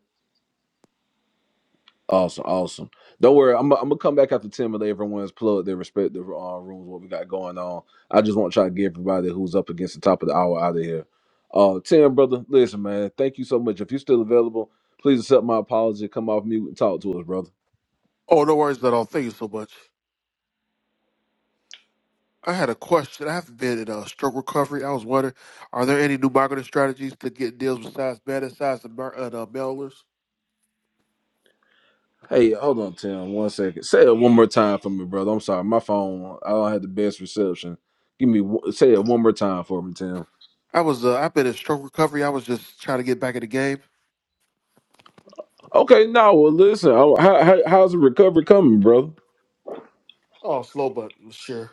C: Awesome, awesome. Don't worry, I'm, I'm gonna come back after 10 and let everyone's plug their respective uh, rooms, what we got going on. I just want to try to get everybody who's up against the top of the hour out of here. Uh, Tim, brother, listen, man, thank you so much. If you're still available, please accept my apology. Come off mute and talk to us, brother.
R: Oh, no worries at all. Thank you so much. I had a question. I haven't been in uh, stroke recovery. I was wondering, are there any new marketing strategies to get deals besides bad size and, mar- and uh, mailers?
C: Hey, hold on, Tim. One second. Say it one more time for me, brother. I'm sorry, my phone. I don't have the best reception. Give me one- say it one more time for me, Tim.
R: I was, uh, I've been in stroke recovery. I was just trying to get back in the game.
C: Okay, now well, listen. I- How, how, how's the recovery coming, brother?
R: Oh, slow but sure.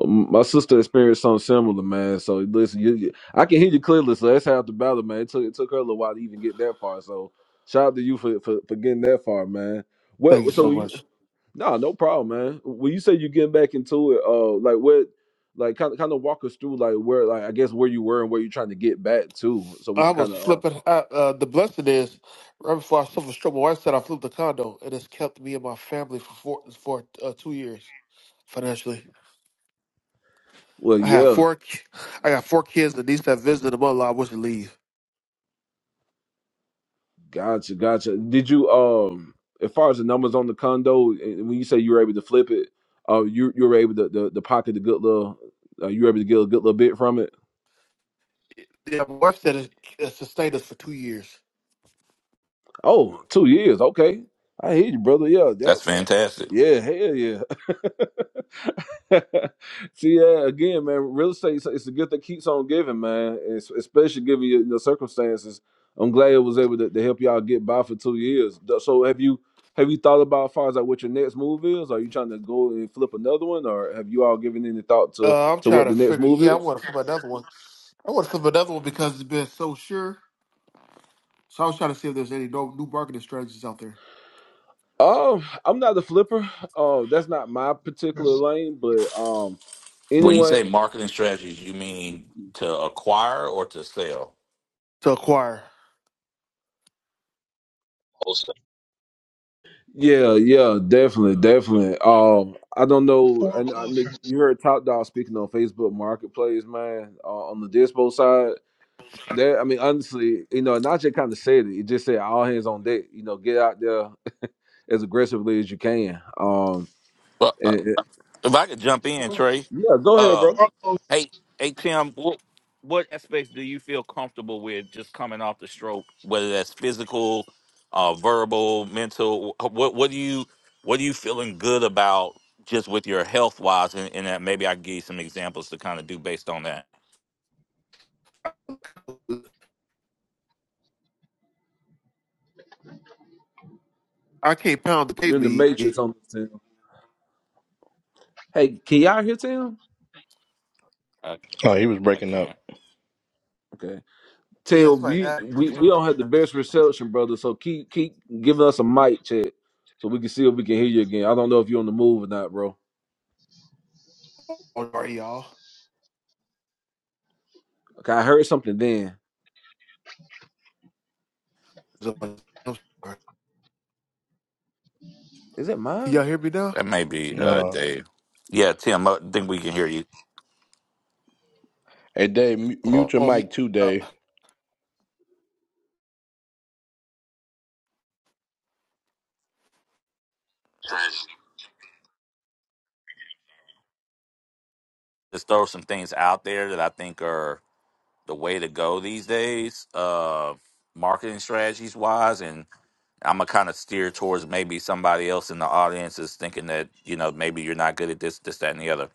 C: Um, My sister experienced something similar, man. So listen, you, you, I can hear you clearly. So that's half the battle, man. It took it took her a little while to even get that far. So shout out to you for for, for getting that far, man.
R: Thank
C: Well,
R: you
C: so
R: so
C: you
R: much.
C: Nah, no problem, man. When you say you're getting back into it, uh, like what, like kind of kind of walk us through like where, like I guess where you were and where you're trying to get back to, so we
R: I
C: can
R: was
C: kind of. Uh,
R: flipping. I, uh, the blessing is, right before I suffered stroke, my wife said I flipped the condo, and it's kept me and my family for four, for uh, two years financially.
C: well,
R: I have
C: yeah,
R: four. ki- I got four kids. The niece that visited the mother-in-law wants to leave.
C: gotcha, gotcha. Did you um, as far as the numbers on the condo, and when you say you were able to flip it, uh, you you were able to the, the pocket the good little, uh, you were able to get a good little bit from it.
R: Yeah, my wife said it, it sustained us for two years.
C: Oh, two years, okay. I hear you, brother. Yeah, that,
O: that's
C: that
O: fantastic
C: yeah, hell yeah. See, yeah, again, man, real estate is it's a gift that keeps on giving, man. It's, especially given your, your circumstances. I'm glad I was able to, to help y'all get by for two years. Th- So, have you have you thought about as far as like what your next move is? Are you trying to go and flip another one, or have you all given any thought to
R: Uh, I'm
C: to
R: trying
C: what
R: to
C: the next
R: figure.
C: move
R: Yeah, I
C: is?
R: want to flip another one. I want to flip another one because it's been so sure. So I was trying to see if there's any no, new marketing strategies out there
C: Oh, I'm not a flipper. Oh, that's not my particular
Q: There's
C: lane, but um,
O: when you
C: anyone
O: say marketing strategies you mean to acquire or to sell
R: to acquire.
Q: Also,
C: Yeah, yeah, definitely, definitely. Um, I don't know, and I,
Q: foreclosures.
C: kn- you heard Top Dog speaking on Facebook Marketplace, man, uh, on the dispo side. That I mean, honestly, you know, Najee kind of said it. He just said all hands on deck. You know, get out there as aggressively as you can. Um,
O: well uh,
C: and, and-
O: if i could jump in trey
C: yeah, go ahead,
O: Uh,
C: bro.
Q: Foreclosure.
O: Hey, hey Tim, what what aspects do you feel comfortable with just coming off the stroke? Whether that's physical, uh, verbal, mental. wh- What what do you what are you feeling good about just with your health wise? And, and that maybe I can give you some examples to kind of do based on that.
R: I can't pound the
C: You're in the
R: pavement. yet.
C: matrix on this Tim. Hey, can y'all hear Tim?
O: I,
K: Oh, he was
O: I
K: breaking up.
O: can't.
C: Okay,
R: Yeah,
C: Tim,
R: somebody
C: we, we
R: asked.
C: we don't have the best reception, brother. So keep keep giving us a mic check so we can see if we can hear you again. I don't know if you're on the move or not, bro.
R: Oh, sorry, y'all.
C: Okay, I heard something then.
R: I'm sorry.
C: Is it
R: Can
C: mine?
R: y'all hear me now?
O: That may be uh,
K: No.
O: Dave. Yeah, Tim, I think we can hear you.
K: Hey, Dave, mu-
R: Oh,
K: mute your
R: oh,
K: mic
R: ye-
K: too,
R: uh,
K: Dave.
O: Just throw some things out there that I think are the way to go these days, uh, marketing strategies wise, and I'm gonna kind of steer towards maybe somebody else in the audience is thinking that you know maybe you're not good at this, this, that, and the other.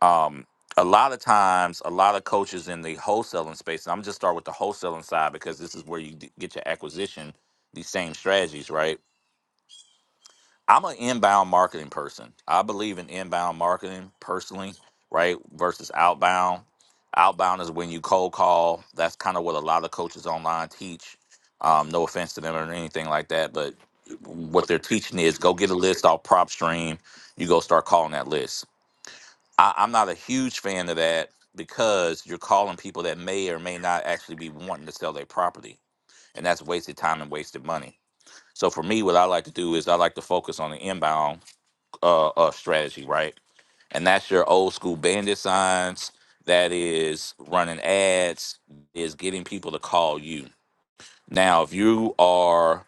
O: Um, a lot of times, a lot of coaches in the wholesaling space. And I'm just start with the wholesaling side because this is where you d- get your acquisition. These same strategies, right? I'm an inbound marketing person. I believe in inbound marketing personally, right? Versus outbound. Outbound is when you cold call. That's kind of what a lot of coaches online teach. Um, no offense to them or anything like that, but what they're teaching is go get a list off PropStream. You go start calling that list. I, I'm not a huge fan of that because you're calling people that may or may not actually be wanting to sell their property, and that's wasted time and wasted money. So for me, what I like to do is I like to focus on the inbound uh, uh strategy, right? And that's your old school bandit signs. That is running ads. Is getting people to call you. Now, if you are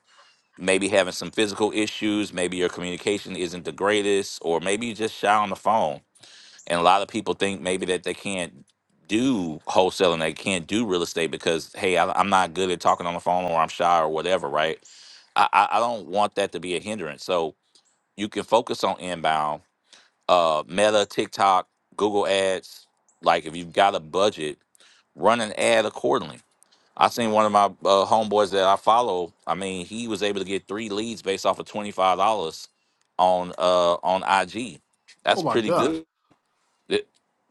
O: maybe having some physical issues, maybe your communication isn't the greatest, or maybe you just shy on the phone. And a lot of people think maybe that they can't do wholesaling, they can't do real estate because hey, I, I'm not good at talking on the phone, or I'm shy, or whatever, right? I, I I don't want that to be a hindrance. So you can focus on inbound uh, Meta, TikTok, Google Ads. Like if you've got a budget, run an ad accordingly. I seen one of my uh, homeboys that I follow. I mean, he was able to get three leads based off of twenty five dollars on uh on IG.
R: oh
O: That's
R: my
O: pretty
R: gosh,
O: good. Th-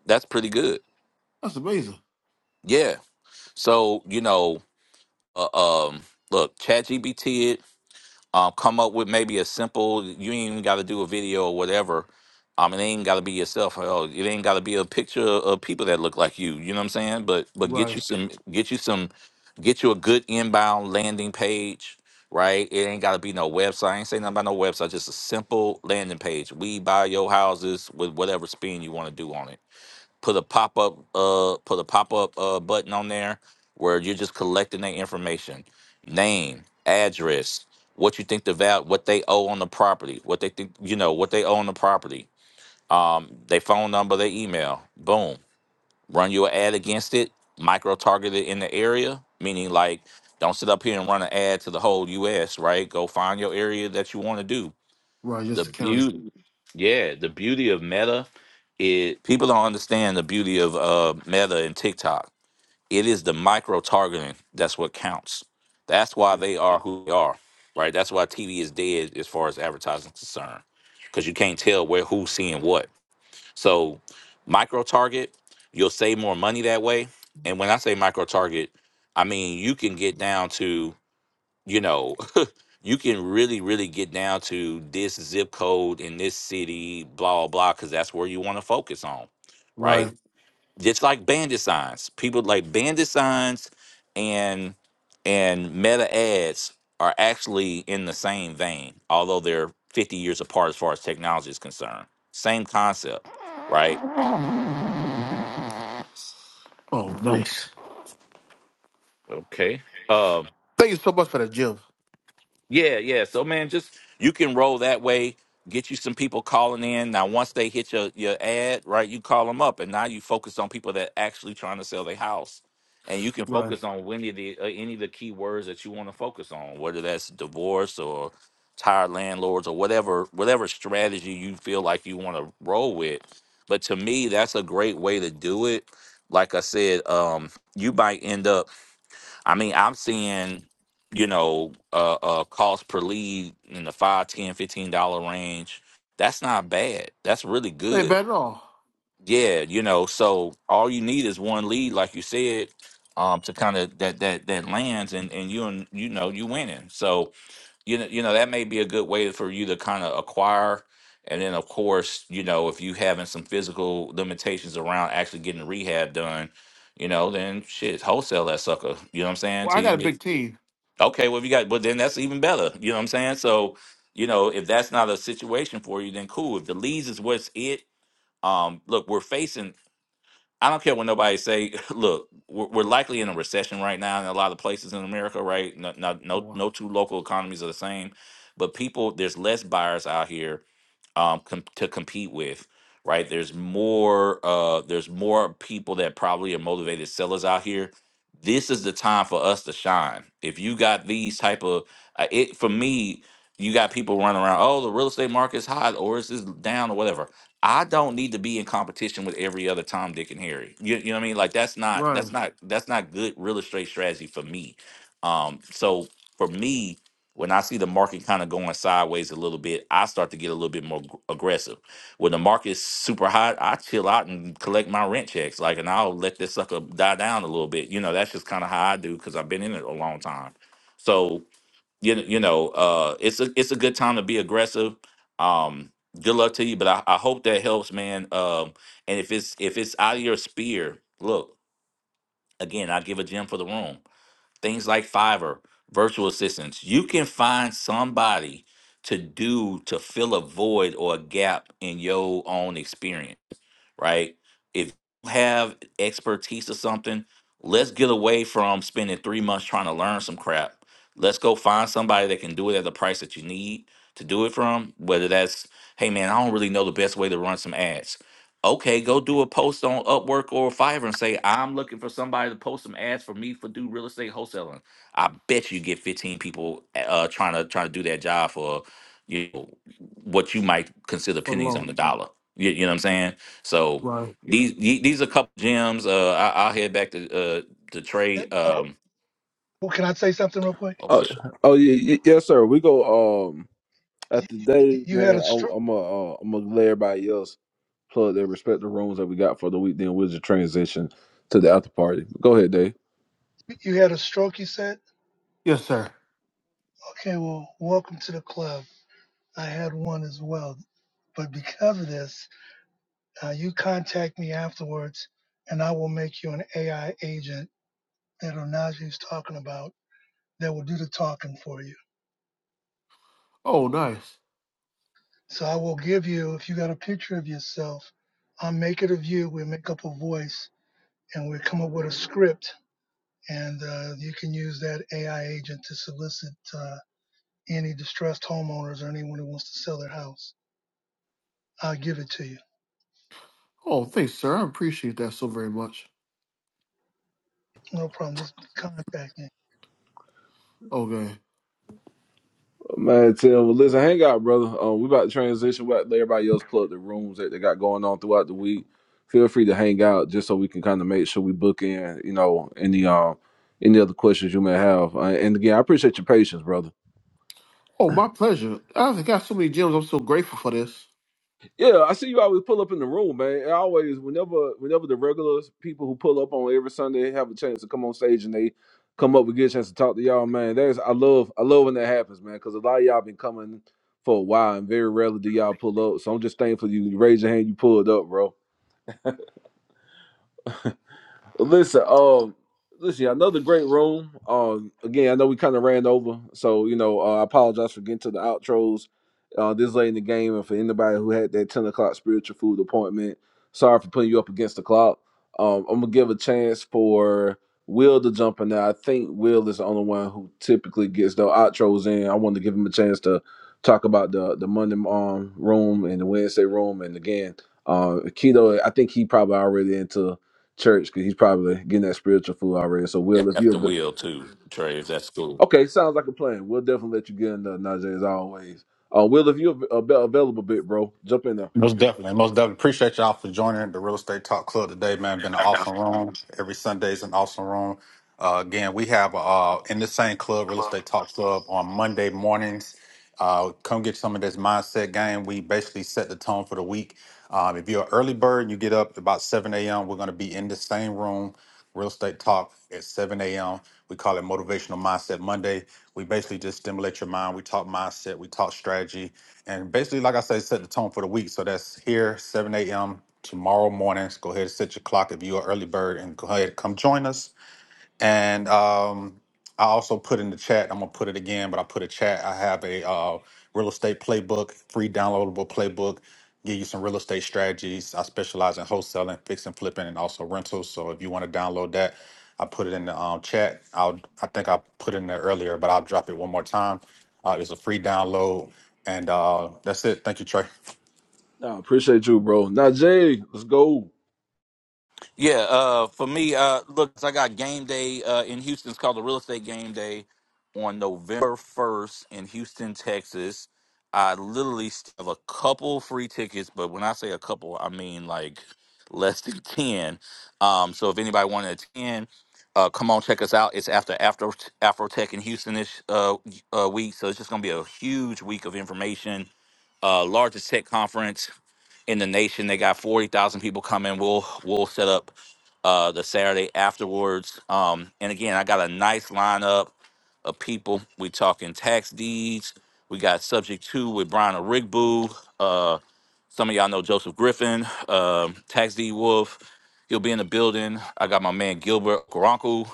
O: That's pretty good.
R: that's amazing.
O: Yeah. So you know, uh, um, look, ChatGPT um, come up with maybe a simple you ain't even got to do a video or whatever um, it ain't got to be yourself hell, it ain't got to be a picture of people that look like you you know what i'm saying but but get
R: Right,
O: you some get you some get you a good inbound landing page right it ain't got to be no website i ain't saying nothing about no website just a simple landing page we buy your houses with whatever spin you want to do on it put a pop up uh put a pop up uh button on there where you're just collecting their information, name, address, what you think the value, what they owe on the property, what they think you know what they owe on the property, um, their phone number, their email. Boom, run you an ad against it, micro targeted in the area, meaning like don't sit up here and run an ad to the whole U.S. Right? Go find your area that you want to do,
R: right,
O: the
R: just the county.
O: beauty yeah the beauty of meta is people don't understand the beauty of uh meta and tiktok it is the micro targeting that's what counts that's why they are who they are right that's why tv is dead as far as advertising is concerned because you can't tell where who's seeing what so micro target you'll save more money that way and when i say micro target i mean you can get down to you know you can really, really get down to this zip code in this city, blah, blah, blah, because that's where you want to focus on, right?
R: Right.
O: Just like bandit signs. People like bandit signs and and meta ads are actually in the same vein, although they're 50 years apart as far as technology is concerned. Same concept, right?
R: Oh, nice.
O: Okay. Um,
R: Thank you so much for the gym.
O: Yeah, yeah. So man, just you can roll that way. Get you some people calling in. Now, once they hit your your ad, right, you call them up, and now you focus on people that actually trying to sell their house, and you can
R: Right.
O: focus on any of the uh, any of the key words that you want to focus on, whether that's divorce or tired landlords or whatever whatever strategy you feel like you want to roll with. But to me, that's a great way to do it. Like I said, um, you might end up I mean, I'm seeing, you know, uh, uh cost per lead in the five, ten, fifteen dollar range. That's not bad. That's really
R: Hey,
O: good.
R: bad at all.
O: Yeah, you know, so all you need is one lead, like you said, um, to kind of that that that lands and and you and you know you winning. So you know you know that may be a good way for you to kind of acquire. And then of course, you know, if you having some physical limitations around actually getting rehab done, you know, then shit, wholesale that sucker. You know what I'm saying?
R: Well, I
O: Till you
R: got a
O: get
R: big team.
O: Okay, well, if you got, well, then that's even better. You know what I'm saying? So, you know, if that's not a situation for you, then cool. If the leads is what's it, um, look, we're facing. I don't care what nobody say. Look, we're, we're likely in a recession right now in a lot of places in America, right? No, no,
R: Oh,
O: no,
R: wow.
O: no two local economies are the same, but people, there's less buyers out here um, com- to compete with, right? There's more uh, there's more people that probably are motivated sellers out here. This is the time for us to shine. If you got these type of uh, it for me, you got people running around. Oh, the real estate market's hot, or is this down, or whatever. I don't need to be in competition with every other Tom, Dick, and Harry. You, you know what I mean? Like that's not that's
R: Ryan,
O: not that's not good real estate strategy for me. Um, so for me, when I see the market kind of going sideways a little bit, I start to get a little bit more gr- aggressive. When the market's super hot, I chill out and collect my rent checks, like, and I'll let this sucker die down a little bit. You know, that's just kind of how I do because I've been in it a long time. So you kn- you know, uh, it's a it's a good time to be aggressive. Um, good luck to you, but I, I hope that helps, man. Um, and if it's if it's out of your sphere, look again. I give a gem for the room things like Fiverr, virtual assistants. You can find somebody to do to fill a void or a gap in your own experience right? If you have expertise or something, let's get away from spending three months trying to learn some crap. Let's go find somebody that can do it at the price that you need to do it from. Whether that's, hey man, I don't really know the best way to run some ads. Okay, go do a post on Upwork or Fiverr and say, I'm looking for somebody to post some ads for me for do real estate wholesaling. I bet you get 15 people uh, trying to trying to do that job for you know what you might consider
R: for the
O: pennies on
R: loan.
O: the dollar. You, you know what I'm saying? So
R: Ryan.
O: these the- these are a couple gems. Uh, I, I'll head back to uh to Trey.
Q: Can
O: Um,
Q: I say something real quick?
O: oh,
C: Oh,
O: for sure.
C: oh yeah, y- yes, sir. We go um at the day,
Q: You had
C: man.
Q: a
C: I'm
Q: stroke.
C: I'm uh, uh, I'm gonna let everybody else plug their respective rooms that we got for the week. Then we'll just transition to the after party. Go ahead, Dave.
Q: You had a stroke. You said,
R: Yes, sir.
Q: "Okay, well, welcome to the club." I had one as well, but because of this, uh, you contact me afterwards, and I will make you an AI agent that Onaju's talking about that will do the talking for you.
R: Oh, nice.
Q: So I will give you, if you got a picture of yourself, I'll make it of you. We'll make up a voice, and we'll come up with a script, and uh, you can use that AI agent to solicit uh, any distressed homeowners or anyone who wants to sell their house. I'll give it to you.
R: Oh, thanks, sir. I appreciate that so very much.
Q: No problem. Just contact me.
R: Okay.
C: Man, Tim, well, listen, hang out, brother. Um, we about to transition. We about let everybody else plug the rooms that they got going on throughout the week. Feel free to hang out just so we can kind of make sure we book in, you know, any um any other questions you may have. Uh, and again, I appreciate your patience, brother.
R: Oh, my pleasure. I got so many gems. I'm so grateful for this.
C: Yeah, I see you always pull up in the room, man. I always, whenever, whenever the regulars people who pull up on every Sunday have a chance to come on stage and they come up, we get a chance to talk to y'all, man. That's I love, I love when that happens, man, because a lot of y'all been coming for a while, and very rarely do y'all pull up. So I'm just thankful you, you raise your hand, you pulled up, bro. Listen, um, listen, another great room. Um, again, I know we kind of ran over, so you know, uh, I apologize for getting to the outros. Uh, this late in the game, and for anybody who had that ten o'clock spiritual food appointment, sorry for putting you up against the clock. Um, I'm gonna give a chance for Will to jump in there. I think Will is the only one who typically gets the outros in. I wanted to give him a chance to talk about the the Monday um room and the Wednesday room, and again, uh, Keto. I think he probably already into church because he's probably getting that spiritual food already. So,
O: You
C: Will, if
O: got the
C: you're
O: wheel too, Trey. If that's cool.
C: okay, sounds like a plan. We'll definitely let you get in there, Najee, as always. Uh, Will, if you're av- av- available, bit bro, jump in there.
M: Most definitely, most definitely. Appreciate y'all for joining the Real Estate Talk Club today, man. Been an awesome room. Every Sunday is an awesome room. Uh, again, we have uh, in the same club, Real Estate Talk Club, on Monday mornings. Uh, come get some of this mindset game. We basically set the tone for the week. Um, if you're an early bird and you get up about 7 a.m., we're going to be in the same room, Real Estate Talk, at 7 a.m. We call it Motivational Mindset Monday. We basically just stimulate your mind. We talk mindset, we talk strategy, and basically, like I say, set the tone for the week. So that's here, 7 a.m. tomorrow morning. So go ahead and set your clock if you're an early bird and go ahead and come join us. And um, I also put in the chat, I'm gonna put it again, but I put a chat. I have a uh, real estate playbook, free downloadable playbook, give you some real estate strategies. I specialize in wholesaling, fixing, flipping, and also rentals. So if you want to download that, I put it in the um, chat. I'll, I think I put it in there earlier, but I'll drop it one more time. Uh, it's a free download, and uh, that's it. Thank you, Trey.
C: I appreciate you, bro. Najee, let's go.
O: Yeah, uh, for me, uh, look, I got game day uh, in Houston. It's called the Real Estate Game Day on November 1st in Houston, Texas. I literally still have a couple free tickets, but when I say a couple, I mean like less than 10. Um, so if anybody wanted to attend, uh, come on, check us out. It's after Afro Afrotech in Houston this uh, uh, week. So it's just going to be a huge week of information, uh, largest tech conference in the nation. They got forty thousand people coming. We'll we'll set up uh, the Saturday afterwards. Um, and again, I got a nice lineup of people. We talking tax deeds. We got subject two with Brian Rigbu. Uh, some of y'all know Joseph Griffin, um, Tax D Wolf. He'll be in the building. I got my man Gilbert Garanku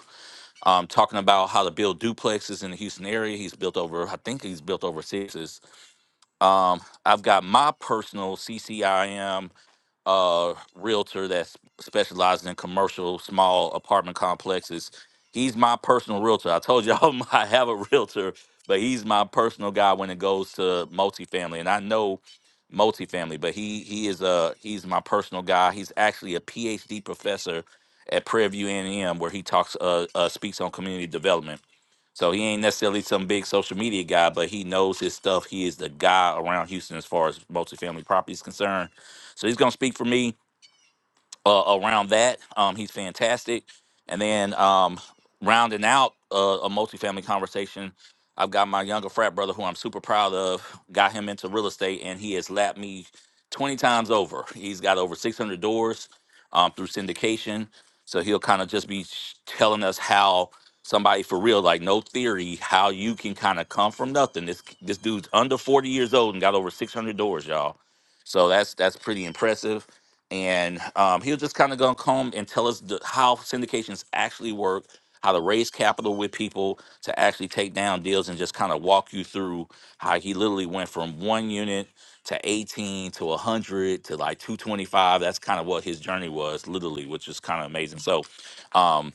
O: um, talking about how to build duplexes in the Houston area. He's built over, I think he's built over sixes. Um, I've got my personal CCIM uh, realtor that s- specializes in commercial small apartment complexes. He's my personal realtor. I told y'all I have a realtor, but he's my personal guy when it goes to multifamily. And I know multifamily, but he he is a he's my personal guy. He's actually a PhD professor at Prairie View A&M where he talks uh, uh speaks on community development so he ain't necessarily some big social media guy, but he knows his stuff. He is the guy around Houston as far as multifamily property is concerned. So he's gonna speak for me uh, around that. Um, he's fantastic. And then um, rounding out uh, a multifamily conversation, I've got my younger frat brother who I'm super proud of, got him into real estate, and he has lapped me 20 times over. He's got over 600 doors um, through syndication. So he'll kind of just be sh- telling us how somebody for real, like no theory, how you can kind of come from nothing. This this dude's under 40 years old and got over 600 doors, y'all. So that's that's pretty impressive and um, he was just kind of going to come and tell us the, how syndications actually work, how to raise capital with people to actually take down deals, and just kind of walk you through how he literally went from one unit to 18 to 100 to like 225. That's kind of what his journey was, literally, which is kind of amazing. So, um,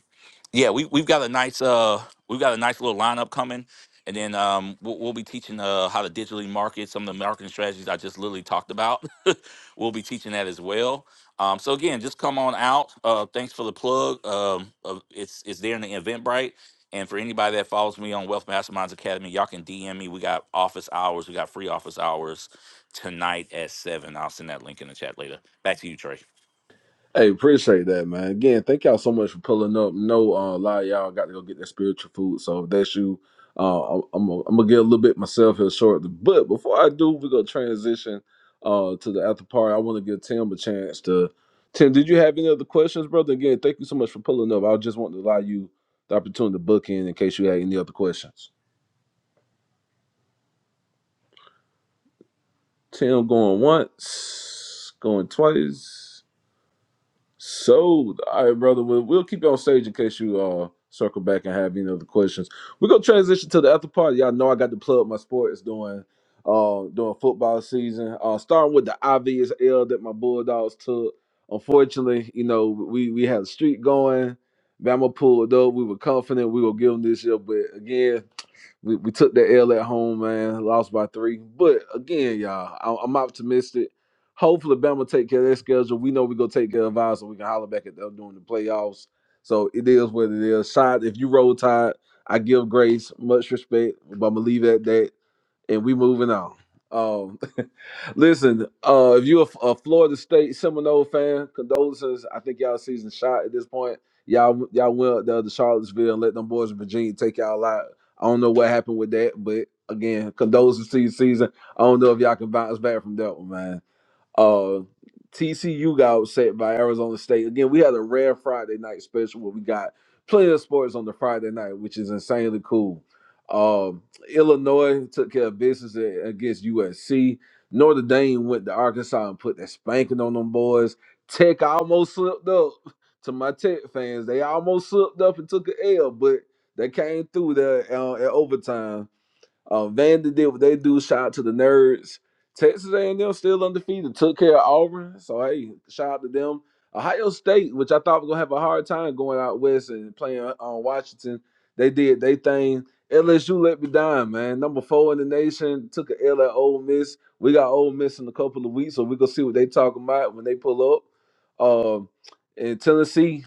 O: yeah, we we've got a nice uh we've got a nice little lineup coming, and then um we'll, we'll be teaching uh how to digitally market some of the marketing strategies I just literally talked about. we'll be teaching that as well. Um, so again, just come on out. Uh, thanks for the plug. Um, of- it's it's there in the Eventbrite. And for anybody that follows me on Wealth Masterminds Academy, y'all can DM me. We got office hours. We got free office hours tonight at seven. I'll send that link in the chat later. Back to you, Trey.
C: Hey, appreciate that, man. Again, thank y'all so much for pulling up. No, uh, a lot of y'all got to go get that spiritual food. So if that's you, uh, I'm, gonna I'm gonna get a little bit myself here shortly. But before I do, we're gonna transition uh to the after party. I want to give Tim a chance to. Tim, did you have any other questions, brother? Again, thank you so much for pulling up. I just want to allow you the opportunity to book in in case you had any other questions. Tim going once, going twice. So, All right, brother. We'll, we'll keep you on stage in case you uh circle back and have any other questions. We're gonna transition to the after party. Y'all know I got to plug my sports during uh during football season. Uh starting with the obvious L that my Bulldogs took. Unfortunately, you know, we we had a streak going. Bama pulled up. We were confident we were gonna give them this year, but again, we, we took the L at home, man. Lost by three. But again, y'all, I, I'm optimistic. Hopefully, Bama take care of their schedule. We know we gonna take care of ours, so we can holler back at them during the playoffs. So it is what it is. Side, if you roll tide, I give grace, much respect, but I'm gonna leave it at that and we moving on. Um, listen, uh, if you're a, a Florida State Seminole fan, condolences. I think y'all season shot at this point. Y'all, y'all went up there to Charlottesville and let them boys in Virginia take y'all out. I don't know what happened with that, but again, condolences to your season. I don't know if y'all can bounce back from that one, man. Uh, TCU got upset by Arizona State. Again, we had a rare Friday night special where we got plenty of sports on the Friday night, which is insanely cool. Um, Illinois took care of business a- against USC. Notre Dame went to Arkansas and put that spanking on them boys. Tech almost slipped up. To my Tech fans, they almost slipped up and took an L, but they came through there uh, at overtime um, Vanda did what they do. Shout out to the nerds. Texas A&M still undefeated. Took care of Auburn. So hey, shout out to them. Ohio State, which I thought was gonna have a hard time going out west and playing uh, on Washington, they did they thing. LSU let me down, man. Number four in the nation took a L at Ole Miss. We got Ole Miss in a couple of weeks, so we gonna see what they talking about when they pull up. Um, in Tennessee,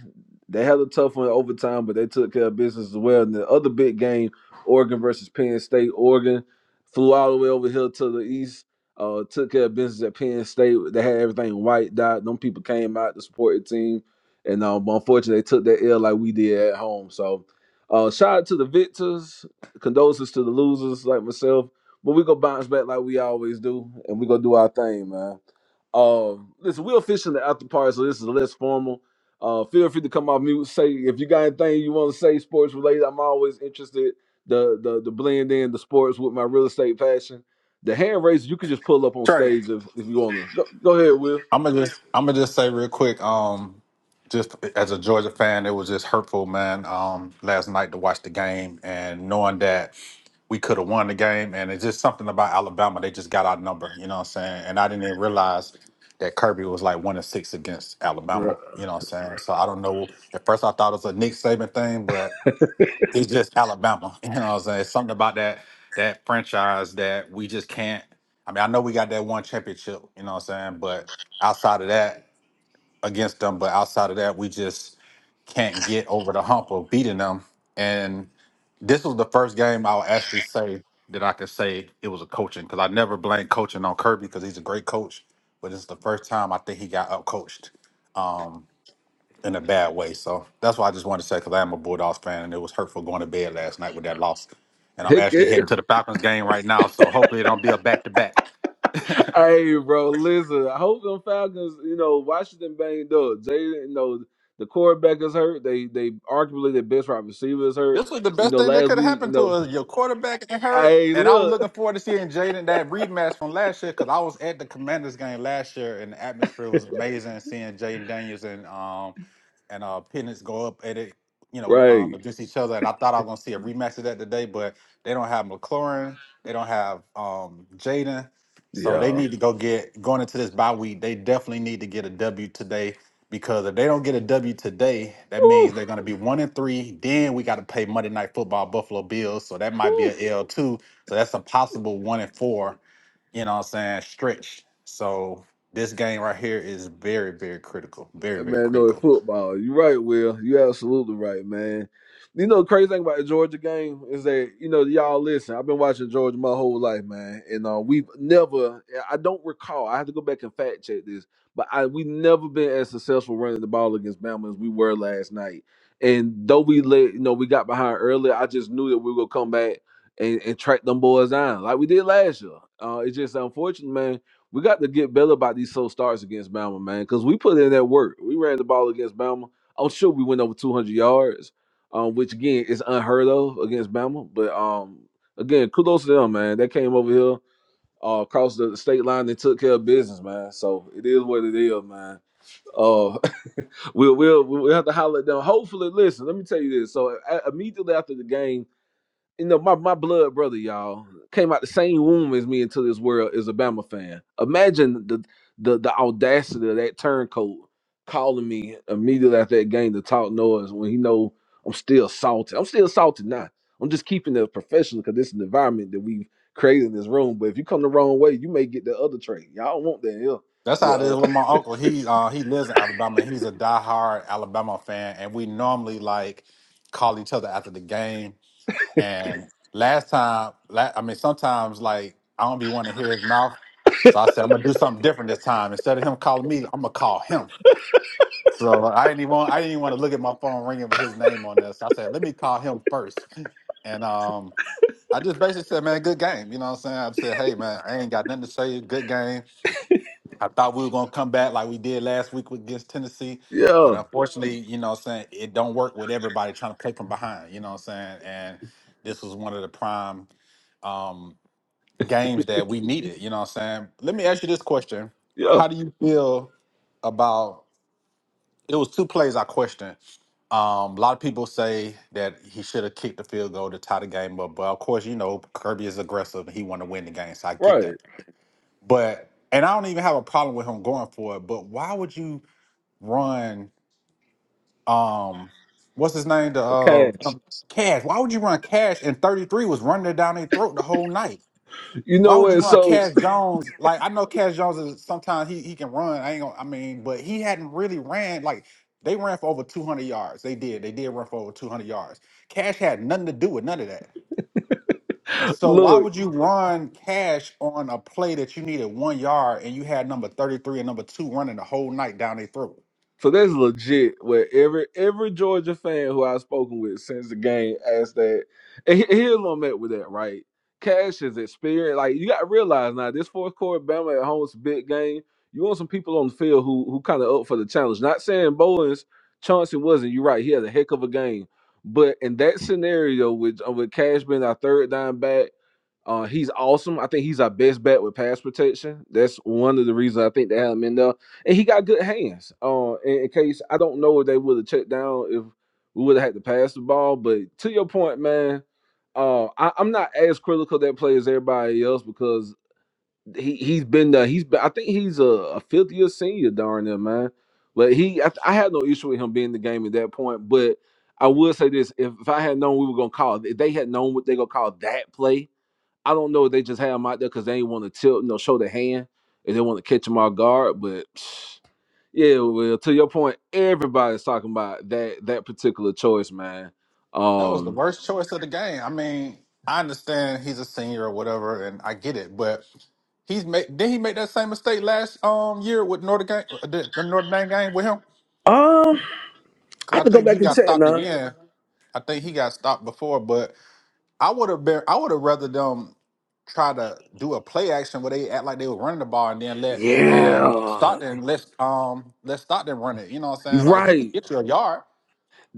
C: they had a tough one in overtime, but they took care of business as well. And the other big game Oregon versus Penn State. Oregon flew all the way over here to the east. Uh, took care of business at Penn State. They had everything white dot. Them people came out to support the team, and um, unfortunately, they took that L like we did at home. So, uh, shout out to the victors. Condolences to the losers like myself. But we gonna bounce back like we always do, and we gonna do our thing, man. Um, listen, we'll fish in the after party, so this is less formal. Uh, feel free to come off mute. Say if you got anything you want to say, sports related. I'm always interested the the the blend in the sports with my real estate passion. The hand raise you can just pull up on
M: Trey,
C: stage if, if you want to. Go, go ahead, Will.
M: I'm gonna just I'm gonna just say real quick. Um, just as a Georgia fan, it was just hurtful, man. Um, last night to watch the game and knowing that we could have won the game, and it's just something about Alabama. They just got our number, you know what I'm saying? And I didn't even realize that Kirby was like one and six against
C: Bro,
M: Alabama, you know what I'm saying? So I don't know. At first, I thought it was a Nick Saban thing, but it's just Alabama, you know what I'm saying? It's something about that that franchise that we just can't. I mean, I know we got that one championship, you know what I'm saying? But outside of that, against them, but outside of that, we just can't get over the hump of beating them. And this was the first game I'll actually say that I could say it was a coaching because I never blame coaching on Kirby because he's a great coach. But it's the first time I think he got up coached in a bad way. So that's why I just wanted to say because I am a Bulldogs fan and it was hurtful going to bed last night with that loss. And I'm
C: heck
M: actually
C: yeah.
M: headed to the Falcons game right now. So hopefully it don't be a back to back.
C: Hey, bro, listen. I hope them Falcons. You know, Washington banged up. They, you know, the quarterback is hurt. They, they arguably their best wide receiver is hurt.
M: This was the
C: You
M: best
C: know,
M: thing that
C: last
M: could have
C: week, you
M: happened to
C: know,
M: us. Your quarterback got hurt,
C: hey,
M: and I was
C: look,
M: looking forward to seeing Jaden that rematch from last year because I was at the Commanders game last year, and the atmosphere was amazing. Seeing Jaden Daniels and um and uh Penix go up at it, you know, um
C: right.
M: against each other, and I thought I was gonna see a rematch of that today, but they don't have McLaurin, they don't have um Jaden, so they
C: Yeah.
M: need to go get going into this bye week. They definitely need to get a W today because if they don't get a W today, that means
C: Woo,
M: they're going to be one and three. Then we got to play Monday Night Football Buffalo Bills, so that might be
C: woo.
M: a L too. So that's a possible one and four. You know what I'm saying? Stretch. So this game right here is very, very critical. Very, very
C: Man, no
M: critical.
C: football. You right, Will. You absolutely right, man. You know, the crazy thing about the Georgia game is that you know y'all listen. I've been watching Georgia my whole life, man, and uh, we've never. I don't recall. I have to go back and fact check this, but I we never been as successful running the ball against Bama as we were last night. And though we let you know we got behind early, I just knew that we were gonna come back and, and track them boys down like we did last year. Uh, it's just unfortunate, man We got to get better about these slow starts against Bama, man, because we put in that work. We ran the ball against Bama. I'm sure we went over 200 yards, um, which again is unheard of against Bama. But um, again, kudos to them, man. They came over here uh, across the state line and took care of business, man. So it is what it is, man. Uh, we'll, we'll we'll have to holler at them. Hopefully, listen. Let me tell you this. So a- immediately after the game you know, my, my blood brother, y'all, came out the same womb as me into this world is a Bama fan. Imagine the the the audacity of that turncoat calling me immediately after that game to talk noise when he know I'm still salty. I'm still salty now. I'm just keeping it professional because this is an environment that we've created in this room. But if you come the wrong way, you may get the other trait. Y'all want that here.
M: That's how it is
C: Well, uh,
M: with my uncle. He uh he lives in Alabama. He's a diehard Alabama fan, and we normally like call each other after the game And last time, la- I mean, sometimes like I don't be wanting to hear his mouth, so I said I'm gonna do something different this time. Instead of him calling me, I'm gonna call him. So I didn't even want, I didn't even want to look at my phone ringing with his name on there. So I said, let me call him first. And um, I just basically said, man, good game. You know what I'm saying? I said, hey man, I ain't got nothing to say. Good game. I thought we were gonna come back like we did last week against Tennessee. But
C: yeah,
M: unfortunately, you know what I'm saying, it don't work with everybody trying to play from behind, you know what I'm saying? And this was one of the prime um, games that we needed. You know what I'm saying? Let me ask you this question:
C: yeah,
M: How do you feel about? It was two plays I questioned. Um, a lot of people say that he should have kicked the field goal to tie the game up, but of course, you know Kirby is aggressive and he want to win the game, so I get
C: right.
M: that. But and I don't even have a problem with him going for it. But why would you run? Um, what's his name? The
C: The
M: uh,
C: cash.
M: Cash. Why would you run Cash? And 33 was running it down their throat the whole night.
C: You
M: Why
C: know
M: would you
C: what?
M: want
C: So
M: Cash Jones? Like I know Cash Jones is sometimes he he can run. I ain't gonna, I mean, but he hadn't really ran like they ran for over 200 yards. They did. They did run for over 200 yards. Cash had nothing to do with none of that. So why
C: look.
M: would you run Cash on a play that you needed 1 yard and you had number 33 and number 2 running the whole night down their throat?
C: So that's legit. Where every every Georgia fan who I've spoken with since the game asked that, and he- here's what I met with that. Right, Cash is experienced. Like you got to realize now, this fourth quarter, Bama at home is a big game. You want some people on the field who who kind of up for the challenge. Not saying Bowens, Chauncey wasn't. You're right. He had a heck of a game, but in that scenario with uh, with Cash being our third down back. Uh, he's awesome. I think he's our best bet with pass protection. That's one of the reasons I think they had him in there. And he got good hands. Uh, in, in case I don't know if they would have checked down if we would have had to pass the ball. But to your point, man, uh, I, I'm not as critical of that play as everybody else because he he's been there. He's been. I think he's a, a fifth year senior, darn it, man. But he, I, I had no issue with him being in the game at that point. But I will say this: if, if I had known we were gonna call, if they had known what they gonna call that play I don't know if they just had him out there because they ain't want to tilt, you know, show their hand and they want to catch him off guard. But psh, yeah, well, to your point, everybody's talking about that that particular choice, man.
M: That was the
C: Um,
M: worst choice of the game. I mean, I understand he's a senior or whatever and I get it, but He's made. Did he make that same mistake last um year with Notre game the the Notre Dame game with him?
C: Um, I have
M: Because I
C: to go
M: think he
C: back and
M: got
C: check
M: stopped
C: now.
M: again. I think he got stopped before, but I would have been. I would have rather them try to do a play action where they act like they were running the ball and then let um
C: Yeah,
M: Stockton let um let Stockton run it. You know what I'm saying? Like he could
C: right.
M: get you a yard.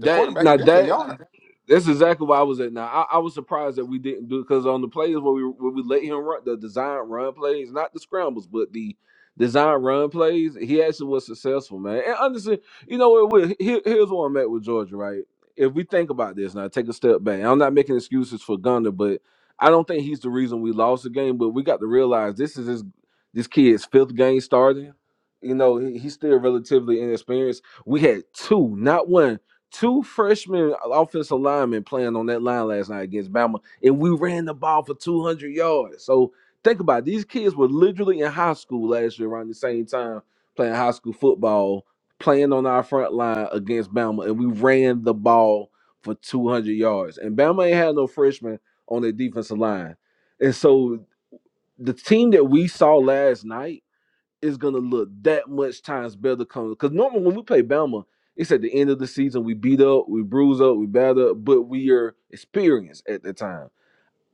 M: The quarterback can
C: now
M: get you a
C: that.
M: yard.
C: That's exactly why I was at. Now I, I was surprised that we didn't do it, because on the plays where we where we let him run the design run plays, not the scrambles, but the design run plays, he actually was successful, man. And honestly, you know what? Will, Here, here's where I'm at with Georgia, right? If we think about this now, take a step back. I'm not making excuses for Gunner, but I don't think he's the reason we lost the game. But we got to realize this is his, this kid's fifth game starting. You know, he, he's still relatively inexperienced. We had two, not one two freshmen uh, offensive linemen playing on that line last night against Bama, and we ran the ball for 200 yards. So think about it. these kids were literally in high school last year around the same time playing high school football, playing on our front line against Bama, and we ran the ball for 200 yards. And Bama ain't had no freshmen on their defensive line, and so the team that we saw last night is gonna look that much times better coming. Because normally when we play Bama, it's at the end of the season. We beat up, we bruise up, we batter up, but we are experienced at the time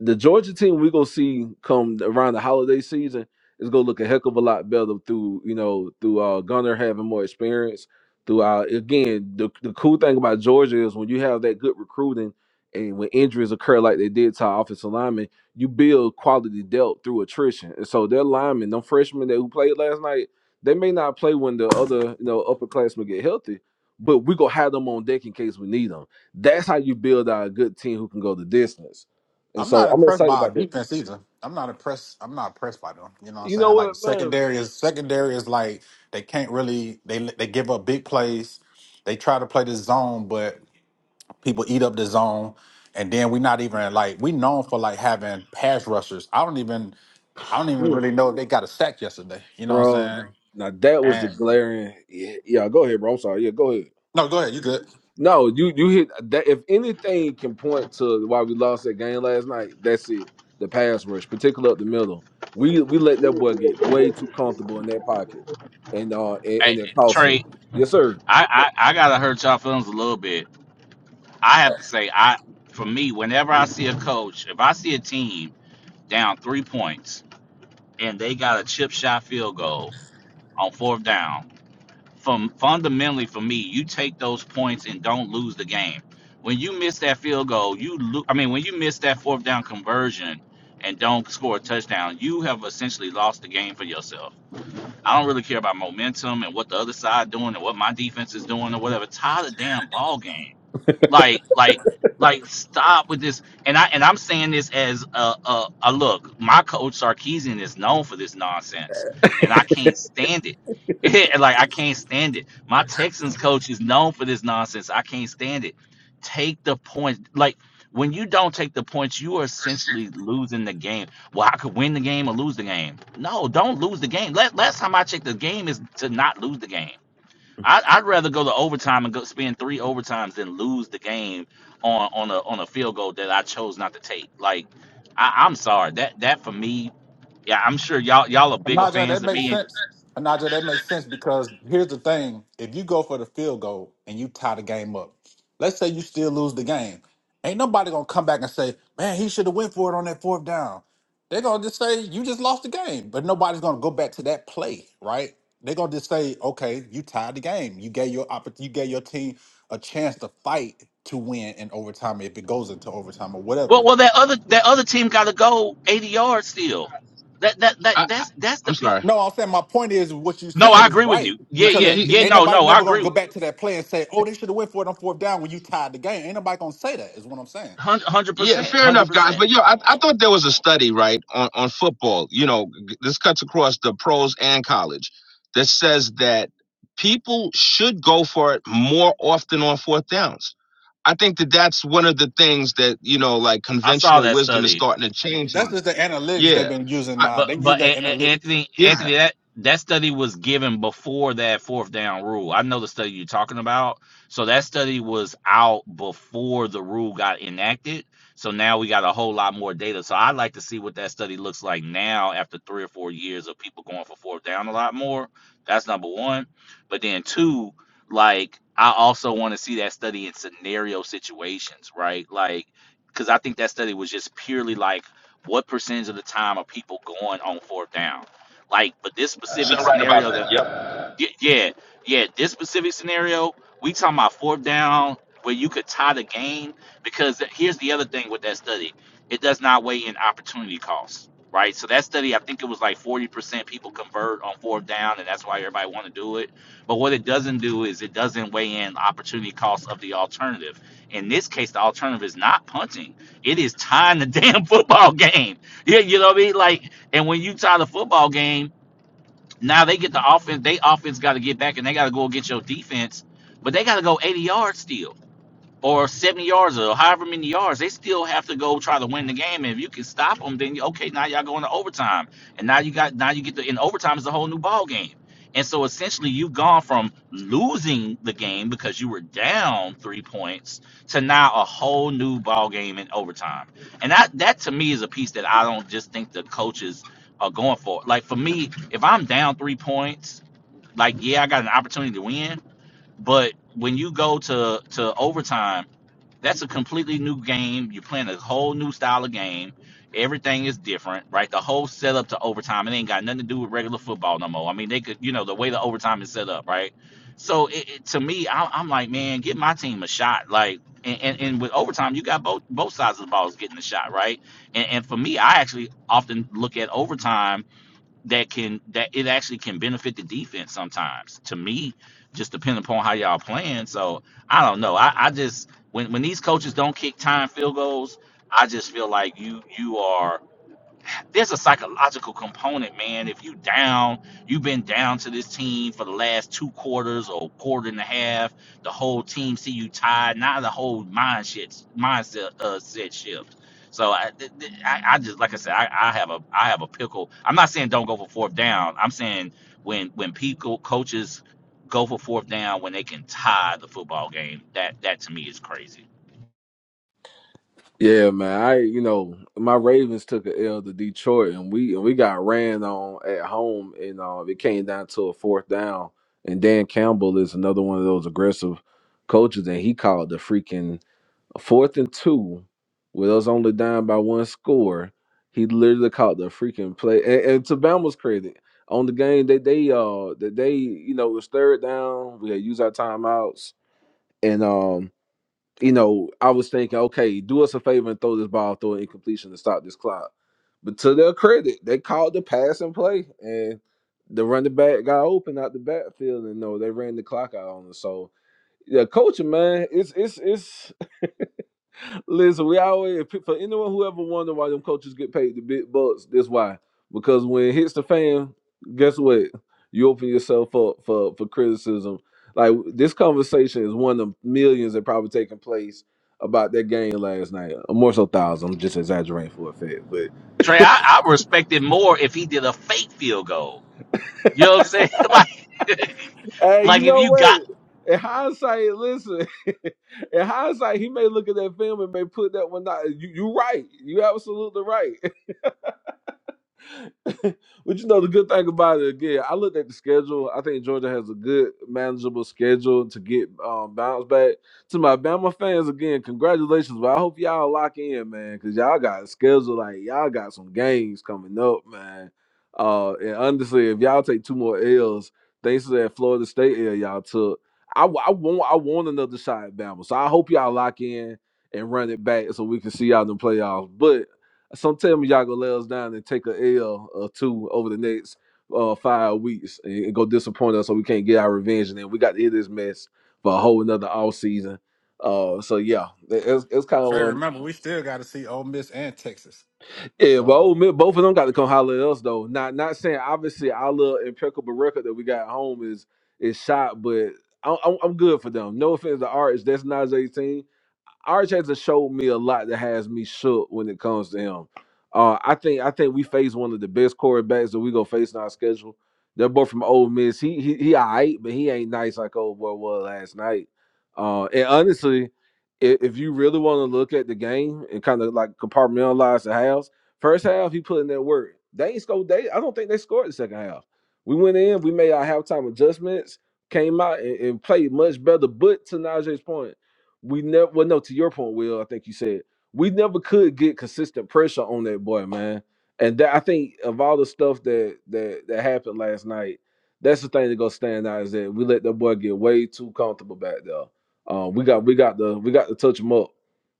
C: the Georgia team we gonna see come around the holiday season is gonna look a heck of a lot better through you know through uh Gunner having more experience. Through uh, again, the the cool thing about Georgia is when you have that good recruiting and when injuries occur like they did to our offensive linemen, you build quality depth through attrition. And so their linemen, them freshmen that who played last night, they may not play when the other you know upperclassmen get healthy, but we gonna have them on deck in case we need them. That's how you build out a good team who can go the distance. And
M: I'm
C: so
M: not
C: I'm
M: impressed
C: excited
M: by our
C: about that.
M: defense either. I'm not impressed. I'm not impressed by them. You know what I'm
C: You know
M: saying? Like
C: what, man?
M: secondary is secondary is like they can't really they they give up big plays. They try to play the zone, but people eat up the zone. And then we're not even like we known for like having pass rushers. I don't even I don't even
C: Hmm,
M: really know if they got a sack yesterday. You know what
C: Bro,
M: I'm saying?
C: now that was the
M: And
C: glaring. Yeah, yeah, go ahead, bro. I'm sorry. Yeah, go ahead.
M: no, go ahead. You good?
C: No, you you hit that. If anything can point to why we lost that game last night, that's it. The pass rush, particularly up the middle, we we let that boy get way too comfortable in that pocket, and uh, and,
O: Hey,
C: and it cost us.
O: Trey,
C: Yes, sir.
O: I, I, I gotta hurt y'all feelings a little bit. I have to say, I for me, whenever I see a coach, if I see a team down three points and they got a chip shot field goal on fourth down, from fundamentally for me, you take those points and don't lose the game. When you miss that field goal, you lo- I mean, when you miss that fourth down conversion and don't score a touchdown, you have essentially lost the game for yourself. I don't really care about momentum and what the other side doing and what my defense is doing or whatever. Tie the damn ball game like like like stop with this and i and i'm saying this as a a, a look my coach sarkisian is known for this nonsense and i can't stand it like i can't stand it my texans coach is known for this nonsense i can't stand it take the points like when you don't take the points you are essentially losing the game well i could win the game or lose the game no don't lose the game Let, last time i checked the game is to not lose the game I, I'd rather go to overtime and go spend three overtimes than lose the game on on a on a field goal that I chose not to take. Like, I, I'm sorry that that for me, yeah, I'm sure y'all y'all are bigger
M: Naja,
O: fans
M: that
O: than
M: makes
O: me. And
M: sense. Naja, that makes sense because here's the thing: if you go for the field goal and you tie the game up, let's say you still lose the game, ain't nobody gonna come back and say, "Man, he should have went for it on that fourth down." They're gonna just say, "You just lost the game," but nobody's gonna go back to that play, right? They're gonna just say, "Okay, you tied the game. You gave your oppor- you gave your team a chance to fight to win in overtime if it goes into overtime or whatever."
O: well, well, that other that other team got to go 80 yards still. That that that
S: I, I,
O: that's that's the
S: I'm
O: pe-
S: sorry.
M: No, I'm saying my point is what you're
O: No,
M: saying
O: I
M: is
O: agree with
M: right
O: you. Yeah,
S: No,
M: because
S: y-
O: yeah,
S: y-
M: it-
O: yeah.
M: ain't
O: No,
M: nobody
O: no, I
M: never gonna
O: agree
M: go
O: with
M: back to that play and say, "Oh, they should have went for it on fourth down when you tied the game." Ain't nobody gonna say that. Is what I'm saying.
S: Yeah,
O: that.
S: fair enough, guys. But yo, I, I thought there was a study, right, on, on football. You know, g- this cuts across the pros and college that says that people should go for it more often on fourth downs. I think that that's one of the things that, you know, like
O: I saw
S: conventional
O: that
S: wisdom is
O: study.
S: starting to change
M: That's
S: on.
M: just the analytics they've
S: Yeah.
M: been using
S: I,
M: now.
O: But
M: They use
O: but A-
M: that
O: A-
M: analytics.
O: Anthony
S: yeah.
O: Anthony that that study was given before that fourth down rule. I know the study you're talking about. So that study was out before the rule got enacted. So now we got a whole lot more data. So I'd like to see what that study looks like now after three or four years of people going for fourth down a lot more. That's number one. But then two, like I also want to see that study in scenario situations, right? Like because I think that study was just purely like what percentage of the time are people going on fourth down? Like, but this specific
S: You're right about
O: scenario that
S: that. Yep.
O: yeah, yeah, yeah. This specific scenario, we talking about fourth down where you could tie the game because th- here's the other thing with that study, it does not weigh in opportunity costs, right? So that study, I think it was like 40% people convert on fourth down, and that's why everybody want to do it. But what it doesn't do is it doesn't weigh in opportunity costs of the alternative. In this case, the alternative is not punting; it is tying the damn football game. Yeah, you know what I mean? Like, and when you tie the football game. Now they get the offense. They offense got to get back and they got to go against your defense, but they got to go 80 yards still or 70 yards or however many yards, they still have to go try to win the game. And if you can stop them, then you, okay, now y'all going to overtime, and now you got now you get to in overtime is a whole new ball game. And so essentially, you've gone from losing the game because you were down three points to now a whole new ball game in overtime. And that that to me is a piece that I don't just think the coaches are going for. Like for me, if I'm down three points, like yeah, I got an opportunity to win, but when you go to to overtime that's a completely new game. You're playing a whole new style of game. Everything is different, right? The whole setup to overtime, it ain't got nothing to do with regular football no more. I mean, they could, you know, the way the overtime is set up, right? So it, it, to me, I, I'm like, man, give my team a shot. Like, and, and, and with overtime, you got both both sides of the balls getting a shot, right? And, and for me, I actually often look at overtime that can that it actually can benefit the defense sometimes. To me, just depending upon how y'all playing. So I don't know. I, I just when when these coaches don't kick time field goals, I just feel like you you are there's a psychological component, man. If you down, you've been down to this team for the last two quarters or quarter and a half. The whole team see you tired. Now the whole mind shit, mindset uh, set shift. So I, th- th- I, I just like I said, I, I have a, I have a pickle. I'm not saying don't go for fourth down. I'm saying when when people coaches go for fourth down when they can tie the football game, that that to me is crazy.
C: Yeah, man. I you know my Ravens took a L to Detroit, and we and we got ran on at home, and uh, it came down to a fourth down. And Dan Campbell is another one of those aggressive coaches, and he called the freaking fourth and two with us only down by one score. He literally called the freaking play. And, and to Bama's credit, on the game that they uh that they you know it was third down, we had used our timeouts, and um, you know, I was thinking, okay, do us a favor and throw this ball, throw an incompletion to stop this clock. But to their credit, they called the pass and play, and the running back got open out the backfield, and no, they ran the clock out on us. So yeah, coaching man, it's it's it's Listen, we always for anyone who ever wonder why them coaches get paid the big bucks, that's why. Because when it hits the fan, guess what? You open yourself up for for criticism. Like this conversation is one of millions that probably taking place about that game last night. Or more so thousands. I'm just exaggerating for effect, but
O: Trey, I, I respect it more if he did a fake field goal You know what I'm saying? Like,
C: hey, you
O: like if
C: know
O: you got,
C: what? In hindsight, listen. in hindsight, he may look at that film and may put that one out. You, you right. You absolutely right. but you know the good thing about it again, I looked at the schedule. I think Georgia has a good manageable schedule to get um bounced back. To my Bama fans again, congratulations. But I hope y'all lock in, man, because y'all got a schedule like y'all got some games coming up, man. Uh and honestly, if y'all take two more L's, thanks to that Florida State L y'all took. I, w- I want I want another shot at Bama. So I hope y'all lock in and run it back so we can see y'all in the playoffs. But some tell me y'all gonna let us down and take a L or two over the next uh, five weeks and, and go disappoint us so we can't get our revenge. And then we got to hit this mess for a whole another all season. Uh, so yeah, it- it's, it's kind
M: And
C: of
M: Trey,
C: um,
M: remember, we still got to see Ole Miss and Texas.
C: yeah, but
M: So
C: Ole Miss, both of them got to come holler at us though. Not not saying obviously our little impeccable record that we got at home is is shot, but I'm, I'm I'm good for them. No offense to Arch, that's not his 18. RJ has showed me a lot that has me shook when it comes to him. Uh, I think I think we face one of the best quarterbacks that we gonna face in our schedule. That boy from Ole Miss, he he he alright, but he ain't nice like old boy was last night. Uh, and honestly, if, if you really want to look at the game and kind of like compartmentalize the halves, first half he put in that work. They ain't scored. They I don't think they scored the second half. We went in, we made our halftime adjustments, came out and, and played much better. But to Najee's point we never well no to your point will i think you said we never could get consistent pressure on that boy man and that i think of all the stuff that that that happened last night that's the thing that gonna stand out is that we let that boy get way too comfortable back there um we got we got the we got to touch him up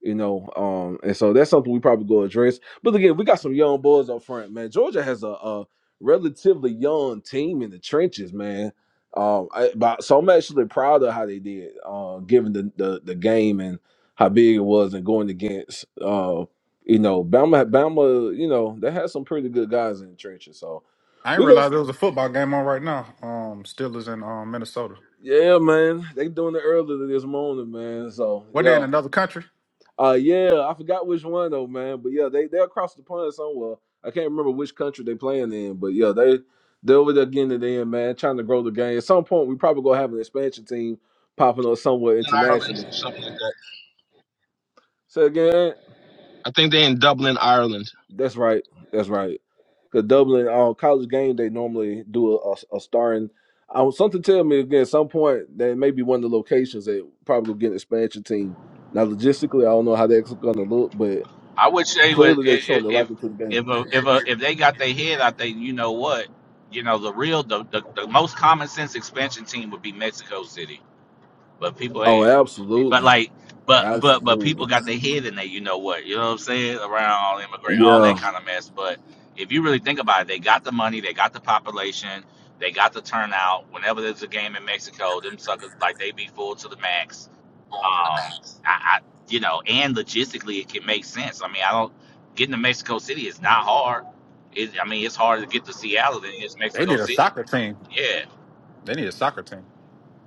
C: you know um and so that's something we probably go address but again we got some young boys up front man georgia has a, a relatively young team in the trenches man um, I, but so I'm actually proud of how they did, uh, given the, the the game and how big it was and going against, uh, you know, Bama. Bama, you know, they had some pretty good guys in the trenches. So
M: I ain't
C: we go,
M: realize there was a football game on right now. Um, Steelers in um Minnesota.
C: yeah, man. They doing it early this morning, man. So
M: Were they in
C: yeah,
M: another country?
C: uh, yeah. I forgot which one though, man. But yeah, they they across the pond somewhere. I can't remember which country they playing in, but yeah, they they over there getting it in, man. Trying to grow the game. At some point, we probably gonna have an expansion team popping up somewhere
S: In
C: internationally.
S: Ireland, something like that.
C: Say again,
S: I think they're in Dublin, Ireland.
C: that's right. That's right. The Dublin on college game, they normally do a, a, a starring. I was something tell me again at some point that may be one of the locations that probably will get an expansion team. Now logistically, I don't know how that's going to look, but
O: I would say wa- i- i-
C: clearly they're showing the
O: if
C: liking to the game.
O: if a, if a, if they got their head out there, you know what? You know the real the, the, the most common sense expansion team would be Mexico City, but people
C: Oh,
O: ain't.
C: absolutely,
O: But like, but but but
C: absolutely.
O: people got their head in there. You know what? You know what I'm saying? Around all immigrant, all that
C: Yeah,
O: kind of mess. But if you really think about it, they got the money, they got the population, they got the turnout. Whenever there's a game in Mexico, them suckers like they be full to the max Um, I, I you know, and logistically, it can make sense. I mean, I don't getting to Mexico City is not hard. It, I mean, it's harder to get to Seattle than it is
M: They
O: Mexico
M: need a
O: City.
M: soccer team.
O: Yeah,
M: They need a soccer team.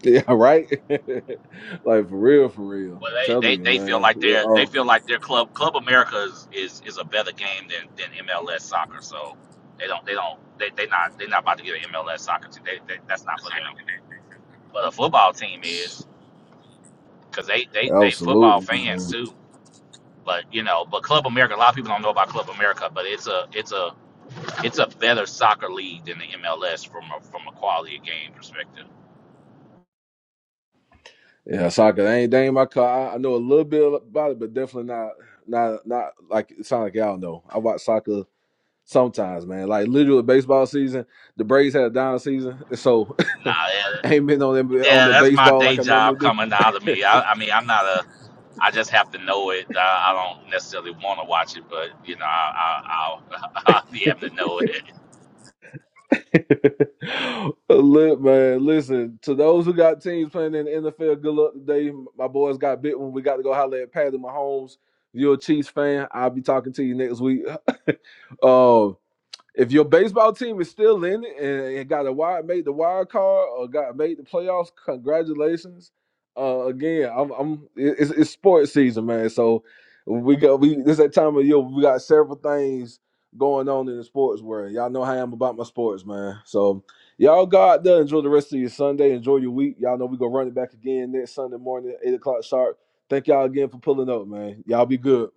C: yeah, right. like for real, for real.
O: but
C: I'm
O: they,
C: telling
O: they,
C: you,
O: they feel
C: man.
O: like they're they
C: Well,
O: feel like their club Club America is, is, is a better game than, than MLS soccer. So they don't they don't they they not they not about to get an MLS soccer team. They, they, that's not for them. But a football team
C: Oh,
O: is because they, they they football
C: absolutely,
O: fans
C: man.
O: too. But you know, but Club America, a lot of people don't know about Club America, but it's a it's a it's a better soccer league than the MLS from a from a quality of game perspective.
C: Yeah, soccer. That ain't, that ain't my car. I, I know a little bit about it, but definitely not not not like it sound like y'all know. I watch soccer sometimes, man. Like literally baseball season, the Braves had a down season, so I
O: Nah, yeah,
C: ain't been on them on
O: yeah,
C: the
O: that's my
C: baseball like
O: day
C: I normally
O: job
C: do.
O: coming out of me. I, I mean, I'm not a. I just have to know it. I, I don't necessarily want to watch it, but you know, I, I, I'll, I'll be having to know it.
C: Look, man, listen to those who got teams playing in the NFL. Good luck today. My boys got bit when we got to go holler at Patty Mahomes. If you're a Chiefs fan, I'll be talking to you next week. if your baseball team is still in it and, got a wild made the wild card or got made the playoffs, congratulations. Uh, again, I'm, I'm it's, it's sports season, man. So we got we this that time of year we got several things going on in the sports world. Y'all know how I am about my sports, man. So y'all go out there, enjoy the rest of your Sunday, enjoy your week. Y'all know we gonna run it back again next Sunday morning, at eight o'clock sharp. Thank y'all again for pulling up, man. Y'all be good.